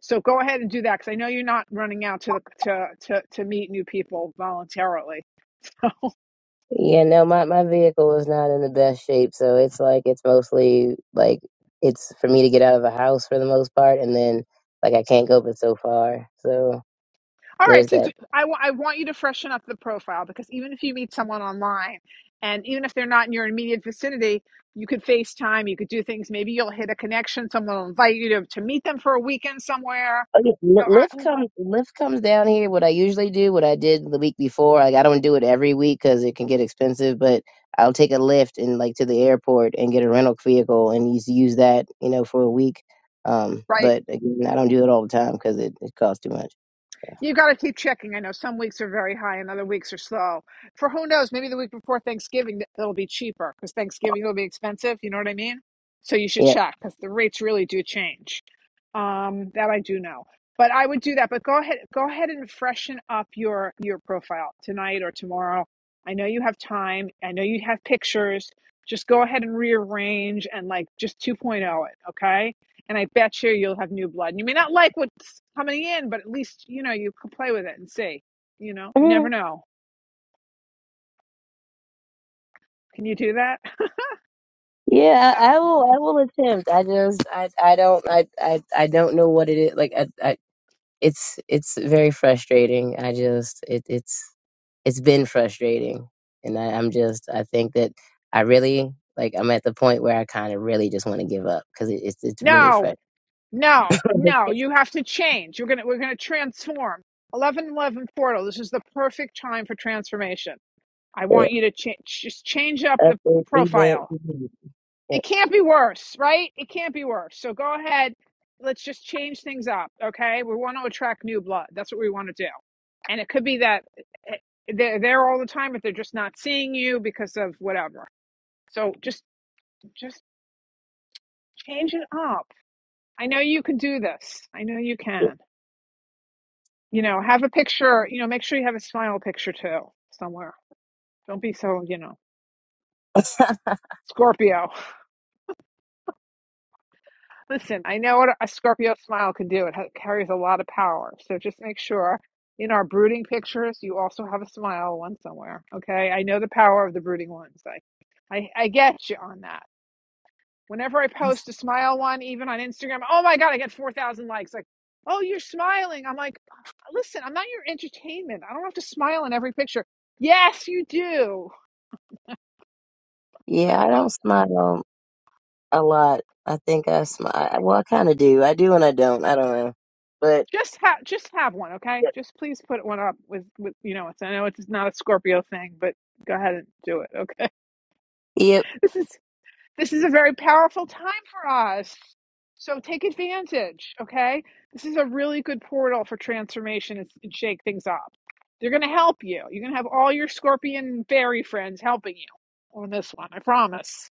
[SPEAKER 1] So go ahead and do that because I know you're not running out to the to to, to meet new people voluntarily. all
[SPEAKER 4] Yeah, no, my, my vehicle is not in the best shape, so it's like it's mostly like it's for me to get out of the house for the most part, and then like I can't go but so far. So there's
[SPEAKER 1] right, so do,
[SPEAKER 4] that.
[SPEAKER 1] I w- I want you to freshen up the profile because even if you meet someone online, and even if they're not in your immediate vicinity, you could FaceTime, you could do things. Maybe you'll hit a connection. Someone will invite you to to meet them for a weekend somewhere.
[SPEAKER 4] Oh, yeah,
[SPEAKER 1] You
[SPEAKER 4] Li-
[SPEAKER 1] know,
[SPEAKER 4] Lyft
[SPEAKER 1] I-
[SPEAKER 4] comes Lyft comes down here. What I usually do, what I did the week before, like I don't do it every week because it can get expensive, but I'll take a Lyft and like to the airport and get a rental vehicle and use use that, you know, for a week. Um,
[SPEAKER 1] Right.
[SPEAKER 4] but again, I don't do it all the time because it, it costs too much.
[SPEAKER 1] You got to keep checking. I know some weeks are very high and other weeks are slow. For who knows, maybe the week before Thanksgiving it'll be cheaper because Thanksgiving will be expensive. You know what I mean? So you should
[SPEAKER 4] Yep.
[SPEAKER 1] check because the rates really do change. Um, that I do know. But I would do that. But go ahead, go ahead and freshen up your your profile tonight or tomorrow. I know you have time. I know you have pictures. Just go ahead and rearrange and like just 2.0 it. Okay and I bet you you'll have new blood. And you may not like what's coming in, but at least you know you can play with it and see. You know, you
[SPEAKER 4] Mm-hmm.
[SPEAKER 1] never know. Can you do that?
[SPEAKER 4] Yeah, I I will. I will attempt. I just, I, I don't, I, I, I don't know what it is. Like, I, I, it's, it's very frustrating. I just, it, it's, it's been frustrating, and I, I'm just, I think that I really, like, I'm at the point where I kind of really just want to give up because it, it's, it's really
[SPEAKER 1] no,
[SPEAKER 4] frustrating.
[SPEAKER 1] no, no. You have to change. You're gonna we're gonna transform. Eleven Eleven Portal. This is the perfect time for transformation. I
[SPEAKER 4] Yeah,
[SPEAKER 1] want you to change. Just change up the
[SPEAKER 4] upward revamp.
[SPEAKER 1] profile.
[SPEAKER 4] revamp. Yeah,
[SPEAKER 1] it can't be worse, right? It can't be worse. So go ahead. Let's just change things up, okay? We want to attract new blood. That's what we want to do. And it could be that eh, eh, they're there all the time, but they're just not seeing you because of whatever. So just just change it up. I know you can do this. I know you can. You know, have a picture. You know, make sure you have a smile picture too somewhere. Don't be so you know Scorpio. Listen, I know what a Scorpio smile can do. It ha- carries a lot of power. So just make sure in our brooding pictures, you also have a smile one somewhere. Okay. I know the power of the brooding ones. I, I, I get you on that. Whenever I post a smile one, even on Instagram, oh my God, I get 4,000 likes. Like, oh, you're smiling. I'm like, listen, I'm not your entertainment. I don't have to smile in every picture. Yes, you do.
[SPEAKER 4] Yeah, I don't smile a lot. I think I smile. Well, I kind of do. I do and I don't. I don't know, but.
[SPEAKER 1] Just have just have one, okay? Just please put one up with with you know. It's I know it's not a Scorpio thing, but go ahead and do it, okay?
[SPEAKER 4] yeah,
[SPEAKER 1] This is this is a very powerful time for us. So take advantage, okay? This is a really good portal for transformation and and shake things up. They're going to help you. You're going to have all your scorpion fairy friends helping you on this one. I promise.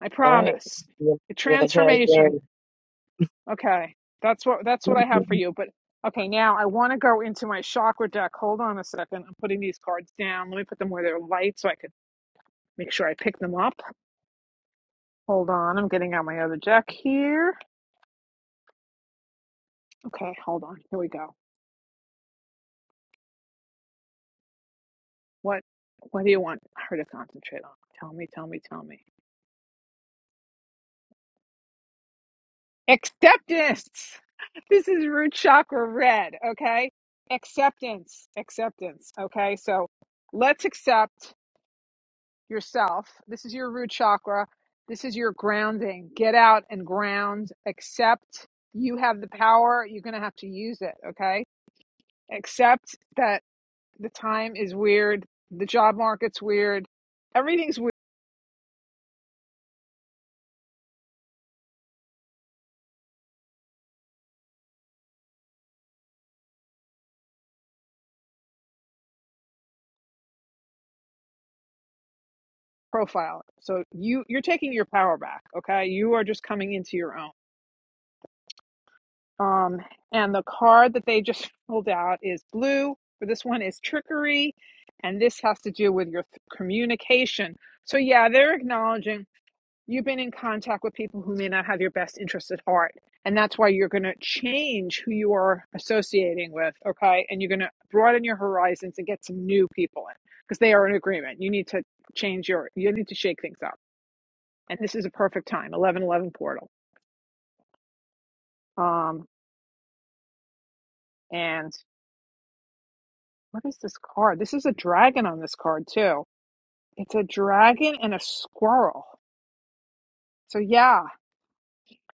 [SPEAKER 1] I
[SPEAKER 4] All right.
[SPEAKER 1] promise.
[SPEAKER 4] Yeah,
[SPEAKER 1] The
[SPEAKER 4] I'm gonna try again.
[SPEAKER 1] transformation. Okay. That's what that's what I have for you. But okay, now I want to go into my chakra deck. Hold on a second. I'm putting these cards down. Let me put them where they're light so I could make sure I pick them up. Hold on. I'm getting out my other deck here. Okay, hold on. Here we go. What what do you want her to concentrate on? Tell me, tell me, tell me. Acceptance. This is root chakra red, okay? Acceptance. Acceptance. Okay? So let's accept yourself. This is your root chakra. This is your grounding. Get out and ground. Accept you have the power. You're going to have to use it. Okay. Accept that the time is weird. The job market's weird. Everything's weird. Profile. So you you're taking your power back. Okay. You are just coming into your own. Um, and the card that they just pulled out is blue. For this one is trickery, and this has to do with your th- communication. So yeah, they're acknowledging you've been in contact with people who may not have your best interests at heart. And that's why you're going to change who you are associating with, okay? And you're going to broaden your horizons and get some new people in because they are in agreement. You need to change your, you need to shake things up. And this is a perfect time, 1111 portal. Um, and what is this card? This is a dragon on this card too. It's a dragon and a squirrel. So yeah,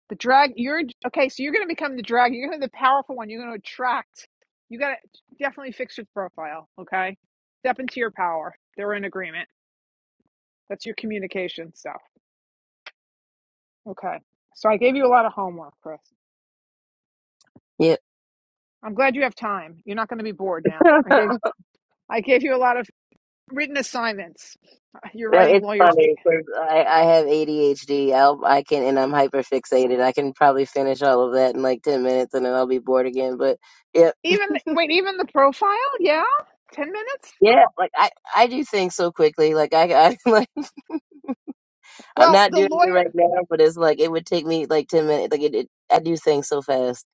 [SPEAKER 1] The drag, you're okay. So you're going to become the drag. You're going to be the powerful one. You're going to attract. You got to definitely fix your profile. Okay. Step into your power. They're in agreement. That's your communication stuff. Okay. So I gave you a lot of homework, Chris.
[SPEAKER 4] Yep.
[SPEAKER 1] I'm glad you have time. You're not going to be bored now. I gave
[SPEAKER 4] no,
[SPEAKER 1] I gave you a lot of written assignments. You're writing
[SPEAKER 4] it's
[SPEAKER 1] lawyers. To,
[SPEAKER 4] funny because I, I have ADHD. I'll, I can, and I'm hyper fixated. I can probably finish all of that in like 10 minutes and then I'll be bored again. But yeah,
[SPEAKER 1] even wait, even the profile? Yeah, ten minutes.
[SPEAKER 4] yeah, like I, I do things so quickly. Like I, I like, I'm
[SPEAKER 1] Well,
[SPEAKER 4] not
[SPEAKER 1] the
[SPEAKER 4] doing it
[SPEAKER 1] lawyer.
[SPEAKER 4] right now, but it's like, it would take me like 10 minutes. Like it, it I do things so fast.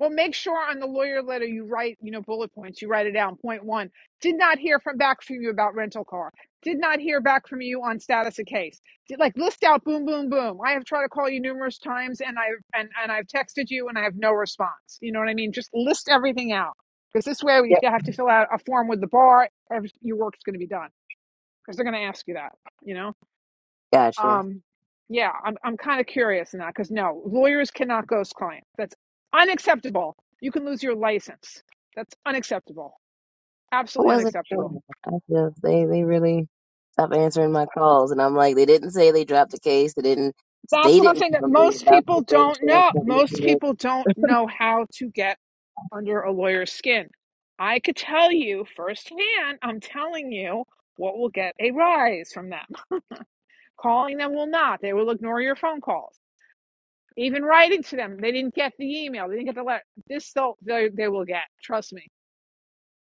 [SPEAKER 1] Well, make sure on the lawyer letter you write, you know, bullet points. You write it down. Point one: Did not hear from back from you about rental car. Did not hear back from you on status of case. Did, like list out, boom, boom, boom. I have tried to call you numerous times, and I and and I've texted you, and I have no response. You know what I mean? Just list everything out because this way we
[SPEAKER 4] Yep.
[SPEAKER 1] have to fill out a form with the bar. every- Your work's going to be done because they're going to ask you that. You know.
[SPEAKER 4] Gotcha.
[SPEAKER 1] Um, yeah, I'm I'm kind of curious in that because no, lawyers cannot ghost clients. That's unacceptable. You can lose your license. That's unacceptable.
[SPEAKER 4] I
[SPEAKER 1] Absolutely
[SPEAKER 4] wasn't sure.
[SPEAKER 1] unacceptable.
[SPEAKER 4] I just, they they really stopped answering my calls, and I'm like, they didn't say they dropped the case. They didn't.
[SPEAKER 1] That's
[SPEAKER 4] They
[SPEAKER 1] what I'm
[SPEAKER 4] didn't
[SPEAKER 1] saying. That
[SPEAKER 4] tell me
[SPEAKER 1] most
[SPEAKER 4] about
[SPEAKER 1] people
[SPEAKER 4] the
[SPEAKER 1] don't
[SPEAKER 4] insurance
[SPEAKER 1] know.
[SPEAKER 4] company.
[SPEAKER 1] Most people don't know how to get under a lawyer's skin. I could tell you firsthand. I'm telling you what will get a rise from them. Calling them will not. They will ignore your phone calls. Even writing to them, they didn't get the email. They didn't get the letter. This they'll they, they will get. Trust me.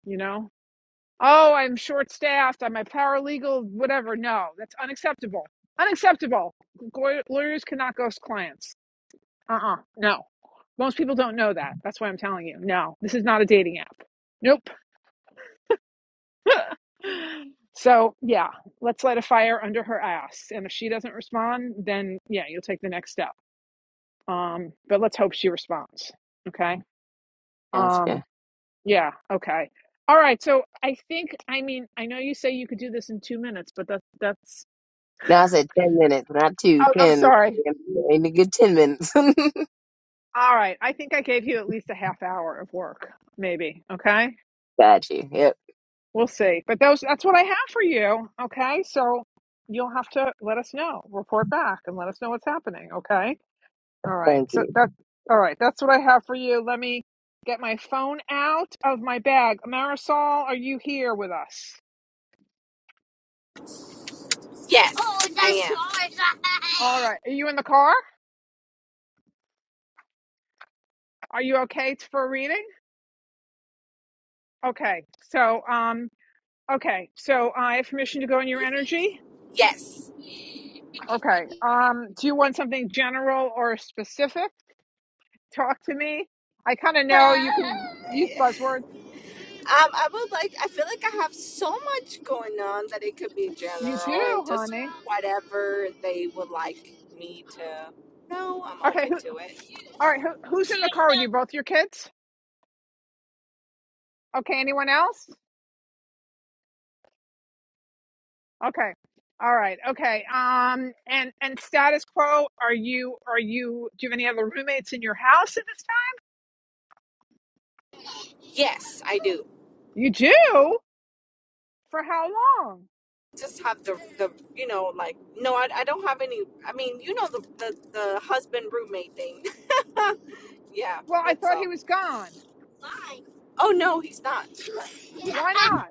[SPEAKER 1] You know. Oh, I'm short staffed. I'm a paralegal. Whatever. No, that's unacceptable. Unacceptable. Lawyers cannot ghost clients. Uh uh No. Most people don't know that. That's why I'm telling you. No, this is not a dating app. Nope. so yeah, let's light a fire under her ass. And if she doesn't respond, then yeah, you'll take the next step. Um, but let's hope she responds. Okay. Um,
[SPEAKER 4] Gotcha.
[SPEAKER 1] Yeah. Okay. All right. So I think I mean I know you say you could do this in two minutes, but that's that's.
[SPEAKER 4] Now I said ten minutes, not two,
[SPEAKER 1] Oh, I'm
[SPEAKER 4] ten.
[SPEAKER 1] sorry.
[SPEAKER 4] In a good ten minutes.
[SPEAKER 1] All right. I think I gave you at least a half hour of work, maybe. Okay.
[SPEAKER 4] Got you. Yep.
[SPEAKER 1] We'll see. But those that's what I have for you. Okay. So you'll have to let us know, report back, and let us know what's happening. Okay. All right.
[SPEAKER 4] Thank
[SPEAKER 1] So
[SPEAKER 4] you.
[SPEAKER 1] that. All right. That's what I have for you. Let me get my phone out of my bag. Marisol, are you here with us?
[SPEAKER 10] Yes. I
[SPEAKER 1] All
[SPEAKER 10] am.
[SPEAKER 1] right. Are you in the car? Are you okay t- for reading? Okay. So, um, okay. So I have permission to go in your energy.
[SPEAKER 10] Yes.
[SPEAKER 1] Okay. Um, do you want something general or specific? Talk to me. I kind of know you can use buzzwords.
[SPEAKER 10] Um, I would like, I feel like I have so much going on that it could be
[SPEAKER 1] You do,
[SPEAKER 10] general and just
[SPEAKER 1] honey.
[SPEAKER 10] whatever they would like me to know, I'm
[SPEAKER 1] Okay.
[SPEAKER 10] open
[SPEAKER 1] Who,
[SPEAKER 10] to it.
[SPEAKER 1] all right. Who, who's in the car with you? Both your kids? Okay. Anyone else? Okay. All right. Okay. Um, and, and status quo, are you, are you, do you have any other roommates in your house at this time?
[SPEAKER 10] Yes, I do.
[SPEAKER 1] You do? For how long?
[SPEAKER 10] Just have the the you know like no, I, I don't have any. I mean, you know the the, the husband roommate thing. yeah,
[SPEAKER 1] Well, I
[SPEAKER 10] that's
[SPEAKER 1] thought he
[SPEAKER 10] all.
[SPEAKER 1] was gone.
[SPEAKER 10] Oh no, he's not.
[SPEAKER 1] Why not?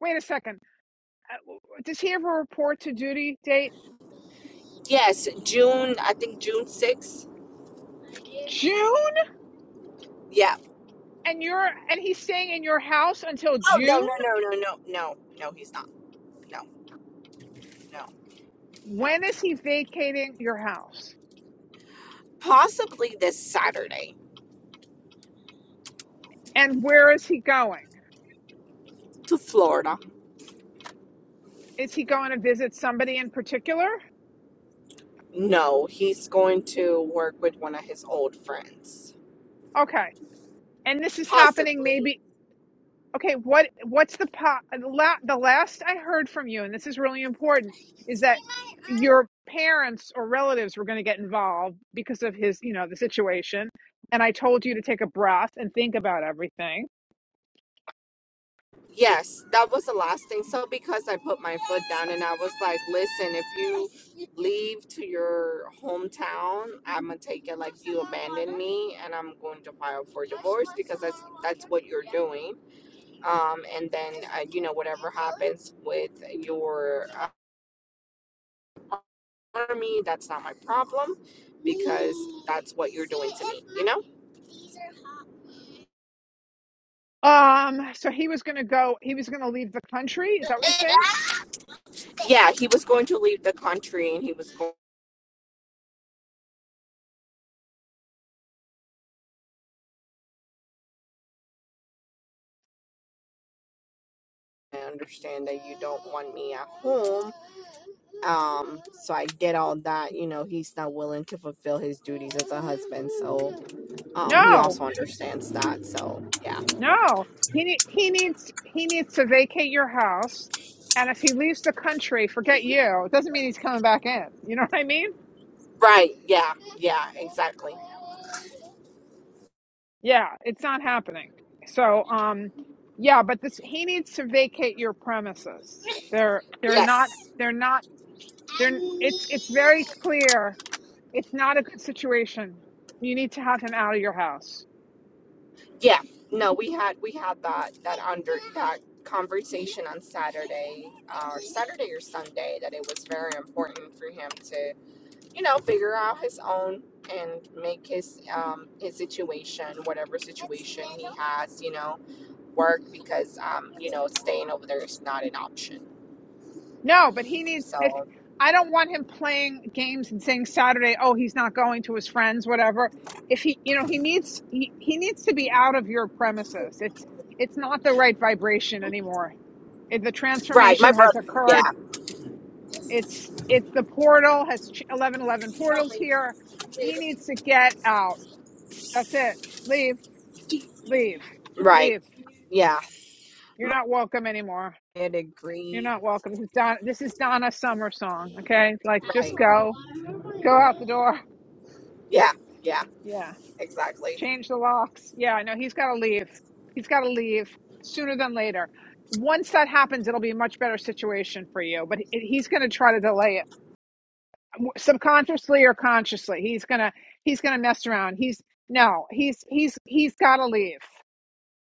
[SPEAKER 1] Wait a second. Uh, Does he have a report to duty date?
[SPEAKER 10] Yes, June. I think June sixth.
[SPEAKER 1] June?
[SPEAKER 10] Yeah.
[SPEAKER 1] And you're and he's staying in your house until
[SPEAKER 10] Oh no
[SPEAKER 1] June?
[SPEAKER 10] no no no no no no he's not. No no no.
[SPEAKER 1] When is he vacating your house?
[SPEAKER 10] Possibly this Saturday
[SPEAKER 1] And where is he going?
[SPEAKER 10] to Florida.
[SPEAKER 1] Is he going to visit somebody in particular?
[SPEAKER 10] No, he's going to work with one of his old friends.
[SPEAKER 1] Okay. And this is happening
[SPEAKER 10] Possibly.
[SPEAKER 1] maybe Okay, what what's the po- the la- the last I heard from you, and this is really important, is that your parents or relatives were going to get involved because of his, you know, the situation. And I told you to take a breath and think about everything.
[SPEAKER 10] Yes, that was the last thing. So because I put my foot down and I was like, listen, if you leave to your hometown, I'm gonna take it like you abandoned me and I'm going to file for divorce because that's that's what you're doing. Um, and then uh, you know whatever happens with your uh, army, that's not my problem because that's what you're doing to me. You know?
[SPEAKER 1] Um, so he was going to go. He was going to leave the country. Is that what you're saying?
[SPEAKER 10] Yeah, he was going to leave the country and he was going. I understand that you don't want me at home Um, so I get all that, you know, he's not willing to fulfill his duties as a husband. So um he
[SPEAKER 1] No,
[SPEAKER 10] also understands that. So yeah.
[SPEAKER 1] no. He ne- he needs he needs to vacate your house. And if he leaves the country, forget you. It doesn't mean he's coming back in. You know what I mean?
[SPEAKER 10] Right, yeah, yeah, exactly.
[SPEAKER 1] Yeah, it's not happening. So, um, yeah, but this he needs to vacate your premises. They're they're
[SPEAKER 10] Yes.
[SPEAKER 1] not they're not they're it's it's very clear. It's not a good situation. You need to have him out of your house.
[SPEAKER 10] Yeah. No, we had we had that that under that conversation on Saturday, uh, or Saturday or Sunday, that it was very important for him to, you know, figure out his own and make his um his situation, whatever situation he has, you know. work because um, you know, staying over there is not an option.
[SPEAKER 1] No, but he needs if
[SPEAKER 10] So
[SPEAKER 1] I don't want him playing games and saying Saturday, oh, he's not going to his friends, whatever. If he, you know, he needs he, he needs to be out of your premises. It's it's not the right vibration anymore. It, the
[SPEAKER 10] right, my
[SPEAKER 1] transformation has
[SPEAKER 10] brother
[SPEAKER 1] occurred
[SPEAKER 10] yeah,
[SPEAKER 1] It's it's the portal has ch- 1111 portals here. He needs to get out. That's it. Leave, leave,
[SPEAKER 10] right.
[SPEAKER 1] leave.
[SPEAKER 10] Yeah.
[SPEAKER 1] You're
[SPEAKER 10] My
[SPEAKER 1] not welcome anymore.
[SPEAKER 10] dad
[SPEAKER 1] You're
[SPEAKER 10] agreed.
[SPEAKER 1] not welcome. This is Donna, this is Donna Summer song. Okay, like just
[SPEAKER 10] Right.
[SPEAKER 1] go, go out the door.
[SPEAKER 10] Yeah, yeah,
[SPEAKER 1] Yeah,
[SPEAKER 10] exactly.
[SPEAKER 1] change the locks. Yeah, I know he's got to leave. He's got to leave sooner than later. Once that happens, it'll be a much better situation for you. But he- he's going to try to delay it subconsciously or consciously he's gonna he's gonna mess around he's no he's he's he's gotta leave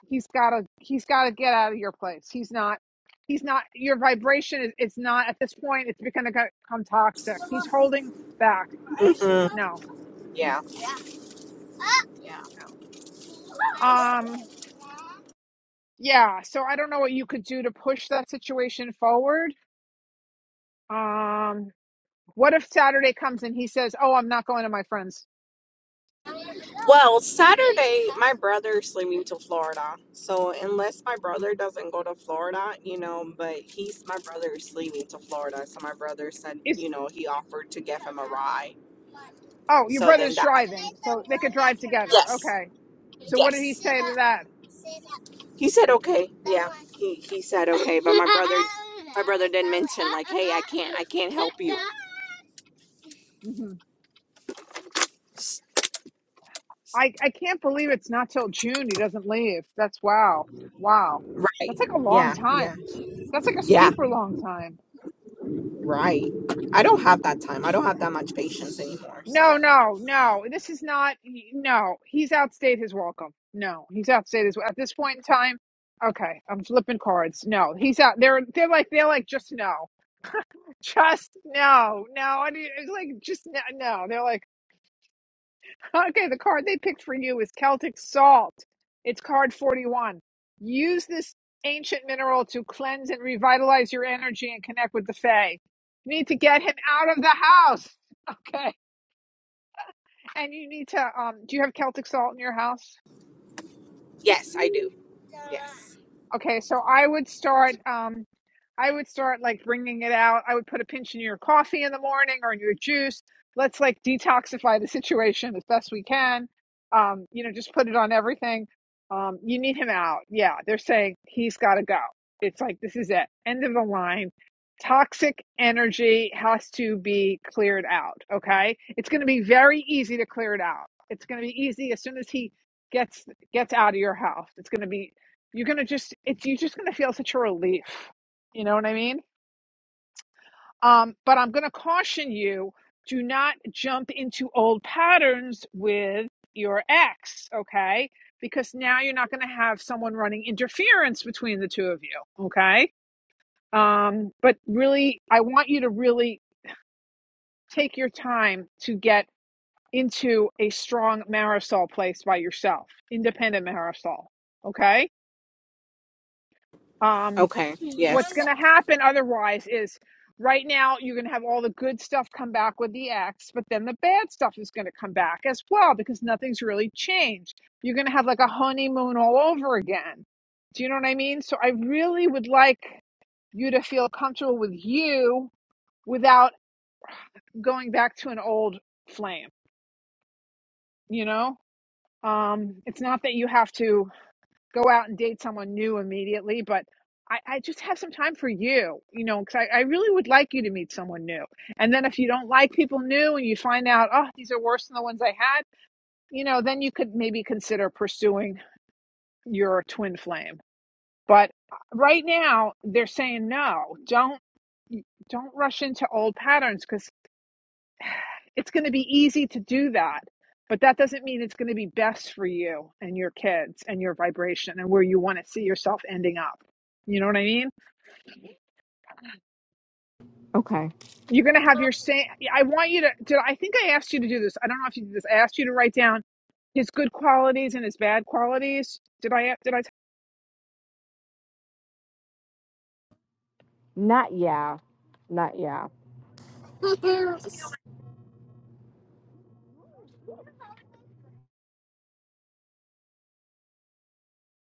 [SPEAKER 1] he's gotta he's gotta get out of your place he's not he's not your vibration is it's not at this point it's become become toxic he's holding back
[SPEAKER 10] Mhm.
[SPEAKER 1] no
[SPEAKER 10] Yeah, yeah.
[SPEAKER 1] no um yeah so i don't know what you could do to push that situation forward um what if saturday comes and he says oh i'm not going to my friends
[SPEAKER 10] Well, Saturday, my brother's leaving to Florida. So, unless my brother doesn't go to Florida, you know, but he's my brother's leaving to Florida. So, my brother said,
[SPEAKER 1] Is
[SPEAKER 10] you know, he offered to give him a ride.
[SPEAKER 1] Oh, your
[SPEAKER 10] So First then
[SPEAKER 1] brother's
[SPEAKER 10] that. Can
[SPEAKER 1] driving,
[SPEAKER 10] I throw
[SPEAKER 1] so they could
[SPEAKER 10] one at
[SPEAKER 1] drive
[SPEAKER 10] your mouth?
[SPEAKER 1] together.
[SPEAKER 10] Yes.
[SPEAKER 1] Okay. So what
[SPEAKER 10] Yes.
[SPEAKER 1] did he
[SPEAKER 10] Sit
[SPEAKER 1] say to
[SPEAKER 10] up.
[SPEAKER 1] that?
[SPEAKER 10] He said okay. That Yeah. One. He he said okay, but my brother my brother didn't mention like, "Hey, I can't I can't help you."
[SPEAKER 1] hmm I I can't believe it's not till June he doesn't leave. That's wow, wow.
[SPEAKER 10] Right.
[SPEAKER 1] That's like a long
[SPEAKER 10] Yeah. Yeah.
[SPEAKER 1] time. That's like a
[SPEAKER 10] Yeah.
[SPEAKER 1] super long time.
[SPEAKER 10] Right. I don't have that time. I don't have that much patience anymore.
[SPEAKER 1] No,
[SPEAKER 10] So,
[SPEAKER 1] no, no. This is not. he- No, he's outstayed his welcome. No, he's outstayed his at this point in time. Okay, I'm flipping cards. No, he's out. They're they're like they're like just no, just no, no. I mean, it's like just no. no. They're like. Okay, the card they picked for you is Celtic Salt. It's card 41. Use this ancient mineral to cleanse and revitalize your energy and connect with the Fae. You need to get him out of the house. Okay. And you need to um do you have Celtic salt in your house?
[SPEAKER 10] yes, I do. Yes.
[SPEAKER 1] Okay, so I would start. Um, I would start like bringing it out. I would put a pinch in your coffee in the morning or in your juice. Let's like detoxify the situation as best we can. Um, you know, just put it on everything. Um, you need him out. Yeah, they're saying he's got to go. It's like this is it. End of the line. Toxic energy has to be cleared out. Okay, it's going to be very easy to clear it out. It's going to be easy as soon as he gets gets out of your house. It's going to be you're gonna just it's you're just gonna feel such a relief. You know what I mean? Um, but I'm gonna caution you, do not jump into old patterns with your ex, okay? Because now you're not gonna have someone running interference between the two of you, okay? Um, but really I want you to really take your time to get into a strong marisol place by yourself, independent marisol. Okay? Um,
[SPEAKER 10] Okay.
[SPEAKER 1] what's
[SPEAKER 10] Yes.
[SPEAKER 1] going to happen otherwise is right now you're going to have all the good stuff come back with the X, but then the bad stuff is going to come back as well because nothing's really changed. You're going to have like a honeymoon all over again. Do you know what I mean? So I really would like you to feel comfortable with you without going back to an old flame, you know? Um, it's not that you have to go out and date someone new immediately, but I, I just have some time for you, you know, because I, I really would like you to meet someone new. And then if you don't like people new and you find out, oh, these are worse than the ones I had, you know, then you could maybe consider pursuing your twin flame. But uh, right now, they're saying no. Don't don't rush into old patterns because. It's going to be easy to do that, but that doesn't mean it's going to be best for you and your kids and your vibration and where you want to see yourself ending up. You know what I mean?
[SPEAKER 10] Okay.
[SPEAKER 1] You're going to have your same. I want you to. Did I think I asked you to do this? I don't know if you did this. I asked you to write down his good qualities and his bad qualities. Did I? Did I tell
[SPEAKER 10] Not yeah. Not yeah.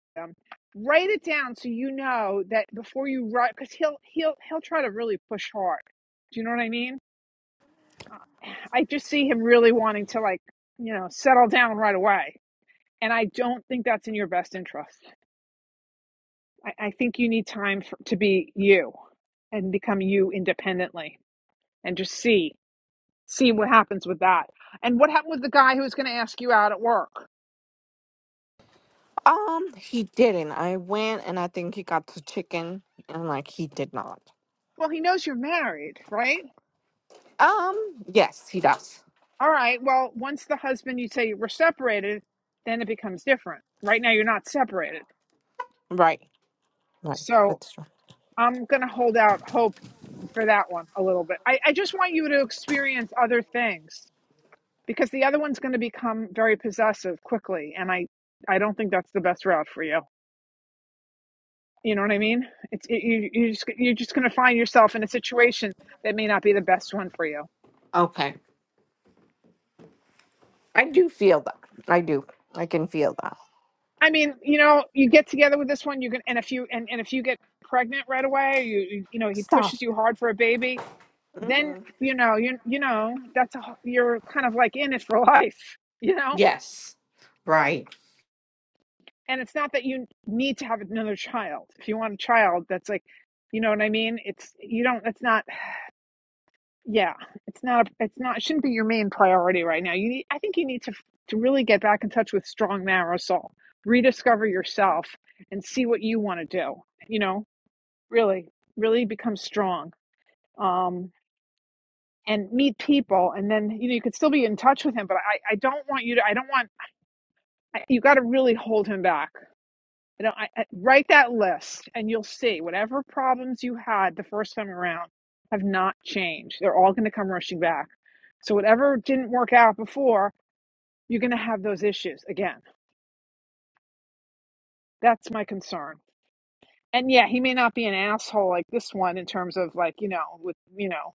[SPEAKER 1] you them? Write it down so you know that before you write, because he'll he'll he'll try to really push hard. Do you know what I mean? I just see him really wanting to like you know settle down right away And I don't think that's in your best interest. I, I think you need time for, to be you and become you independently and just see see what happens with that. And what happened with the guy who was going to ask you out at work?
[SPEAKER 10] Um, he didn't. I went and I think he got the chicken and like he did not.
[SPEAKER 1] Well, he knows you're married, right?
[SPEAKER 10] Um, yes, he does.
[SPEAKER 1] All right. Well, once the husband you say we're separated, then it becomes different. Right now you're not separated.
[SPEAKER 10] Right, right.
[SPEAKER 1] So
[SPEAKER 10] That's true.
[SPEAKER 1] I'm going to hold out hope for that one a little bit. I, I just want you to experience other things because the other one's going to become very possessive quickly and i i don't think that's the best route for you you know what i mean it's it, you you just you're just going to find yourself in a situation that may not be the best one for you
[SPEAKER 10] Okay. I do feel that. I do. I can feel that.
[SPEAKER 1] i mean you know you get together with this one you can and if you and, and if you get pregnant right away you, you know he
[SPEAKER 10] Stop.
[SPEAKER 1] pushes you hard for a baby then
[SPEAKER 10] hmm
[SPEAKER 1] you know you you know that's a, you're kind of like in it for life you know
[SPEAKER 10] Yes. Right.
[SPEAKER 1] and it's not that you need to have another child if you want a child that's like you know what i mean it's you don't it's not yeah it's not it's not it shouldn't be your main priority right now you need i think you need to to really get back in touch with strong marrow soul rediscover yourself and see what you want to do you know really really become strong um and meet people and then you know you could still be in touch with him but i i don't want you to i don't want you got to really hold him back You know, I, I, write that list and you'll see whatever problems you had the first time around have not changed. They're all going to come rushing back. So, whatever didn't work out before, you're going to have those issues again. That's my concern. And yeah, he may not be an asshole like this one in terms of like, you know, with, you know,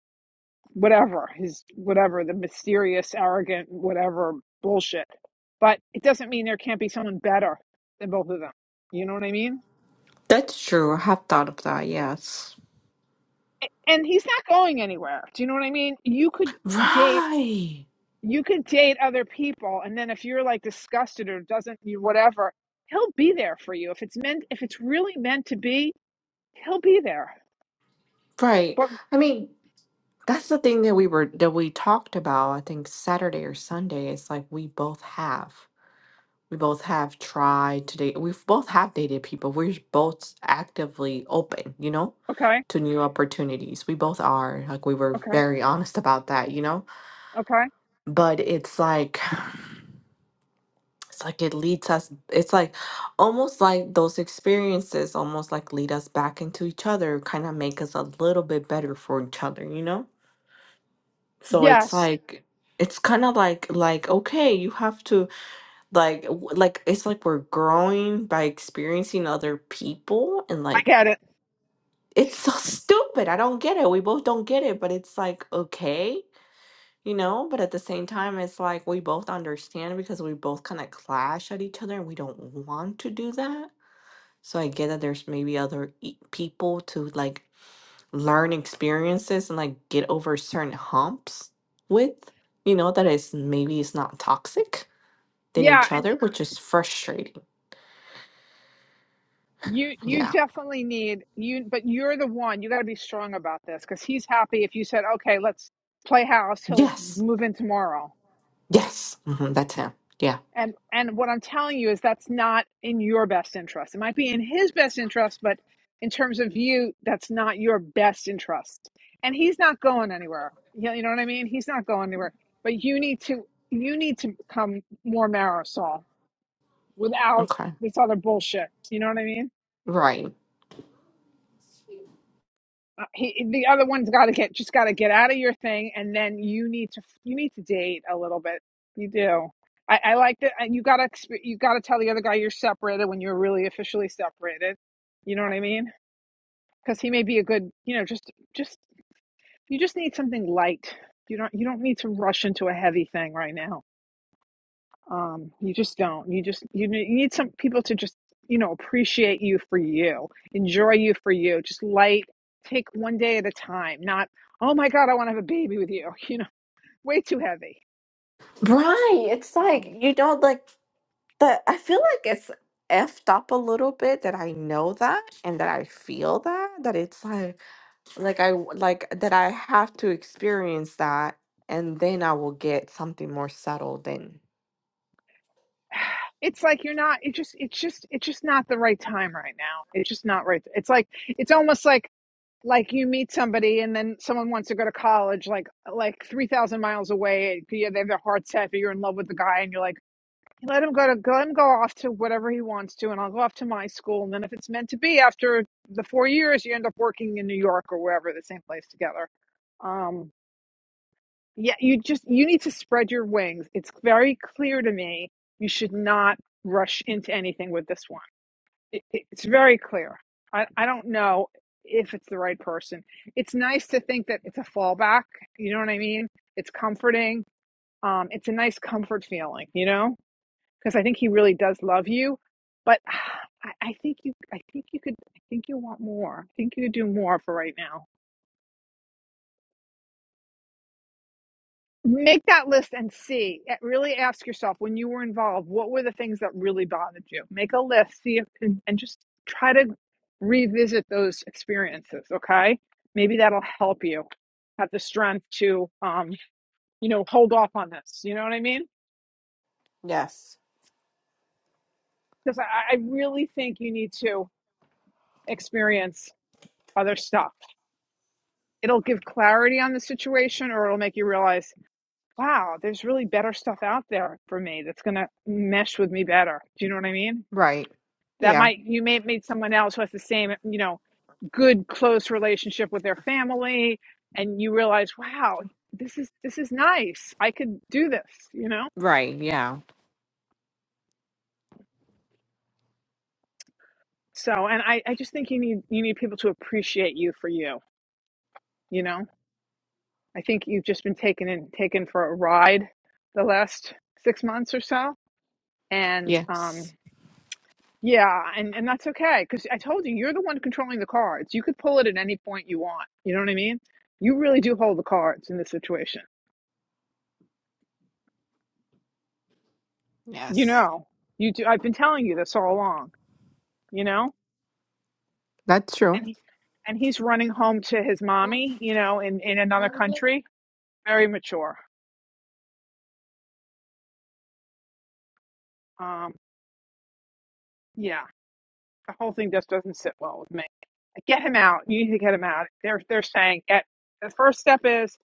[SPEAKER 1] whatever, his, whatever, the mysterious, arrogant, whatever bullshit. But it doesn't mean there can't be someone better than both of them. You know what I mean?
[SPEAKER 10] That's true. I have thought of that, yes.
[SPEAKER 1] and he's not going anywhere. Do you know what I mean? You could date
[SPEAKER 10] Right.
[SPEAKER 1] you could date other people and then if you're like disgusted or doesn't you whatever, he'll be there for you. If it's meant if it's really meant to be, he'll be there.
[SPEAKER 10] Right.
[SPEAKER 1] But
[SPEAKER 10] I mean, that's the thing that we were that we talked about, I think Saturday or Sunday. It's like we both have. We both have tried to date. We've both have dated people. We're both actively open, you know,
[SPEAKER 1] okay,
[SPEAKER 10] to new opportunities. We both are. Like we were
[SPEAKER 1] okay,
[SPEAKER 10] very honest about that, you know?
[SPEAKER 1] okay.
[SPEAKER 10] But it's like it's like it leads us it's like almost like those experiences almost like lead us back into each other, kind of make us a little bit better for each other, you know? So it's
[SPEAKER 1] Yes,
[SPEAKER 10] like it's kind of like like okay, you have to like w- like it's like we're growing by experiencing other people and
[SPEAKER 1] I
[SPEAKER 10] like
[SPEAKER 1] get it.
[SPEAKER 10] it's so stupid i don't get it we both don't get it but it's like okay you know but at the same time it's like we both understand because we both kind of clash at each other and we don't want to do that so i get that there's maybe other e- people to like learn experiences and like get over certain humps with you know that is maybe it's not toxic than
[SPEAKER 1] Yeah,
[SPEAKER 10] each
[SPEAKER 1] and
[SPEAKER 10] other which is frustrating
[SPEAKER 1] you you
[SPEAKER 10] yeah
[SPEAKER 1] definitely need you but you're the one. You got to be strong about this cuz he's happy if you said, "Okay, let's play house. He'll
[SPEAKER 10] Yes.
[SPEAKER 1] move in tomorrow."
[SPEAKER 10] Yes. hmm That's him. Yeah.
[SPEAKER 1] And and what I'm telling you is that's not in your best interest. It might be in his best interest, but in terms of you, that's not your best interest. And he's not going anywhere. You you know what I mean? He's not going anywhere. But you need to you need to become more Marisol without
[SPEAKER 10] Okay.
[SPEAKER 1] this other bullshit. You know what I mean?
[SPEAKER 10] Right.
[SPEAKER 1] Uh, he, the other one's got to get just got to get out of your thing, and then you need to you need to date a little bit. You do. I, I like that. And you got to you got to tell the other guy you're separated when you're really officially separated. You know what I mean? Because he may be a good you know just just you just need something light. You don't you don't need to rush into a heavy thing right now um you just don't you just you ne- you need some people to just you know appreciate you for you enjoy you for you just light take one day at a time not oh my god i want to have a baby with you you know way too heavy
[SPEAKER 10] Right. It's like,
[SPEAKER 1] um,
[SPEAKER 10] you know, like the I feel like it's effed up a little bit that I know that and that I feel that that it's like like I w- like that I have to experience that and then I will get something more settled and
[SPEAKER 1] it's like you're not it just it's just it's just not the right time right now it's just not right it's like it's almost like like you meet somebody and then someone wants to go to college like like 3000 miles away yeah they have their heart set but you're in love with the guy and you're like Let him go to go and go off to whatever he wants to, and I'll go off to my school. And then if it's meant to be, after the four years, you end up working in New York or wherever, the same place together. Um, yeah, you just you need to spread your wings. It's very clear to me you should not rush into anything with this one. It, it- it's very clear. I, I don't know if it's the right person. It's nice to think that it's a fallback. You know what I mean? It's comforting. Um, it's a nice comfort feeling. You know because I think he really does love you. But I, I think you, I think you could, I think you want more. I think you could do more for right now. Make that list and see. Really ask yourself when you were involved, what were the things that really bothered you? Make a list, see if, and, and just try to revisit those experiences. Okay, maybe that'll help you have the strength to, um, you know, hold off on this. You know what I mean?
[SPEAKER 10] yes.
[SPEAKER 1] Because I, I really think you need to experience other stuff it'll give clarity on the situation or it'll make you realize, wow, there's really better stuff out there for me that's going to mesh with me better. Do you know what I mean?
[SPEAKER 10] Right.
[SPEAKER 1] That
[SPEAKER 10] Yeah.
[SPEAKER 1] might, you may meet someone else who has the same, you know, good, close relationship with their family. And you realize, wow, this is, this is nice. I could do this, you know?
[SPEAKER 10] Right. Yeah.
[SPEAKER 1] So, and I, I just think you need, you need people to appreciate you for you, you know? I think you've just been taken in, taken for a ride the last six months or so. And, um,
[SPEAKER 10] Yes.
[SPEAKER 1] Yeah, and and that's okay because I told you you're the one controlling the cards. You could pull it at any point you want. You know what I mean? You really do hold the cards in this situation. You
[SPEAKER 10] Yes.
[SPEAKER 1] know, you do. I've been telling you this all along. You know,
[SPEAKER 10] That's true.
[SPEAKER 1] and he, and he's running home to his mommy. You know, in in another country. Very mature. Um, yeah, the whole thing just doesn't sit well with me. Get him out. You need to get him out. They're they're saying get the first step is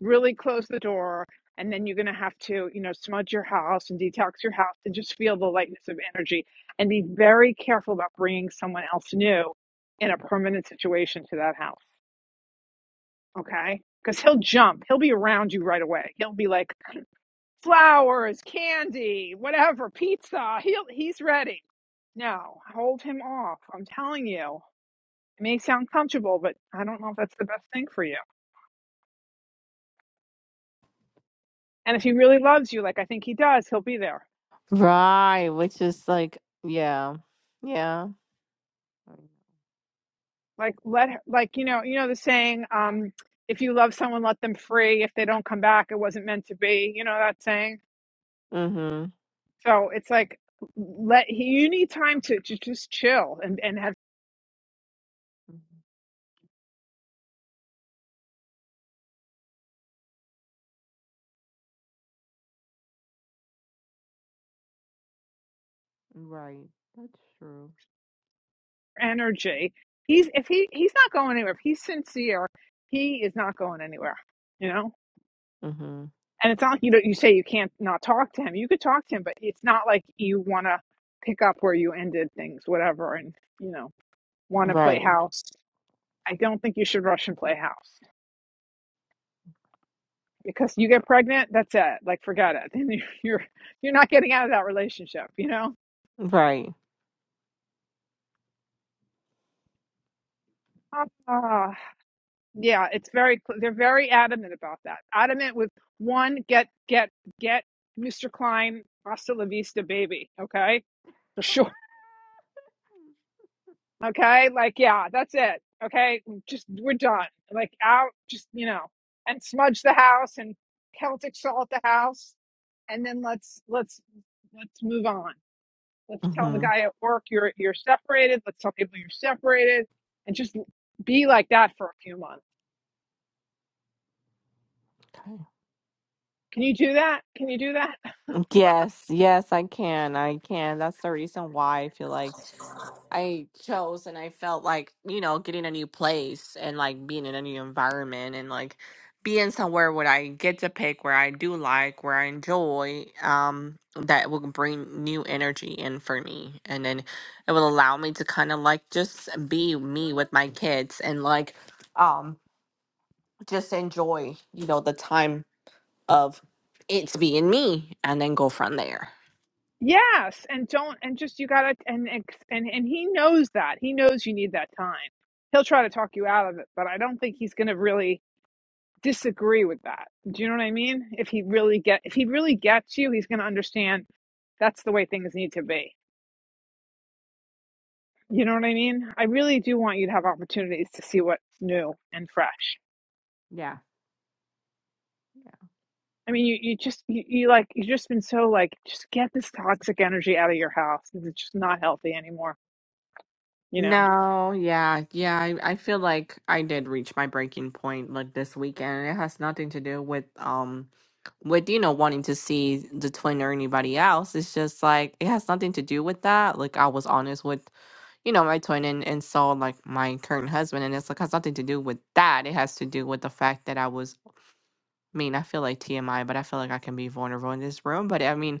[SPEAKER 1] really close the door and then you're going to have to you know smudge your house and detox your house and just feel the lightness of energy and be very careful about bringing someone else new in a permanent situation to that house okay because he'll jump he'll be around you right away he'll be like flowers candy whatever pizza he'll he's ready no hold him off i'm telling you it may sound comfortable but i don't know if that's the best thing for you and if he really loves you like i think he does he'll be there
[SPEAKER 10] Right. Which is like, yeah. Yeah.
[SPEAKER 1] like let her, like you know you know the saying um if you love someone let them free if they don't come back it wasn't meant to be you know that saying
[SPEAKER 10] Mhm.
[SPEAKER 1] so it's like let you need time to, to just chill and and have
[SPEAKER 10] Mhm. Right. That's true.
[SPEAKER 1] energy he's if he he's not going anywhere if he's sincere he is not going anywhere you know
[SPEAKER 10] Mhm.
[SPEAKER 1] and it's not you know you say you can't not talk to him you could talk to him but it's not like you want to pick up where you ended things whatever and you know want to play
[SPEAKER 10] Right.
[SPEAKER 1] house i don't think you should rush and play house because you get pregnant, that's it. Like, forget it. Then you- you're you're not getting out of that relationship, you know.
[SPEAKER 10] Right.
[SPEAKER 1] Ah, yeah, it's very. cl- They're very adamant about that. Adamant with one, get get get Mr. Klein, hasta la vista, baby. Okay, for sure. Okay, like yeah, that's it. Okay, just we're done. Like out, just you know, and smudge the house and Celtic salt the house, and then let's let's let's move on. Let's tell the
[SPEAKER 10] Mhm.
[SPEAKER 1] guy at work you're you're separated. Let's tell people you're separated and just be like that for a few months.
[SPEAKER 10] Okay.
[SPEAKER 1] Can you do that? Can you do that?
[SPEAKER 10] Yes, yes, I can. I can. That's the reason why I feel like I chose and I felt like, you know, getting a new place and like being in a new environment and like being somewhere where I get to pick where I do like, where I enjoy, um, that will bring new energy in for me. And then it will allow me to kind of like just be me with my kids and like um just enjoy, you know, the time of it's being me and then go from there.
[SPEAKER 1] Yes, and don't and just you gotta and and and he knows that he knows you need that time. He'll try to talk you out of it, but I don't think he's gonna really disagree with that. Do you know what I mean? If he really get if he really gets you, he's gonna understand that's the way things need to be. You know what I mean? I really do want you to have opportunities to see what's new and fresh.
[SPEAKER 10] Yeah.
[SPEAKER 1] I mean, you, you just you, you like you've just been so like just get this toxic energy out of your house because it's just not healthy anymore. You know.
[SPEAKER 10] No, yeah, yeah. I, I feel like I did reach my breaking point like this weekend. It has nothing to do with um with you know wanting to see the twin or anybody else. It's just like it has nothing to do with that. Like I was honest with you know my twin and and so like my current husband, and it's like has nothing to do with that. It has to do with the fact that I was. I mean, I feel like TMI, but I feel like I can be vulnerable in this room. But I mean,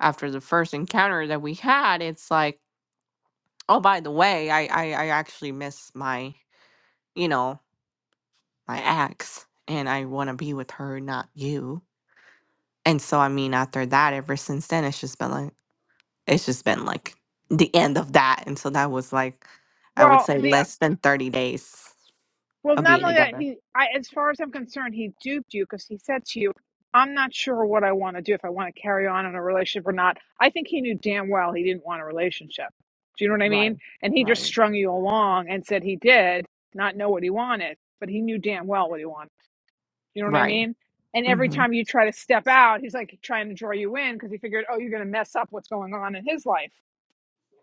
[SPEAKER 10] after the first encounter that we had, it's like. Oh, by the way, I I, I actually miss my, you know, my ex, and I want to be with her, not you. And so, I mean, after that, ever since then, it's just been like it's just been like the end of that. And so that was like, I would
[SPEAKER 1] Well,
[SPEAKER 10] say
[SPEAKER 1] the
[SPEAKER 10] less than thirty days
[SPEAKER 1] well,
[SPEAKER 10] of
[SPEAKER 1] not
[SPEAKER 10] being
[SPEAKER 1] only that
[SPEAKER 10] together.
[SPEAKER 1] he, I as far as I'm concerned, he duped you because he said to you, "I'm not sure what I want to do if I want to carry on in a relationship or not." I think he knew damn well he didn't want a relationship. Do you know what I mean?
[SPEAKER 10] Right.
[SPEAKER 1] And he just
[SPEAKER 10] Right.
[SPEAKER 1] strung you along and said he did not know what he wanted, but he knew damn well what he wanted. You know what I
[SPEAKER 10] Right.
[SPEAKER 1] mean? And every
[SPEAKER 10] hmm
[SPEAKER 1] time you try to step out, he's like trying to draw you in because he figured, oh, you're going to mess up what's going on in his life.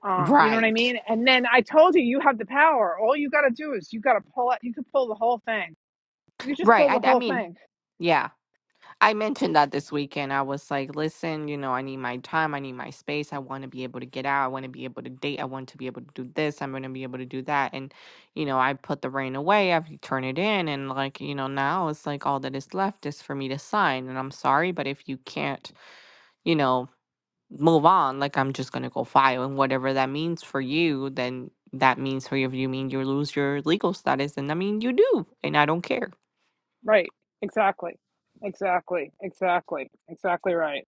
[SPEAKER 1] Um, you know what I
[SPEAKER 10] Right.
[SPEAKER 1] mean? And then I told you, you have the power. All you got to do is you got to pull it. You could pull the whole thing. You could just
[SPEAKER 10] Right.
[SPEAKER 1] pull the
[SPEAKER 10] I I
[SPEAKER 1] whole
[SPEAKER 10] mean,
[SPEAKER 1] thing.
[SPEAKER 10] yeah. I mentioned that this weekend. I was like, listen, you know, I need my time. I need my space. I want to be able to get out. I want to be able to date. I want to be able to do this. I'm going to be able to do that. And, you know, I put the rain away. I've turned it in. And, like, you know, now it's like all that is left is for me to sign. And I'm sorry, but if you can't, you know, move on, like, I'm just going to go file. And whatever that means for you, then that means for you. If you mean you lose your legal status, then I mean you do. And I don't care.
[SPEAKER 1] Right. Exactly. Exactly. Exactly. Exactly right.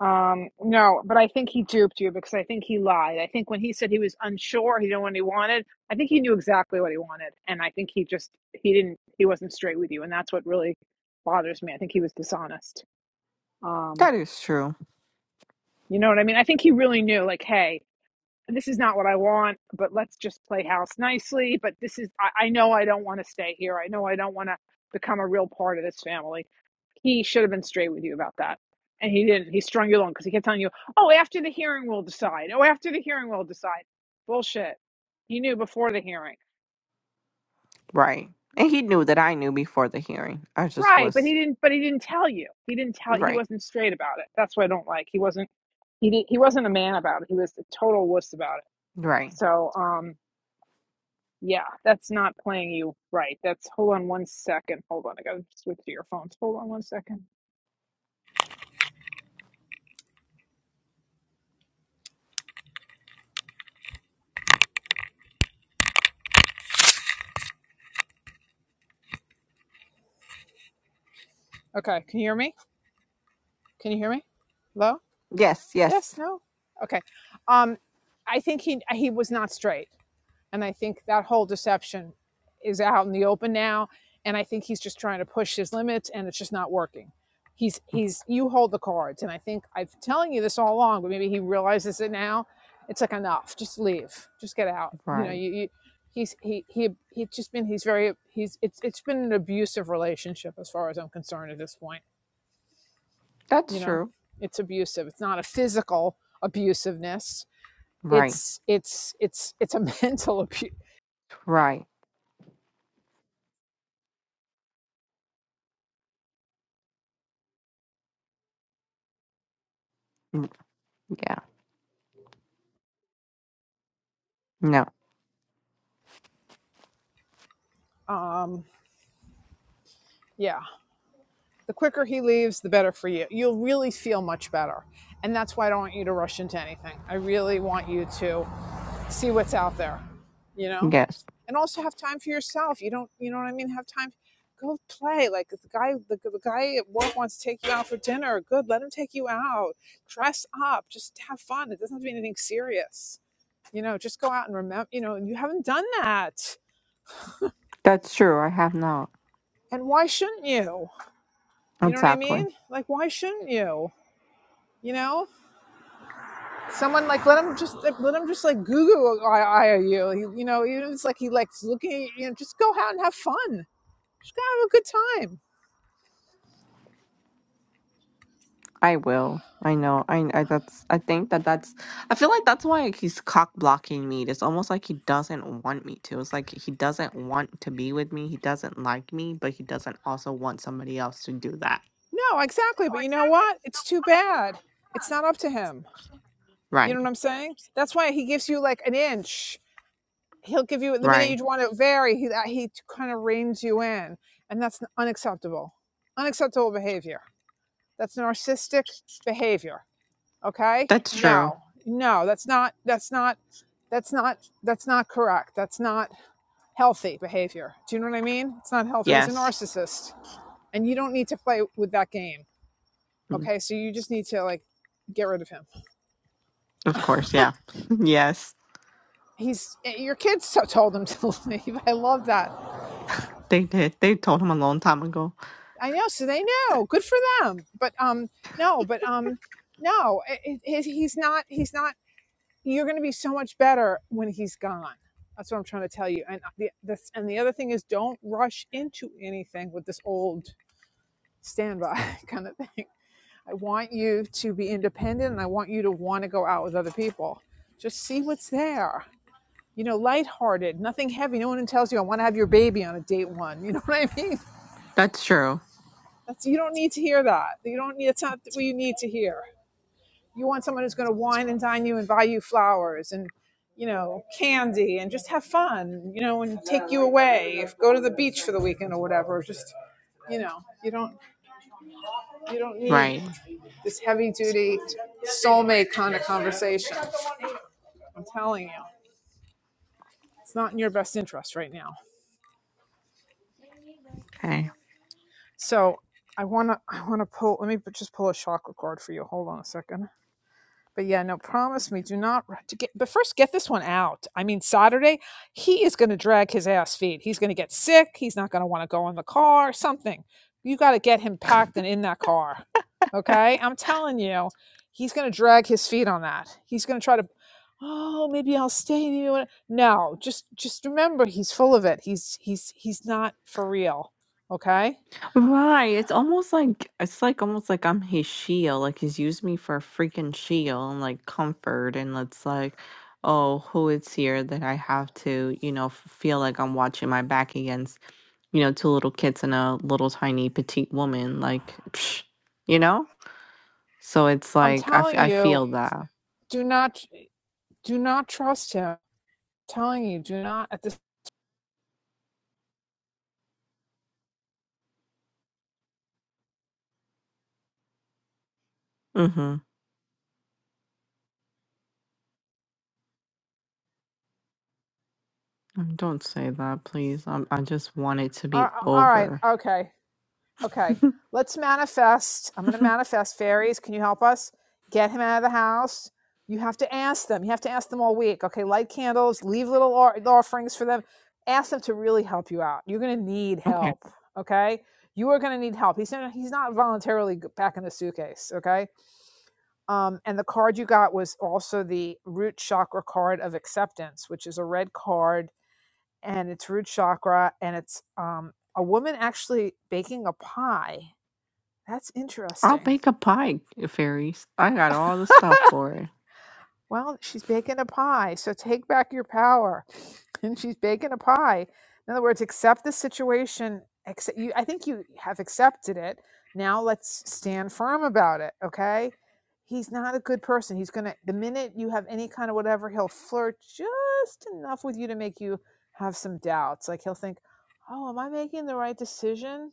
[SPEAKER 1] Um, no, but I think he duped you because I think he lied. I think when he said he was unsure, he didn't know what he wanted. I think he knew exactly what he wanted, and I think he just he didn't he wasn't straight with you, and that's what really bothers me. I think he was dishonest. Um,
[SPEAKER 10] That is true.
[SPEAKER 1] you know what I mean? I think he really knew, like, hey, this is not what I want, but let's just play house nicely. But this is, I, I know I don't want to stay here. I know I don't want to become a real part of this family. He should have been straight with you about that. And he didn't. He strung you along because he kept telling you, oh, after the hearing, we'll decide. Oh, after the hearing, we'll decide. Bullshit. He knew before the hearing.
[SPEAKER 10] Right. And he knew that I knew before the hearing. I just
[SPEAKER 1] Right. But he
[SPEAKER 10] was
[SPEAKER 1] didn't, but he didn't tell you. He didn't tell, he
[SPEAKER 10] right.
[SPEAKER 1] wasn't straight about it. That's what I don't like. He wasn't, he didn't, he wasn't a man about it. He was a total wuss about it.
[SPEAKER 10] Right.
[SPEAKER 1] So, um. Yeah, that's not playing you right. That's hold on one second. Hold on, I gotta switch to your phones. Hold on one second. Okay, can you hear me? Can you hear me? Hello?
[SPEAKER 10] Yes,
[SPEAKER 1] Yes,
[SPEAKER 10] yes.
[SPEAKER 1] no? Okay. Um, I think he he was not straight. And I think that whole deception is out in the open now. And I think he's just trying to push his limits and it's just not working. He's, he's, you hold the cards. And I think I've been telling you this all along, but maybe he realizes it now. It's like enough, just leave, just get out. You know,
[SPEAKER 10] Right.
[SPEAKER 1] you, you he's, he, he, he's just been, he's very, he's, it's, it's been an abusive relationship as far as I'm concerned at this point.
[SPEAKER 10] That's
[SPEAKER 1] You know,
[SPEAKER 10] true.
[SPEAKER 1] it's abusive. It's not a physical abusiveness.
[SPEAKER 10] Right.
[SPEAKER 1] It's, it's, it's, it's a mental abuse.
[SPEAKER 10] Right. Mm, Yeah. No.
[SPEAKER 1] Um, yeah the quicker he leaves, the better for you. You'll really feel much better. And that's why I don't want you to rush into anything. I really want you to see what's out there, you know?
[SPEAKER 10] Yes.
[SPEAKER 1] And also have time for yourself. You don't, you know what I mean? Have time. Go play. Like the guy, the, the guy at work wants to take you out for dinner. Good. Let him take you out. Dress up. Just have fun. It doesn't have to be anything serious. You know, just go out and remember, you know, you haven't done that.
[SPEAKER 10] That's true. I have not.
[SPEAKER 1] And why shouldn't you? You know what I
[SPEAKER 10] Exactly.
[SPEAKER 1] mean? Like, why shouldn't you? You know? someone like let him just let him just like Google IOU. You He, you know, even if it's like he likes looking at you know, just go out and have fun. Just go have a good time.
[SPEAKER 10] I will. I know. I, I that's I think that that's I feel like that's why he's cock blocking me. It's almost like he doesn't want me to. It's like he doesn't want to be with me. He doesn't like me, but he doesn't also want somebody else to do that.
[SPEAKER 1] No, exactly. But you know what? It's too bad. It's not up to him. You
[SPEAKER 10] Right.
[SPEAKER 1] know what I'm saying? That's why he gives you like an inch. He'll give you the minute
[SPEAKER 10] Right.
[SPEAKER 1] you want to vary. He that- he kind of reins you in, and that's unacceptable. Unacceptable behavior. That's narcissistic behavior okay
[SPEAKER 10] That's true.
[SPEAKER 1] no no that's not that's not that's not that's not correct that's not healthy behavior do you know what i mean it's not healthy he's a
[SPEAKER 10] Yes.
[SPEAKER 1] narcissist and you don't need to play with that game
[SPEAKER 10] Mm,
[SPEAKER 1] okay so you just need to like get rid of him
[SPEAKER 10] Of course, yeah. Yes,
[SPEAKER 1] he's eh, your kids so- told him to leave i love that
[SPEAKER 10] they did. They told him a long time ago.
[SPEAKER 1] i know so they know good for them but um no but um no it, it, he's not he's not you're going to be so much better when he's gone. That's what I'm trying to tell you. And uh, the this, and the other thing is, don't rush into anything with this old standby kind of thing. I want you to be independent, and I want you to want to go out with other people. Just see what's there. You know, lighthearted, nothing heavy. No one tells you I want to have your baby on a date one. You know what I mean?
[SPEAKER 10] That's true.
[SPEAKER 1] That's you don't need to hear that. You don't need. It's not what you need to hear. You want someone who's going to wine and dine you and buy you flowers and you know candy and just have fun, you know, and take you away. If go to the beach for the weekend or whatever, just you know, you don't you don't need
[SPEAKER 10] Right.
[SPEAKER 1] this heavy duty soulmate kind of conversation. I'm telling you, it's not in your best interest right now.
[SPEAKER 10] Okay.
[SPEAKER 1] So I wanna I wanna pull. Let me just pull a chakra cord for you. Hold on a second. But yeah, no, promise me, do not to get. But first, get this one out. I mean, Saturday, he is going to drag his ass feet. He's going to get sick. He's not going to want to go in the car. Something. You got to get him packed and in that car. Okay, I'm telling you, he's going to drag his feet on that. He's going to try to. Oh, maybe I'll stay. Maybe I wanna-" no, just just remember, he's full of it. He's he's he's not for real. Okay,
[SPEAKER 10] Right. It's almost like it's like almost like I'm his shield. Like he's used me for a freaking shield and like comfort and it's like, oh, who is here that I have to, you know, f- feel like I'm watching my back against, you know, two little kids and a little tiny petite woman. Like, psh, you know. So it's
[SPEAKER 1] I'm
[SPEAKER 10] like I, f-
[SPEAKER 1] telling
[SPEAKER 10] I
[SPEAKER 1] you,
[SPEAKER 10] feel that.
[SPEAKER 1] do not do not trust him. telling you, do not at this
[SPEAKER 10] Mm-hmm. Um, Don't say that, please. Um, I just want it to be
[SPEAKER 1] all right.
[SPEAKER 10] over.
[SPEAKER 1] Okay. Okay. Let's manifest. I'm going to manifest fairies. Can you help us? Get him out of the house. You have to ask them. You have to ask them all week. Okay. Light candles, leave little offerings for them. Ask them to really help you out. You're going to need
[SPEAKER 10] okay.
[SPEAKER 1] help. Okay. You are going to need help. He's not, he's not voluntarily back in the suitcase. Okay. Um, and the card you got was also the root chakra card of acceptance, which is a red card and it's root chakra and it's um a woman actually baking a pie that's
[SPEAKER 10] I'll
[SPEAKER 1] interesting
[SPEAKER 10] bake a pie, uh, fairies. I got all the stuff for it.
[SPEAKER 1] well she's baking a pie so take back your power and she's baking a pie in other words accept the situation accept you i think you have accepted it now let's stand firm about it okay he's not a good person he's gonna the minute you have any kind of whatever he'll flirt just enough with you to make you have some doubts like he'll think oh am i making the right decision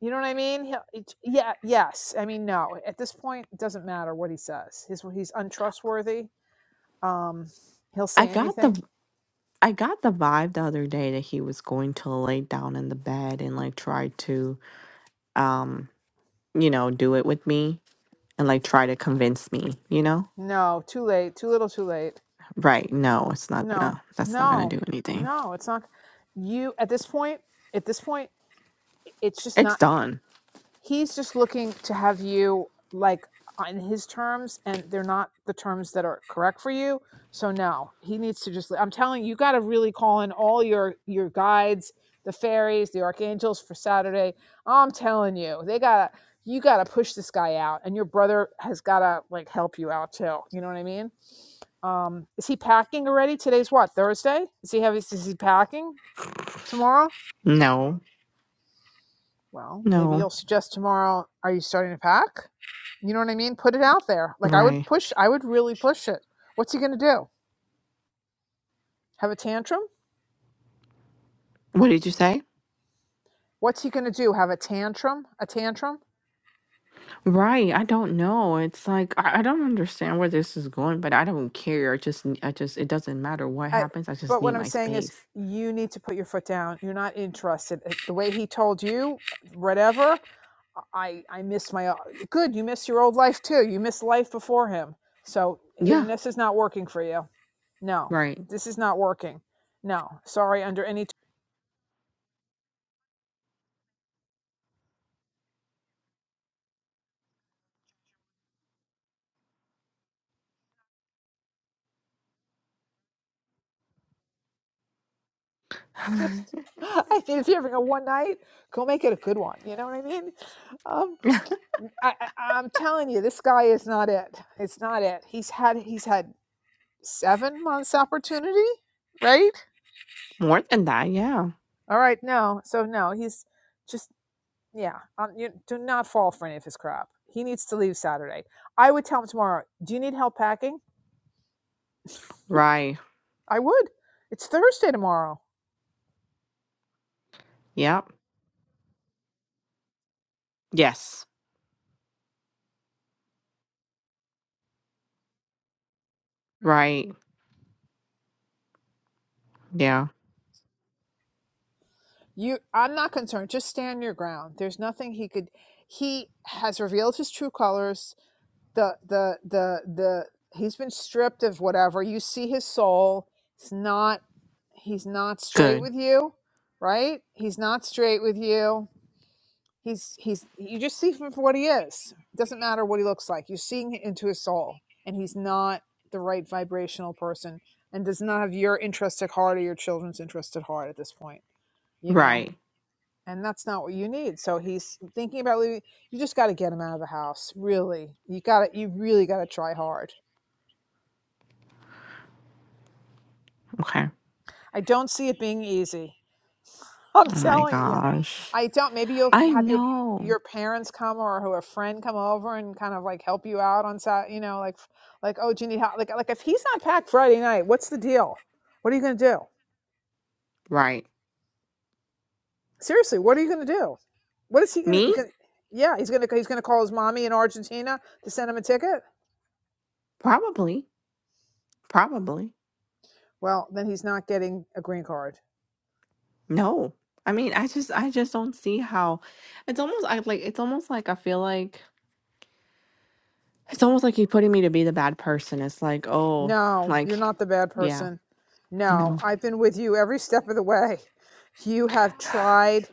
[SPEAKER 1] You know what I mean? He'll, it- yeah, yes. I mean, no. At this point, it doesn't matter what he says. He's he's untrustworthy. Um, he'll
[SPEAKER 10] I
[SPEAKER 1] say
[SPEAKER 10] got
[SPEAKER 1] anything.
[SPEAKER 10] the I got the vibe the other day that he was going to lay down in the bed and like try to um, you know, do it with me and like try to convince me, you know?
[SPEAKER 1] No, too late. Too little. Too late.
[SPEAKER 10] Right. No, it's not
[SPEAKER 1] No,
[SPEAKER 10] gonna that's not gonna
[SPEAKER 1] no,
[SPEAKER 10] do anything.
[SPEAKER 1] no. It's not. You at this point. At this point, it's just
[SPEAKER 10] It's
[SPEAKER 1] not.
[SPEAKER 10] done.
[SPEAKER 1] he's just looking to have you like on his terms and they're not the terms that are correct for you so no he needs to just i'm telling you you got to really call in all your your guides the fairies the archangels for saturday i'm telling you they gotta you gotta push this guy out and your brother has gotta like help you out too you know what i mean um is he packing already today's what thursday is he have is he packing tomorrow
[SPEAKER 10] No.
[SPEAKER 1] well, maybe
[SPEAKER 10] No.
[SPEAKER 1] you'll suggest tomorrow. Are you starting to pack? You know what I mean? Put it out there. Like I would
[SPEAKER 10] Right.
[SPEAKER 1] push, I would really push it. What's he going to do? Have a tantrum?
[SPEAKER 10] What did you say?
[SPEAKER 1] What's he going to do? Have a tantrum? A tantrum?
[SPEAKER 10] Right. I don't know. It's like I, I don't understand where this is going, but I don't care. I just n- I just it doesn't matter what
[SPEAKER 1] I,
[SPEAKER 10] happens. I just
[SPEAKER 1] but
[SPEAKER 10] need
[SPEAKER 1] what I'm
[SPEAKER 10] my
[SPEAKER 1] saying is,
[SPEAKER 10] space.
[SPEAKER 1] you need to put your foot down. You're not interested. The way he told you, whatever. I I miss my uh, good. You miss your old life too. You miss life before him. So you know,
[SPEAKER 10] Yeah.
[SPEAKER 1] this is not working for you. No,
[SPEAKER 10] Right.
[SPEAKER 1] this is not working. No, sorry. Under any Just, I think if you're having a one night, go make it a good one. You know what I mean? Um, I, I, I'm telling you, this guy is not it. It's not it. He's had he's had seven months opportunity, right?
[SPEAKER 10] More than that, yeah.
[SPEAKER 1] All right, no. So no, he's just yeah. Um, you do not fall for any of his crap. He needs to leave Saturday. I would tell him tomorrow. Do you need help packing?
[SPEAKER 10] Right.
[SPEAKER 1] I would. It's Thursday tomorrow.
[SPEAKER 10] Yep. Yes. Right. Yeah.
[SPEAKER 1] You, I'm not concerned. Just stand your ground. There's nothing he could. He has revealed his true colors the the the the he's been stripped of whatever you see his soul it's not he's not straight
[SPEAKER 10] Good.
[SPEAKER 1] with you right he's not straight with you he's he's you just see him for what he is it doesn't matter what he looks like you're seeing into his soul and he's not the right vibrational person and does not have your interest at heart or your children's interest at heart at this point you know
[SPEAKER 10] Right.
[SPEAKER 1] and that's not what you need. So he's thinking about leaving. You just got to get him out of the house. Really, you got to. You really got to try hard.
[SPEAKER 10] Okay.
[SPEAKER 1] I don't see it being easy. I'm
[SPEAKER 10] Oh my
[SPEAKER 1] telling you,
[SPEAKER 10] gosh.
[SPEAKER 1] I don't. Maybe you'll
[SPEAKER 10] I
[SPEAKER 1] have your
[SPEAKER 10] know.
[SPEAKER 1] your parents come or who a friend come over and kind of like help you out on Saturday. You know, like like oh, do you need help? Like like if he's not packed Friday night, what's the deal? What are you going to do?
[SPEAKER 10] Right.
[SPEAKER 1] Seriously, what are you going to do? What is he going
[SPEAKER 10] Me?
[SPEAKER 1] to? Yeah, he's going to he's going to call his mommy in Argentina to send him a ticket.
[SPEAKER 10] Probably. Probably.
[SPEAKER 1] Well, then he's not getting a green card.
[SPEAKER 10] No. I mean, I just I just don't see how it's almost I like it's almost like I feel like It's almost like he's putting me to be the bad person. It's like, oh,
[SPEAKER 1] No, you're
[SPEAKER 10] like,
[SPEAKER 1] not the bad
[SPEAKER 10] yeah,
[SPEAKER 1] person. No,
[SPEAKER 10] no,
[SPEAKER 1] I've been with you every step of the way. You have tried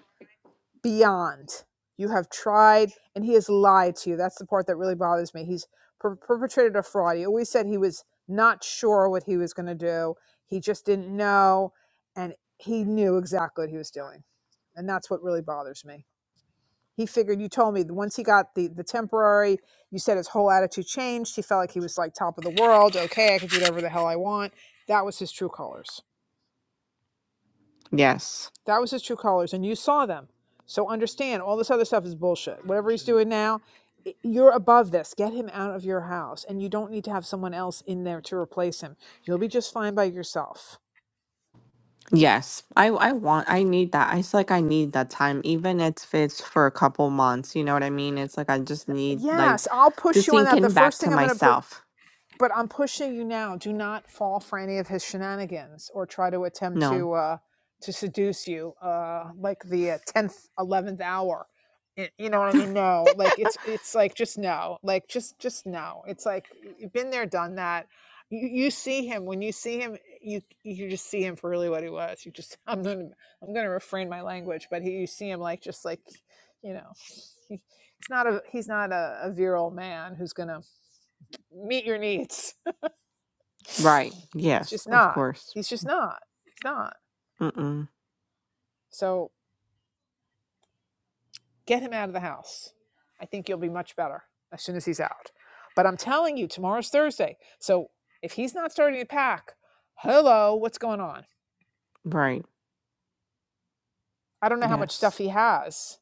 [SPEAKER 1] beyond. You have tried, and he has lied to you. That's the part that really bothers me. He's per- perpetrated a fraud. He always said he was not sure what he was going to do, he just didn't know, and he knew exactly what he was doing. And that's what really bothers me. He figured you told me once he got the the temporary, you said his whole attitude changed. He felt like he was like top of the world. Okay, I could do whatever the hell I want. That was his true colors.
[SPEAKER 10] yes,
[SPEAKER 1] That was his true colors, and you saw them. So understand, all this other stuff is bullshit. Whatever he's doing now, you're above this. Get him out of your house, and you don't need to have someone else in there to replace him. You'll be just fine by yourself.
[SPEAKER 10] yes. I, I want, I need that. It's like I need that time, even if it's for a couple months. You know what I mean? It's like I just need like
[SPEAKER 1] Yes, I'll
[SPEAKER 10] to
[SPEAKER 1] push you on
[SPEAKER 10] sink
[SPEAKER 1] that. The
[SPEAKER 10] in back
[SPEAKER 1] first
[SPEAKER 10] to
[SPEAKER 1] thing I'm going to put
[SPEAKER 10] myself.
[SPEAKER 1] but I'm pushing you now. Do not fall for any of his shenanigans or try to attempt
[SPEAKER 10] No,
[SPEAKER 1] to uh, to seduce you, uh, like the uh, tenth, eleventh hour. Y- You know what I mean? No, like it's it's like just no, like just just no. It's like you've been there, done that. You, you see him when you see him, you you just see him for really what he was. You just I'm gonna I'm gonna refrain my language, but he, you see him like just like you know. He's not a he's not a, a virile man who's gonna meet your needs
[SPEAKER 10] right?
[SPEAKER 1] it's
[SPEAKER 10] Yes,
[SPEAKER 1] just
[SPEAKER 10] of
[SPEAKER 1] not.
[SPEAKER 10] course.
[SPEAKER 1] He's just not. He's not.
[SPEAKER 10] Mm-mm.
[SPEAKER 1] So get him out of the house. I think you'll be much better as soon as he's out. But I'm telling you, tomorrow's Thursday. So if he's not starting to pack, hello, what's going on?
[SPEAKER 10] Right?
[SPEAKER 1] I don't know how much stuff
[SPEAKER 10] Yes.
[SPEAKER 1] he has.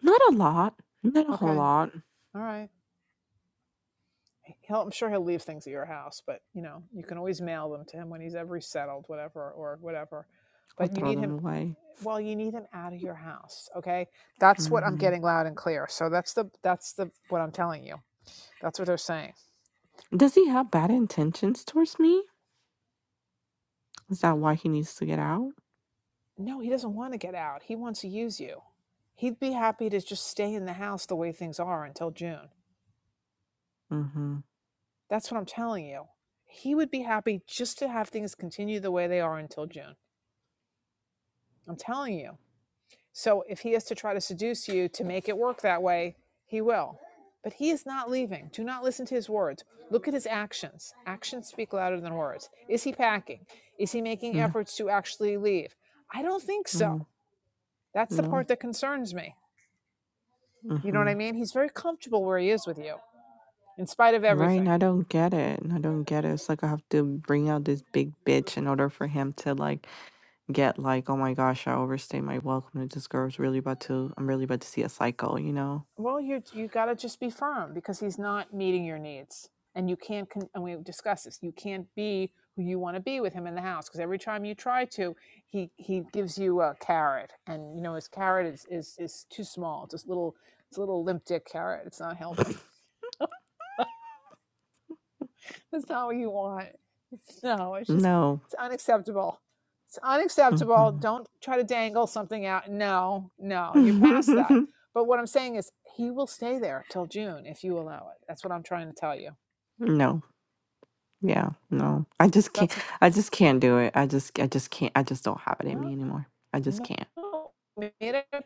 [SPEAKER 10] Not a lot. Not a whole
[SPEAKER 1] Okay.
[SPEAKER 10] lot.
[SPEAKER 1] All right. he'll, I'm sure he'll leave things at your house, but you know, you can always mail them to him when he's ever settled, whatever, or whatever.
[SPEAKER 10] I'll
[SPEAKER 1] But you
[SPEAKER 10] throw
[SPEAKER 1] need
[SPEAKER 10] them
[SPEAKER 1] him,
[SPEAKER 10] away.
[SPEAKER 1] well, you need him out of your house. Okay. That's what I'm
[SPEAKER 10] hmm
[SPEAKER 1] getting loud and clear. So that's the, that's the, what I'm telling you. That's what they're saying.
[SPEAKER 10] Does he have bad intentions towards me? Is that why he needs to get out?
[SPEAKER 1] No, he doesn't want to get out. He wants to use you. He'd be happy to just stay in the house the way things are until June.
[SPEAKER 10] Mhm.
[SPEAKER 1] That's what I'm telling you. He would be happy just to have things continue the way they are until June. I'm telling you. So if he is to try to seduce you to make it work that way, he will. But he is not leaving. Do not listen to his words. Look at his actions. Actions speak louder than words. Is he packing? Is he making
[SPEAKER 10] No,
[SPEAKER 1] efforts to actually leave? I don't think so.
[SPEAKER 10] no,
[SPEAKER 1] That's the
[SPEAKER 10] no.
[SPEAKER 1] part that concerns me. You know what I
[SPEAKER 10] Mhm.
[SPEAKER 1] mean? He's very comfortable where he is with you, in spite of
[SPEAKER 10] Right? And
[SPEAKER 1] everything.
[SPEAKER 10] I don't get it. I don't get it. It's like I have to bring out this big bitch in order for him to like get like, oh my gosh, I overstayed my welcome. and This girl's really about to. I'm really about to see a cycle. You know?
[SPEAKER 1] Well, you you got to just be firm because he's not meeting your needs, and you can't. Con- and we discussed this. You can't be who you want to be with him in the house because every time you try to, he he gives you a carrot, and you know his carrot is is is too small. It's this little it's a little limp dick carrot. It's not helping. That's not what you want. No, it's just
[SPEAKER 10] No.
[SPEAKER 1] it's unacceptable. It's unacceptable.
[SPEAKER 10] hmm
[SPEAKER 1] Don't try to dangle something out. No, no, you're past that. But what I'm saying is he will stay there till June if you allow it. That's what I'm trying to tell you.
[SPEAKER 10] no. Yeah. No. I just can't.
[SPEAKER 1] That's
[SPEAKER 10] I just can't do it. I just. I just can't. I just don't have it in
[SPEAKER 1] no
[SPEAKER 10] me anymore. I just
[SPEAKER 1] no
[SPEAKER 10] can't.
[SPEAKER 1] made up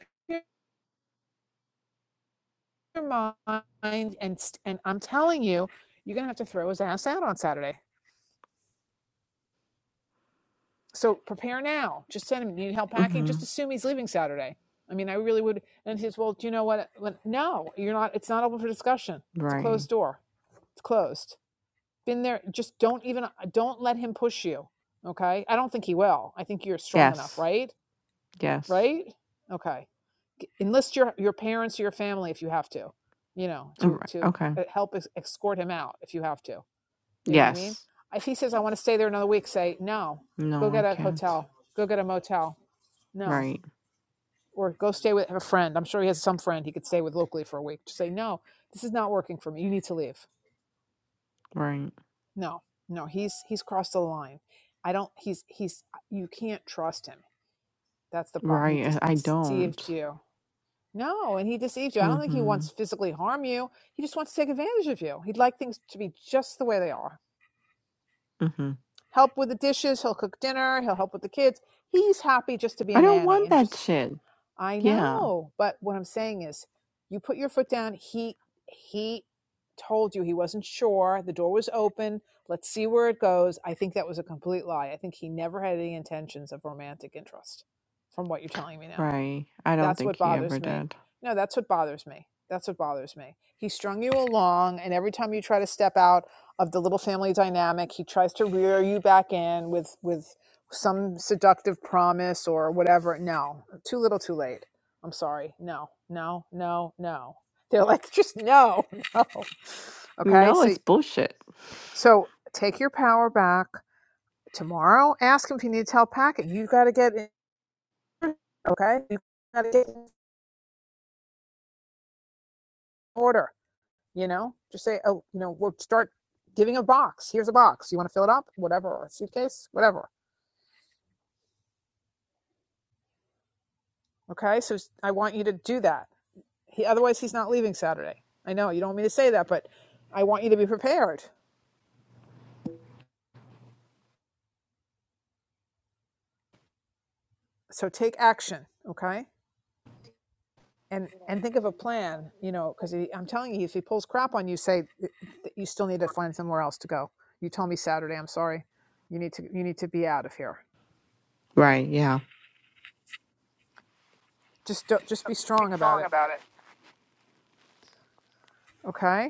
[SPEAKER 1] your mind and and I'm telling you, you're gonna have to throw his ass out on Saturday. So prepare now. Just send him. Need help packing?
[SPEAKER 10] hmm
[SPEAKER 1] Just assume he's leaving Saturday. I mean, I really would. And he says, "Well, do you know what? No, you're not. It's not open for discussion. It's a
[SPEAKER 10] Right.
[SPEAKER 1] closed door. It's closed. Been there. Just don't even. Don't let him push you. Okay. I don't think he will. I think you're strong enough,
[SPEAKER 10] Yes.
[SPEAKER 1] right?
[SPEAKER 10] Yes.
[SPEAKER 1] Right? Okay. Enlist your your parents or your family if you have to. You know, to
[SPEAKER 10] Right.
[SPEAKER 1] to
[SPEAKER 10] Okay.
[SPEAKER 1] uh, help escort him out if you have to you know what I mean?
[SPEAKER 10] Yes.
[SPEAKER 1] If he says, I want to stay there another week, say, no, go
[SPEAKER 10] No, I
[SPEAKER 1] get a
[SPEAKER 10] can't.
[SPEAKER 1] hotel, go get a motel. No.
[SPEAKER 10] Right,
[SPEAKER 1] Or go stay with a friend. I'm sure he has some friend he could stay with locally for a week. Just say, no, this is not working for me. You need to leave.
[SPEAKER 10] right,
[SPEAKER 1] No, no, he's he's crossed the line. I don't. He's he's. You can't trust him. That's the problem. He
[SPEAKER 10] right. I I
[SPEAKER 1] deceived
[SPEAKER 10] don't.
[SPEAKER 1] you. No, and he deceived you. I don't think he wants
[SPEAKER 10] Mhm,
[SPEAKER 1] to physically harm you. He just wants to take advantage of you. He'd like things to be just the way they are
[SPEAKER 10] mhm.
[SPEAKER 1] help with the dishes. He'll cook dinner. He'll help with the kids. He's happy just to be a
[SPEAKER 10] I don't
[SPEAKER 1] Manny
[SPEAKER 10] want
[SPEAKER 1] and
[SPEAKER 10] that
[SPEAKER 1] just,
[SPEAKER 10] shit.
[SPEAKER 1] I
[SPEAKER 10] Yeah,
[SPEAKER 1] know. But what I'm saying is, you put your foot down. He, he told you he wasn't sure. The door was open. Let's see where it goes. I think that was a complete lie. I think he never had any intentions of romantic interest from what you're telling me now.
[SPEAKER 10] right. I don't
[SPEAKER 1] That's
[SPEAKER 10] think
[SPEAKER 1] what
[SPEAKER 10] he ever
[SPEAKER 1] bothers me.
[SPEAKER 10] did.
[SPEAKER 1] No, that's what bothers me. That's what bothers me. He strung you along, and every time you try to step out of the little family dynamic, he tries to rear you back in with with some seductive promise or whatever. No, too little, too late. I'm sorry. No, no, no, no. They're like, just no, no. Okay,
[SPEAKER 10] No,
[SPEAKER 1] so
[SPEAKER 10] it's bullshit.
[SPEAKER 1] so take your power back tomorrow. Ask him if you need help packing. You got to get in. Okay, you got to get in order you know just say oh you know we'll start giving a box here's a box you want to fill it up whatever or a suitcase whatever okay so I want you to do that he, otherwise he's not leaving saturday i know you don't want me to say that but i want you to be prepared so take action okay and and think of a plan you know because i'm telling you if he pulls crap on you say "Th- you still need to find somewhere else to go you told me saturday i'm sorry you need to you need to be out of here
[SPEAKER 10] Right, yeah.
[SPEAKER 1] just don't, just be strong about it okay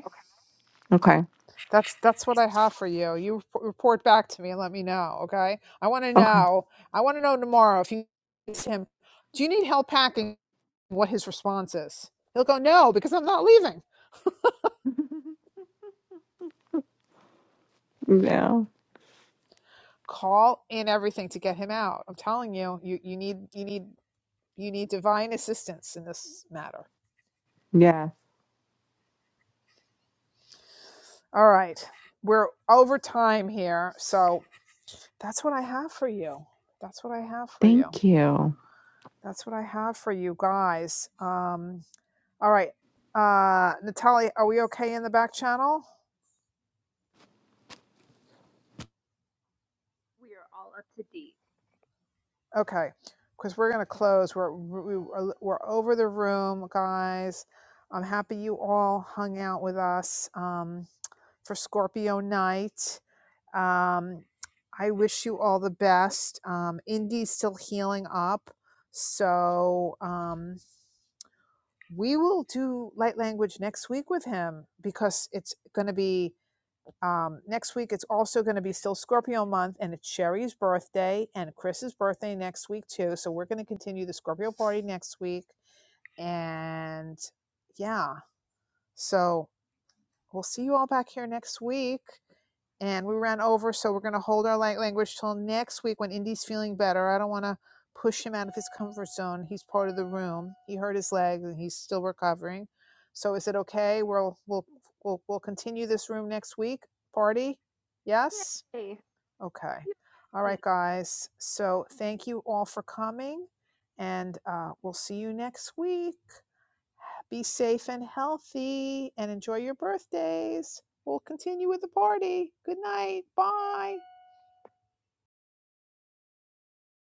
[SPEAKER 10] Okay,
[SPEAKER 1] That's that's what I have for you. You rep- report back to me and let me know, okay? I want to
[SPEAKER 10] okay.
[SPEAKER 1] know. I want to know tomorrow if you ask him, do you need help packing? What his response is? He'll go, no, because I'm not leaving.
[SPEAKER 10] yeah,
[SPEAKER 1] Call in everything to get him out. I'm telling you, you you need you need you need divine assistance in this matter.
[SPEAKER 10] yes.
[SPEAKER 1] All right, we're over time here, so that's what I have for you. That's what I have for you.
[SPEAKER 10] Thank you.
[SPEAKER 1] That's what I have for you guys. Um, All right. Uh, Natalia, are we okay in the back channel?
[SPEAKER 3] We are all up to date.
[SPEAKER 1] Okay. Because we're going to close. We're, we, we're are over the room, guys. I'm happy you all hung out with us um, for Scorpio night. Um, I wish you all the best. Um, Indy's still healing up. So um, we will do light language next week with him because it's going to be Um, next week, it's also going to be still Scorpio month, and it's Sherry's birthday and Chris's birthday next week, too. So we're going to continue the Scorpio party next week. And yeah, so We'll see you all back here next week. And we ran over, so we're going to hold our light language till next week when Indy's feeling better. I don't want to push him out of his comfort zone. He's part of the room. He hurt his leg and he's still recovering. So is it okay? We'll we'll we'll, we'll continue this room next week. Party? Yes?
[SPEAKER 3] Yay! Our
[SPEAKER 1] Okay.
[SPEAKER 3] beautiful
[SPEAKER 1] All
[SPEAKER 3] feet.
[SPEAKER 1] right, guys. So thank you all for coming, and uh, we'll see you next week. Be safe and healthy and enjoy your birthdays. We'll continue with the party. Good night. Bye.